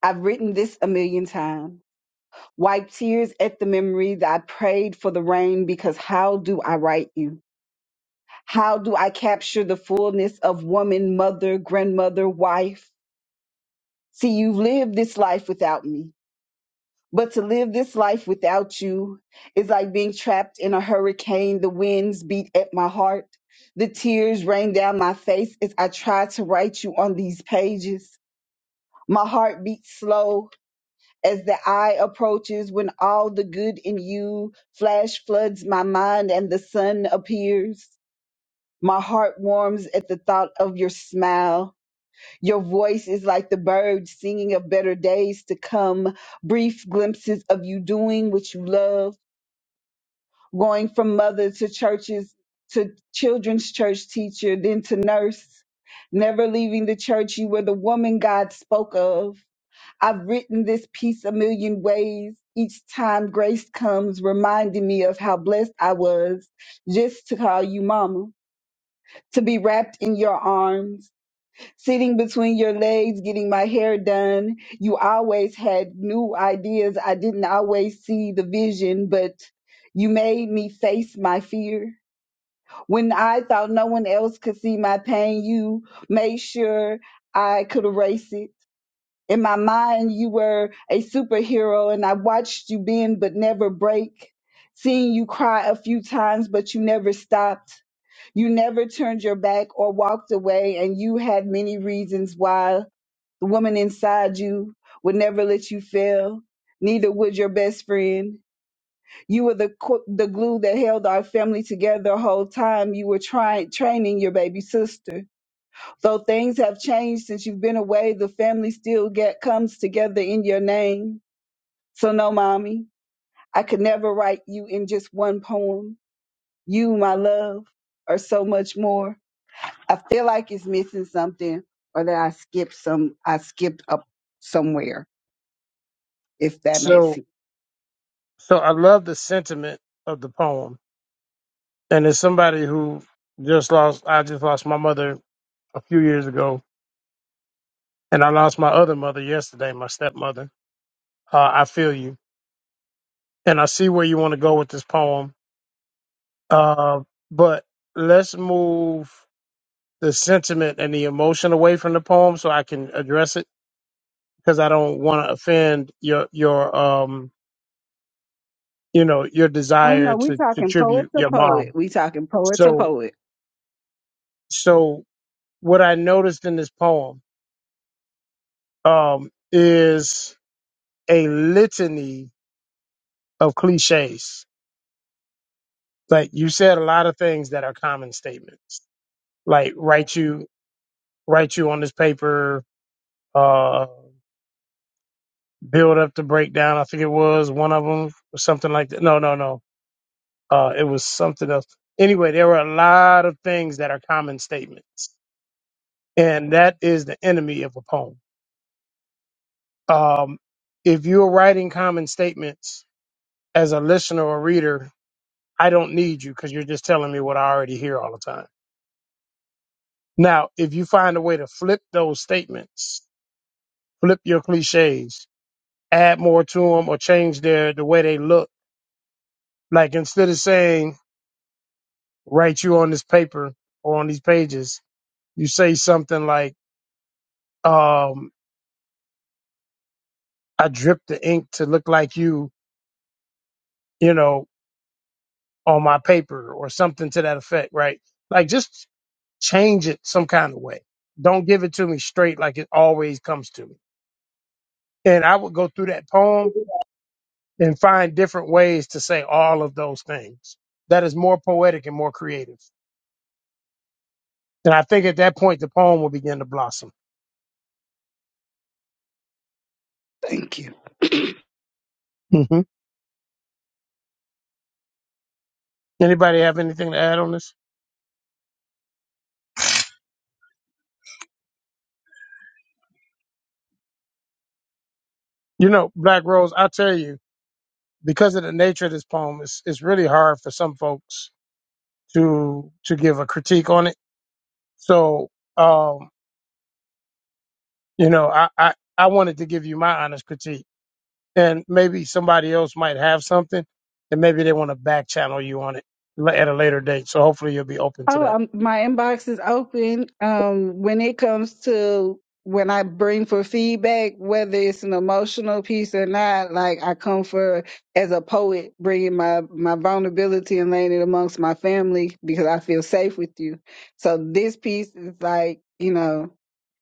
Speaker 1: I've written this a million times. Wipe tears at the memory that I prayed for the rain because how do I write you? How do I capture the fullness of woman, mother, grandmother, wife? See, you've lived this life without me. But to live this life without you is like being trapped in a hurricane. The winds beat at my heart. The tears rain down my face as I try to write you on these pages. My heart beats slow as the eye approaches when all the good in you flash floods my mind and the sun appears. My heart warms at the thought of your smile your voice is like the bird singing of better days to come, brief glimpses of you doing what you love, going from mother to churches, to children's church teacher, then to nurse. Never leaving the church, you were the woman God spoke of. I've written this piece a million ways. Each time grace comes, reminding me of how blessed I was just to call you mama, to be wrapped in your arms sitting between your legs, getting my hair done. You always had new ideas. I didn't always see the vision, but you made me face my fear. When I thought no one else could see my pain, you made sure I could erase it. In my mind, you were a superhero, and I watched you bend but never break. Seeing you cry a few times, but you never stopped. You never turned your back or walked away, and you had many reasons why the woman inside you would never let you fail. Neither would your best friend. You were the qu- the glue that held our family together the whole time. You were trying training your baby sister. Though things have changed since you've been away, the family still get comes together in your name. So no, mommy, I could never write you in just one poem. You, my love, are so much more. I feel like it's missing something, or that I skipped some. I skipped up somewhere. if that makes
Speaker 2: So
Speaker 1: sense.
Speaker 2: so I love the sentiment of the poem. And as somebody who just lost, I just lost my mother a few years ago, and I lost my other mother yesterday, my stepmother. Uh, I feel you, and I see where you want to go with this poem. Uh, but let's move the sentiment and the emotion away from the poem so I can address it because I don't want to offend your your um you know your
Speaker 1: Oh
Speaker 2: desire
Speaker 1: no, we
Speaker 2: to to
Speaker 1: talking poet
Speaker 2: tribute
Speaker 1: to
Speaker 2: your
Speaker 1: poet.
Speaker 2: mom.
Speaker 1: We talking poet to
Speaker 2: So
Speaker 1: poet.
Speaker 2: so what I noticed in this poem um is a litany of cliches. Like you said a lot of things that are common statements. Like write you write you on this paper, uh, build up the breakdown. I think it was one of them or something like that. No, no, no. Uh, it was something else. Anyway, there were a lot of things that are common statements, and that is the enemy of a poem. Um, if you're writing common statements as a listener or reader, I don't need you because you're just telling me what I already hear all the time Now, if you find a way to flip those statements, flip your cliches, add more to them or change their the way they look. Like instead of saying write you on this paper or on these pages, you say something like, um, I drip the ink to look like you, you know, on my paper or something to that effect, right? Like just change it some kind of way. Don't give it to me straight like it always comes to me. And I would go through that poem and find different ways to say all of those things. That is more poetic and more creative. And I think at that point, the poem will begin to blossom.
Speaker 1: Thank you.
Speaker 2: hmm Anybody have anything to add on this? You know, Black Rose, I tell you, because of the nature of this poem, it's, it's really hard for some folks to to give a critique on it. So, um, you know, I, I, I wanted to give you my honest critique and maybe somebody else might have something, and maybe they want to back channel you on it la- at a later date. So hopefully you'll be open to
Speaker 1: Oh,
Speaker 2: that.
Speaker 1: um, my inbox is open. Um, when it comes to when I bring for feedback, whether it's an emotional piece or not, like I come for as a poet, bringing my my vulnerability and laying it amongst my family because I feel safe with you. So this piece is like you know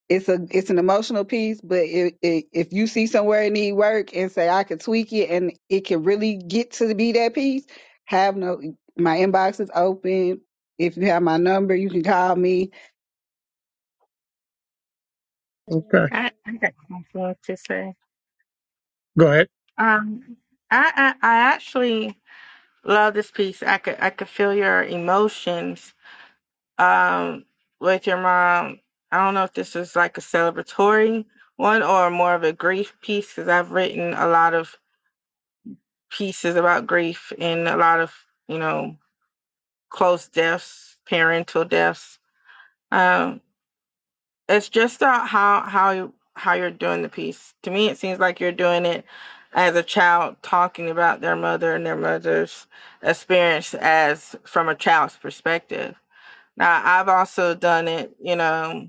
Speaker 1: it's a it's an emotional piece, but it, it, if you see somewhere it need work and say I could tweak it and it can really get to be that piece, have no my inbox is open. If you have my number, you can call me.
Speaker 2: Okay,
Speaker 9: I, I got something to say.
Speaker 2: go ahead.
Speaker 9: Um, I, I I actually love this piece. I could I could feel your emotions. Um, with your mom. I don't know if this is like a celebratory one or more of a grief piece because I've written a lot of pieces about grief and a lot of you know close deaths parental deaths um it's just about how how you how you're doing the piece to me it seems like you're doing it as a child talking about their mother and their mother's experience as from a child's perspective now i've also done it you know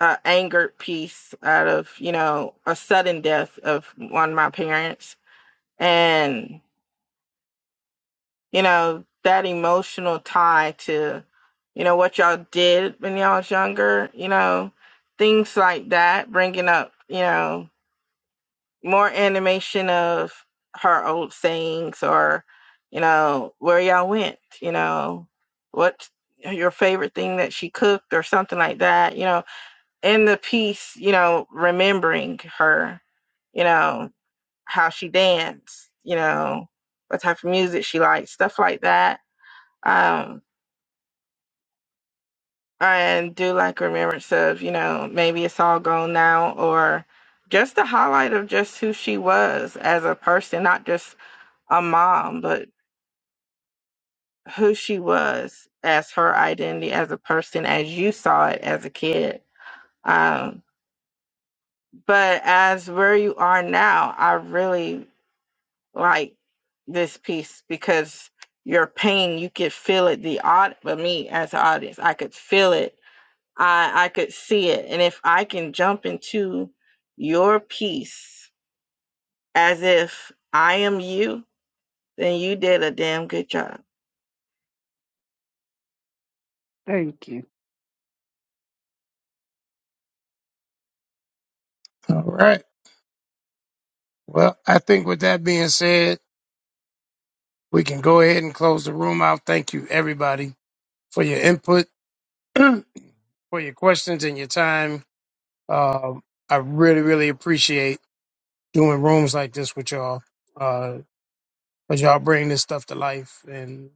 Speaker 9: an angered piece out of you know a sudden death of one of my parents and you know, that emotional tie to, you know, what y'all did when y'all was younger, you know, things like that, bringing up, you know, more animation of her old sayings or, you know, where y'all went, you know, what your favorite thing that she cooked or something like that, you know, in the piece, you know, remembering her, you know, how she danced, you know, what type of music she liked, stuff like that um, and do like remembrance of, you know, maybe it's all gone now, or just the highlight of just who she was as a person, not just a mom, but who she was as her identity as a person, as you saw it as a kid. Um, but as where you are now, I really like this piece because your pain, you could feel it. The odd, but me as an audience, I could feel it I I could see it. And if I can jump into your peace as if I am you, then you did a damn good job.
Speaker 1: Thank you.
Speaker 2: All right. Well, I think with that being said, we can go ahead and close the room out. Thank you, everybody, for your input, for your questions, and your time. Um, I really, really appreciate. doing rooms like this with y'all. Uh, but y'all bring this stuff to life, and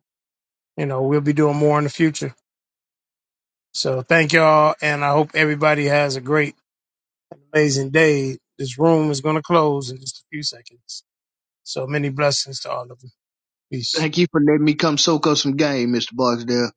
Speaker 2: you know we'll be doing more in the future. So thank y'all, and I hope everybody has a great, amazing day. This room is going to close in just a few seconds. So many blessings to all of you. Peace.
Speaker 14: Thank you for letting me come soak up some game, Mr. Barksdale.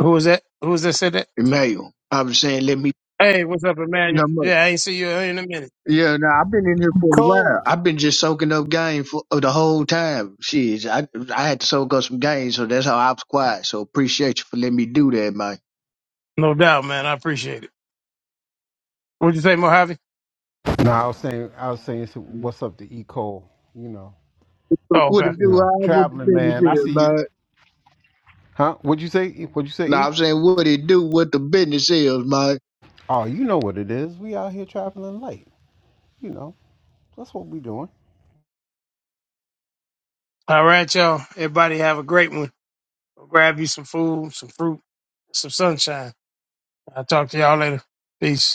Speaker 2: Who was that? Who was that said that?
Speaker 14: Emmanuel. I was saying, let me.
Speaker 2: Hey, what's up,
Speaker 14: No
Speaker 2: Emmanuel?
Speaker 14: much.
Speaker 2: Yeah, I ain't see you in a minute.
Speaker 14: Yeah, no, I've been in here for a while.
Speaker 15: Cole.
Speaker 14: I've been just soaking up game for uh, the whole time. Shit, I I had to soak up some game, so that's how I was quiet. So appreciate you for letting me do that, man.
Speaker 2: No doubt, man. I appreciate it. What'd you say, Mojave?
Speaker 15: No, I was saying, I was saying, so
Speaker 2: Mhm.
Speaker 15: what's up to E Cole? You know,
Speaker 2: Oh,
Speaker 14: What it
Speaker 2: okay.
Speaker 15: you
Speaker 14: do? I
Speaker 15: know,
Speaker 14: what the
Speaker 15: traveling
Speaker 14: business
Speaker 15: man. I
Speaker 14: is,
Speaker 15: see you.
Speaker 14: man.
Speaker 15: Huh? What'd you say? E? What'd you say?
Speaker 14: No,
Speaker 15: E?
Speaker 14: I'm saying what it do, what the business is, man.
Speaker 15: Oh, you know what it is. We out here traveling light. You know, that's what we doing.
Speaker 2: All right, y'all. Everybody have a great one. Go grab you some food, some fruit, some sunshine. I'll talk to y'all later. Peace.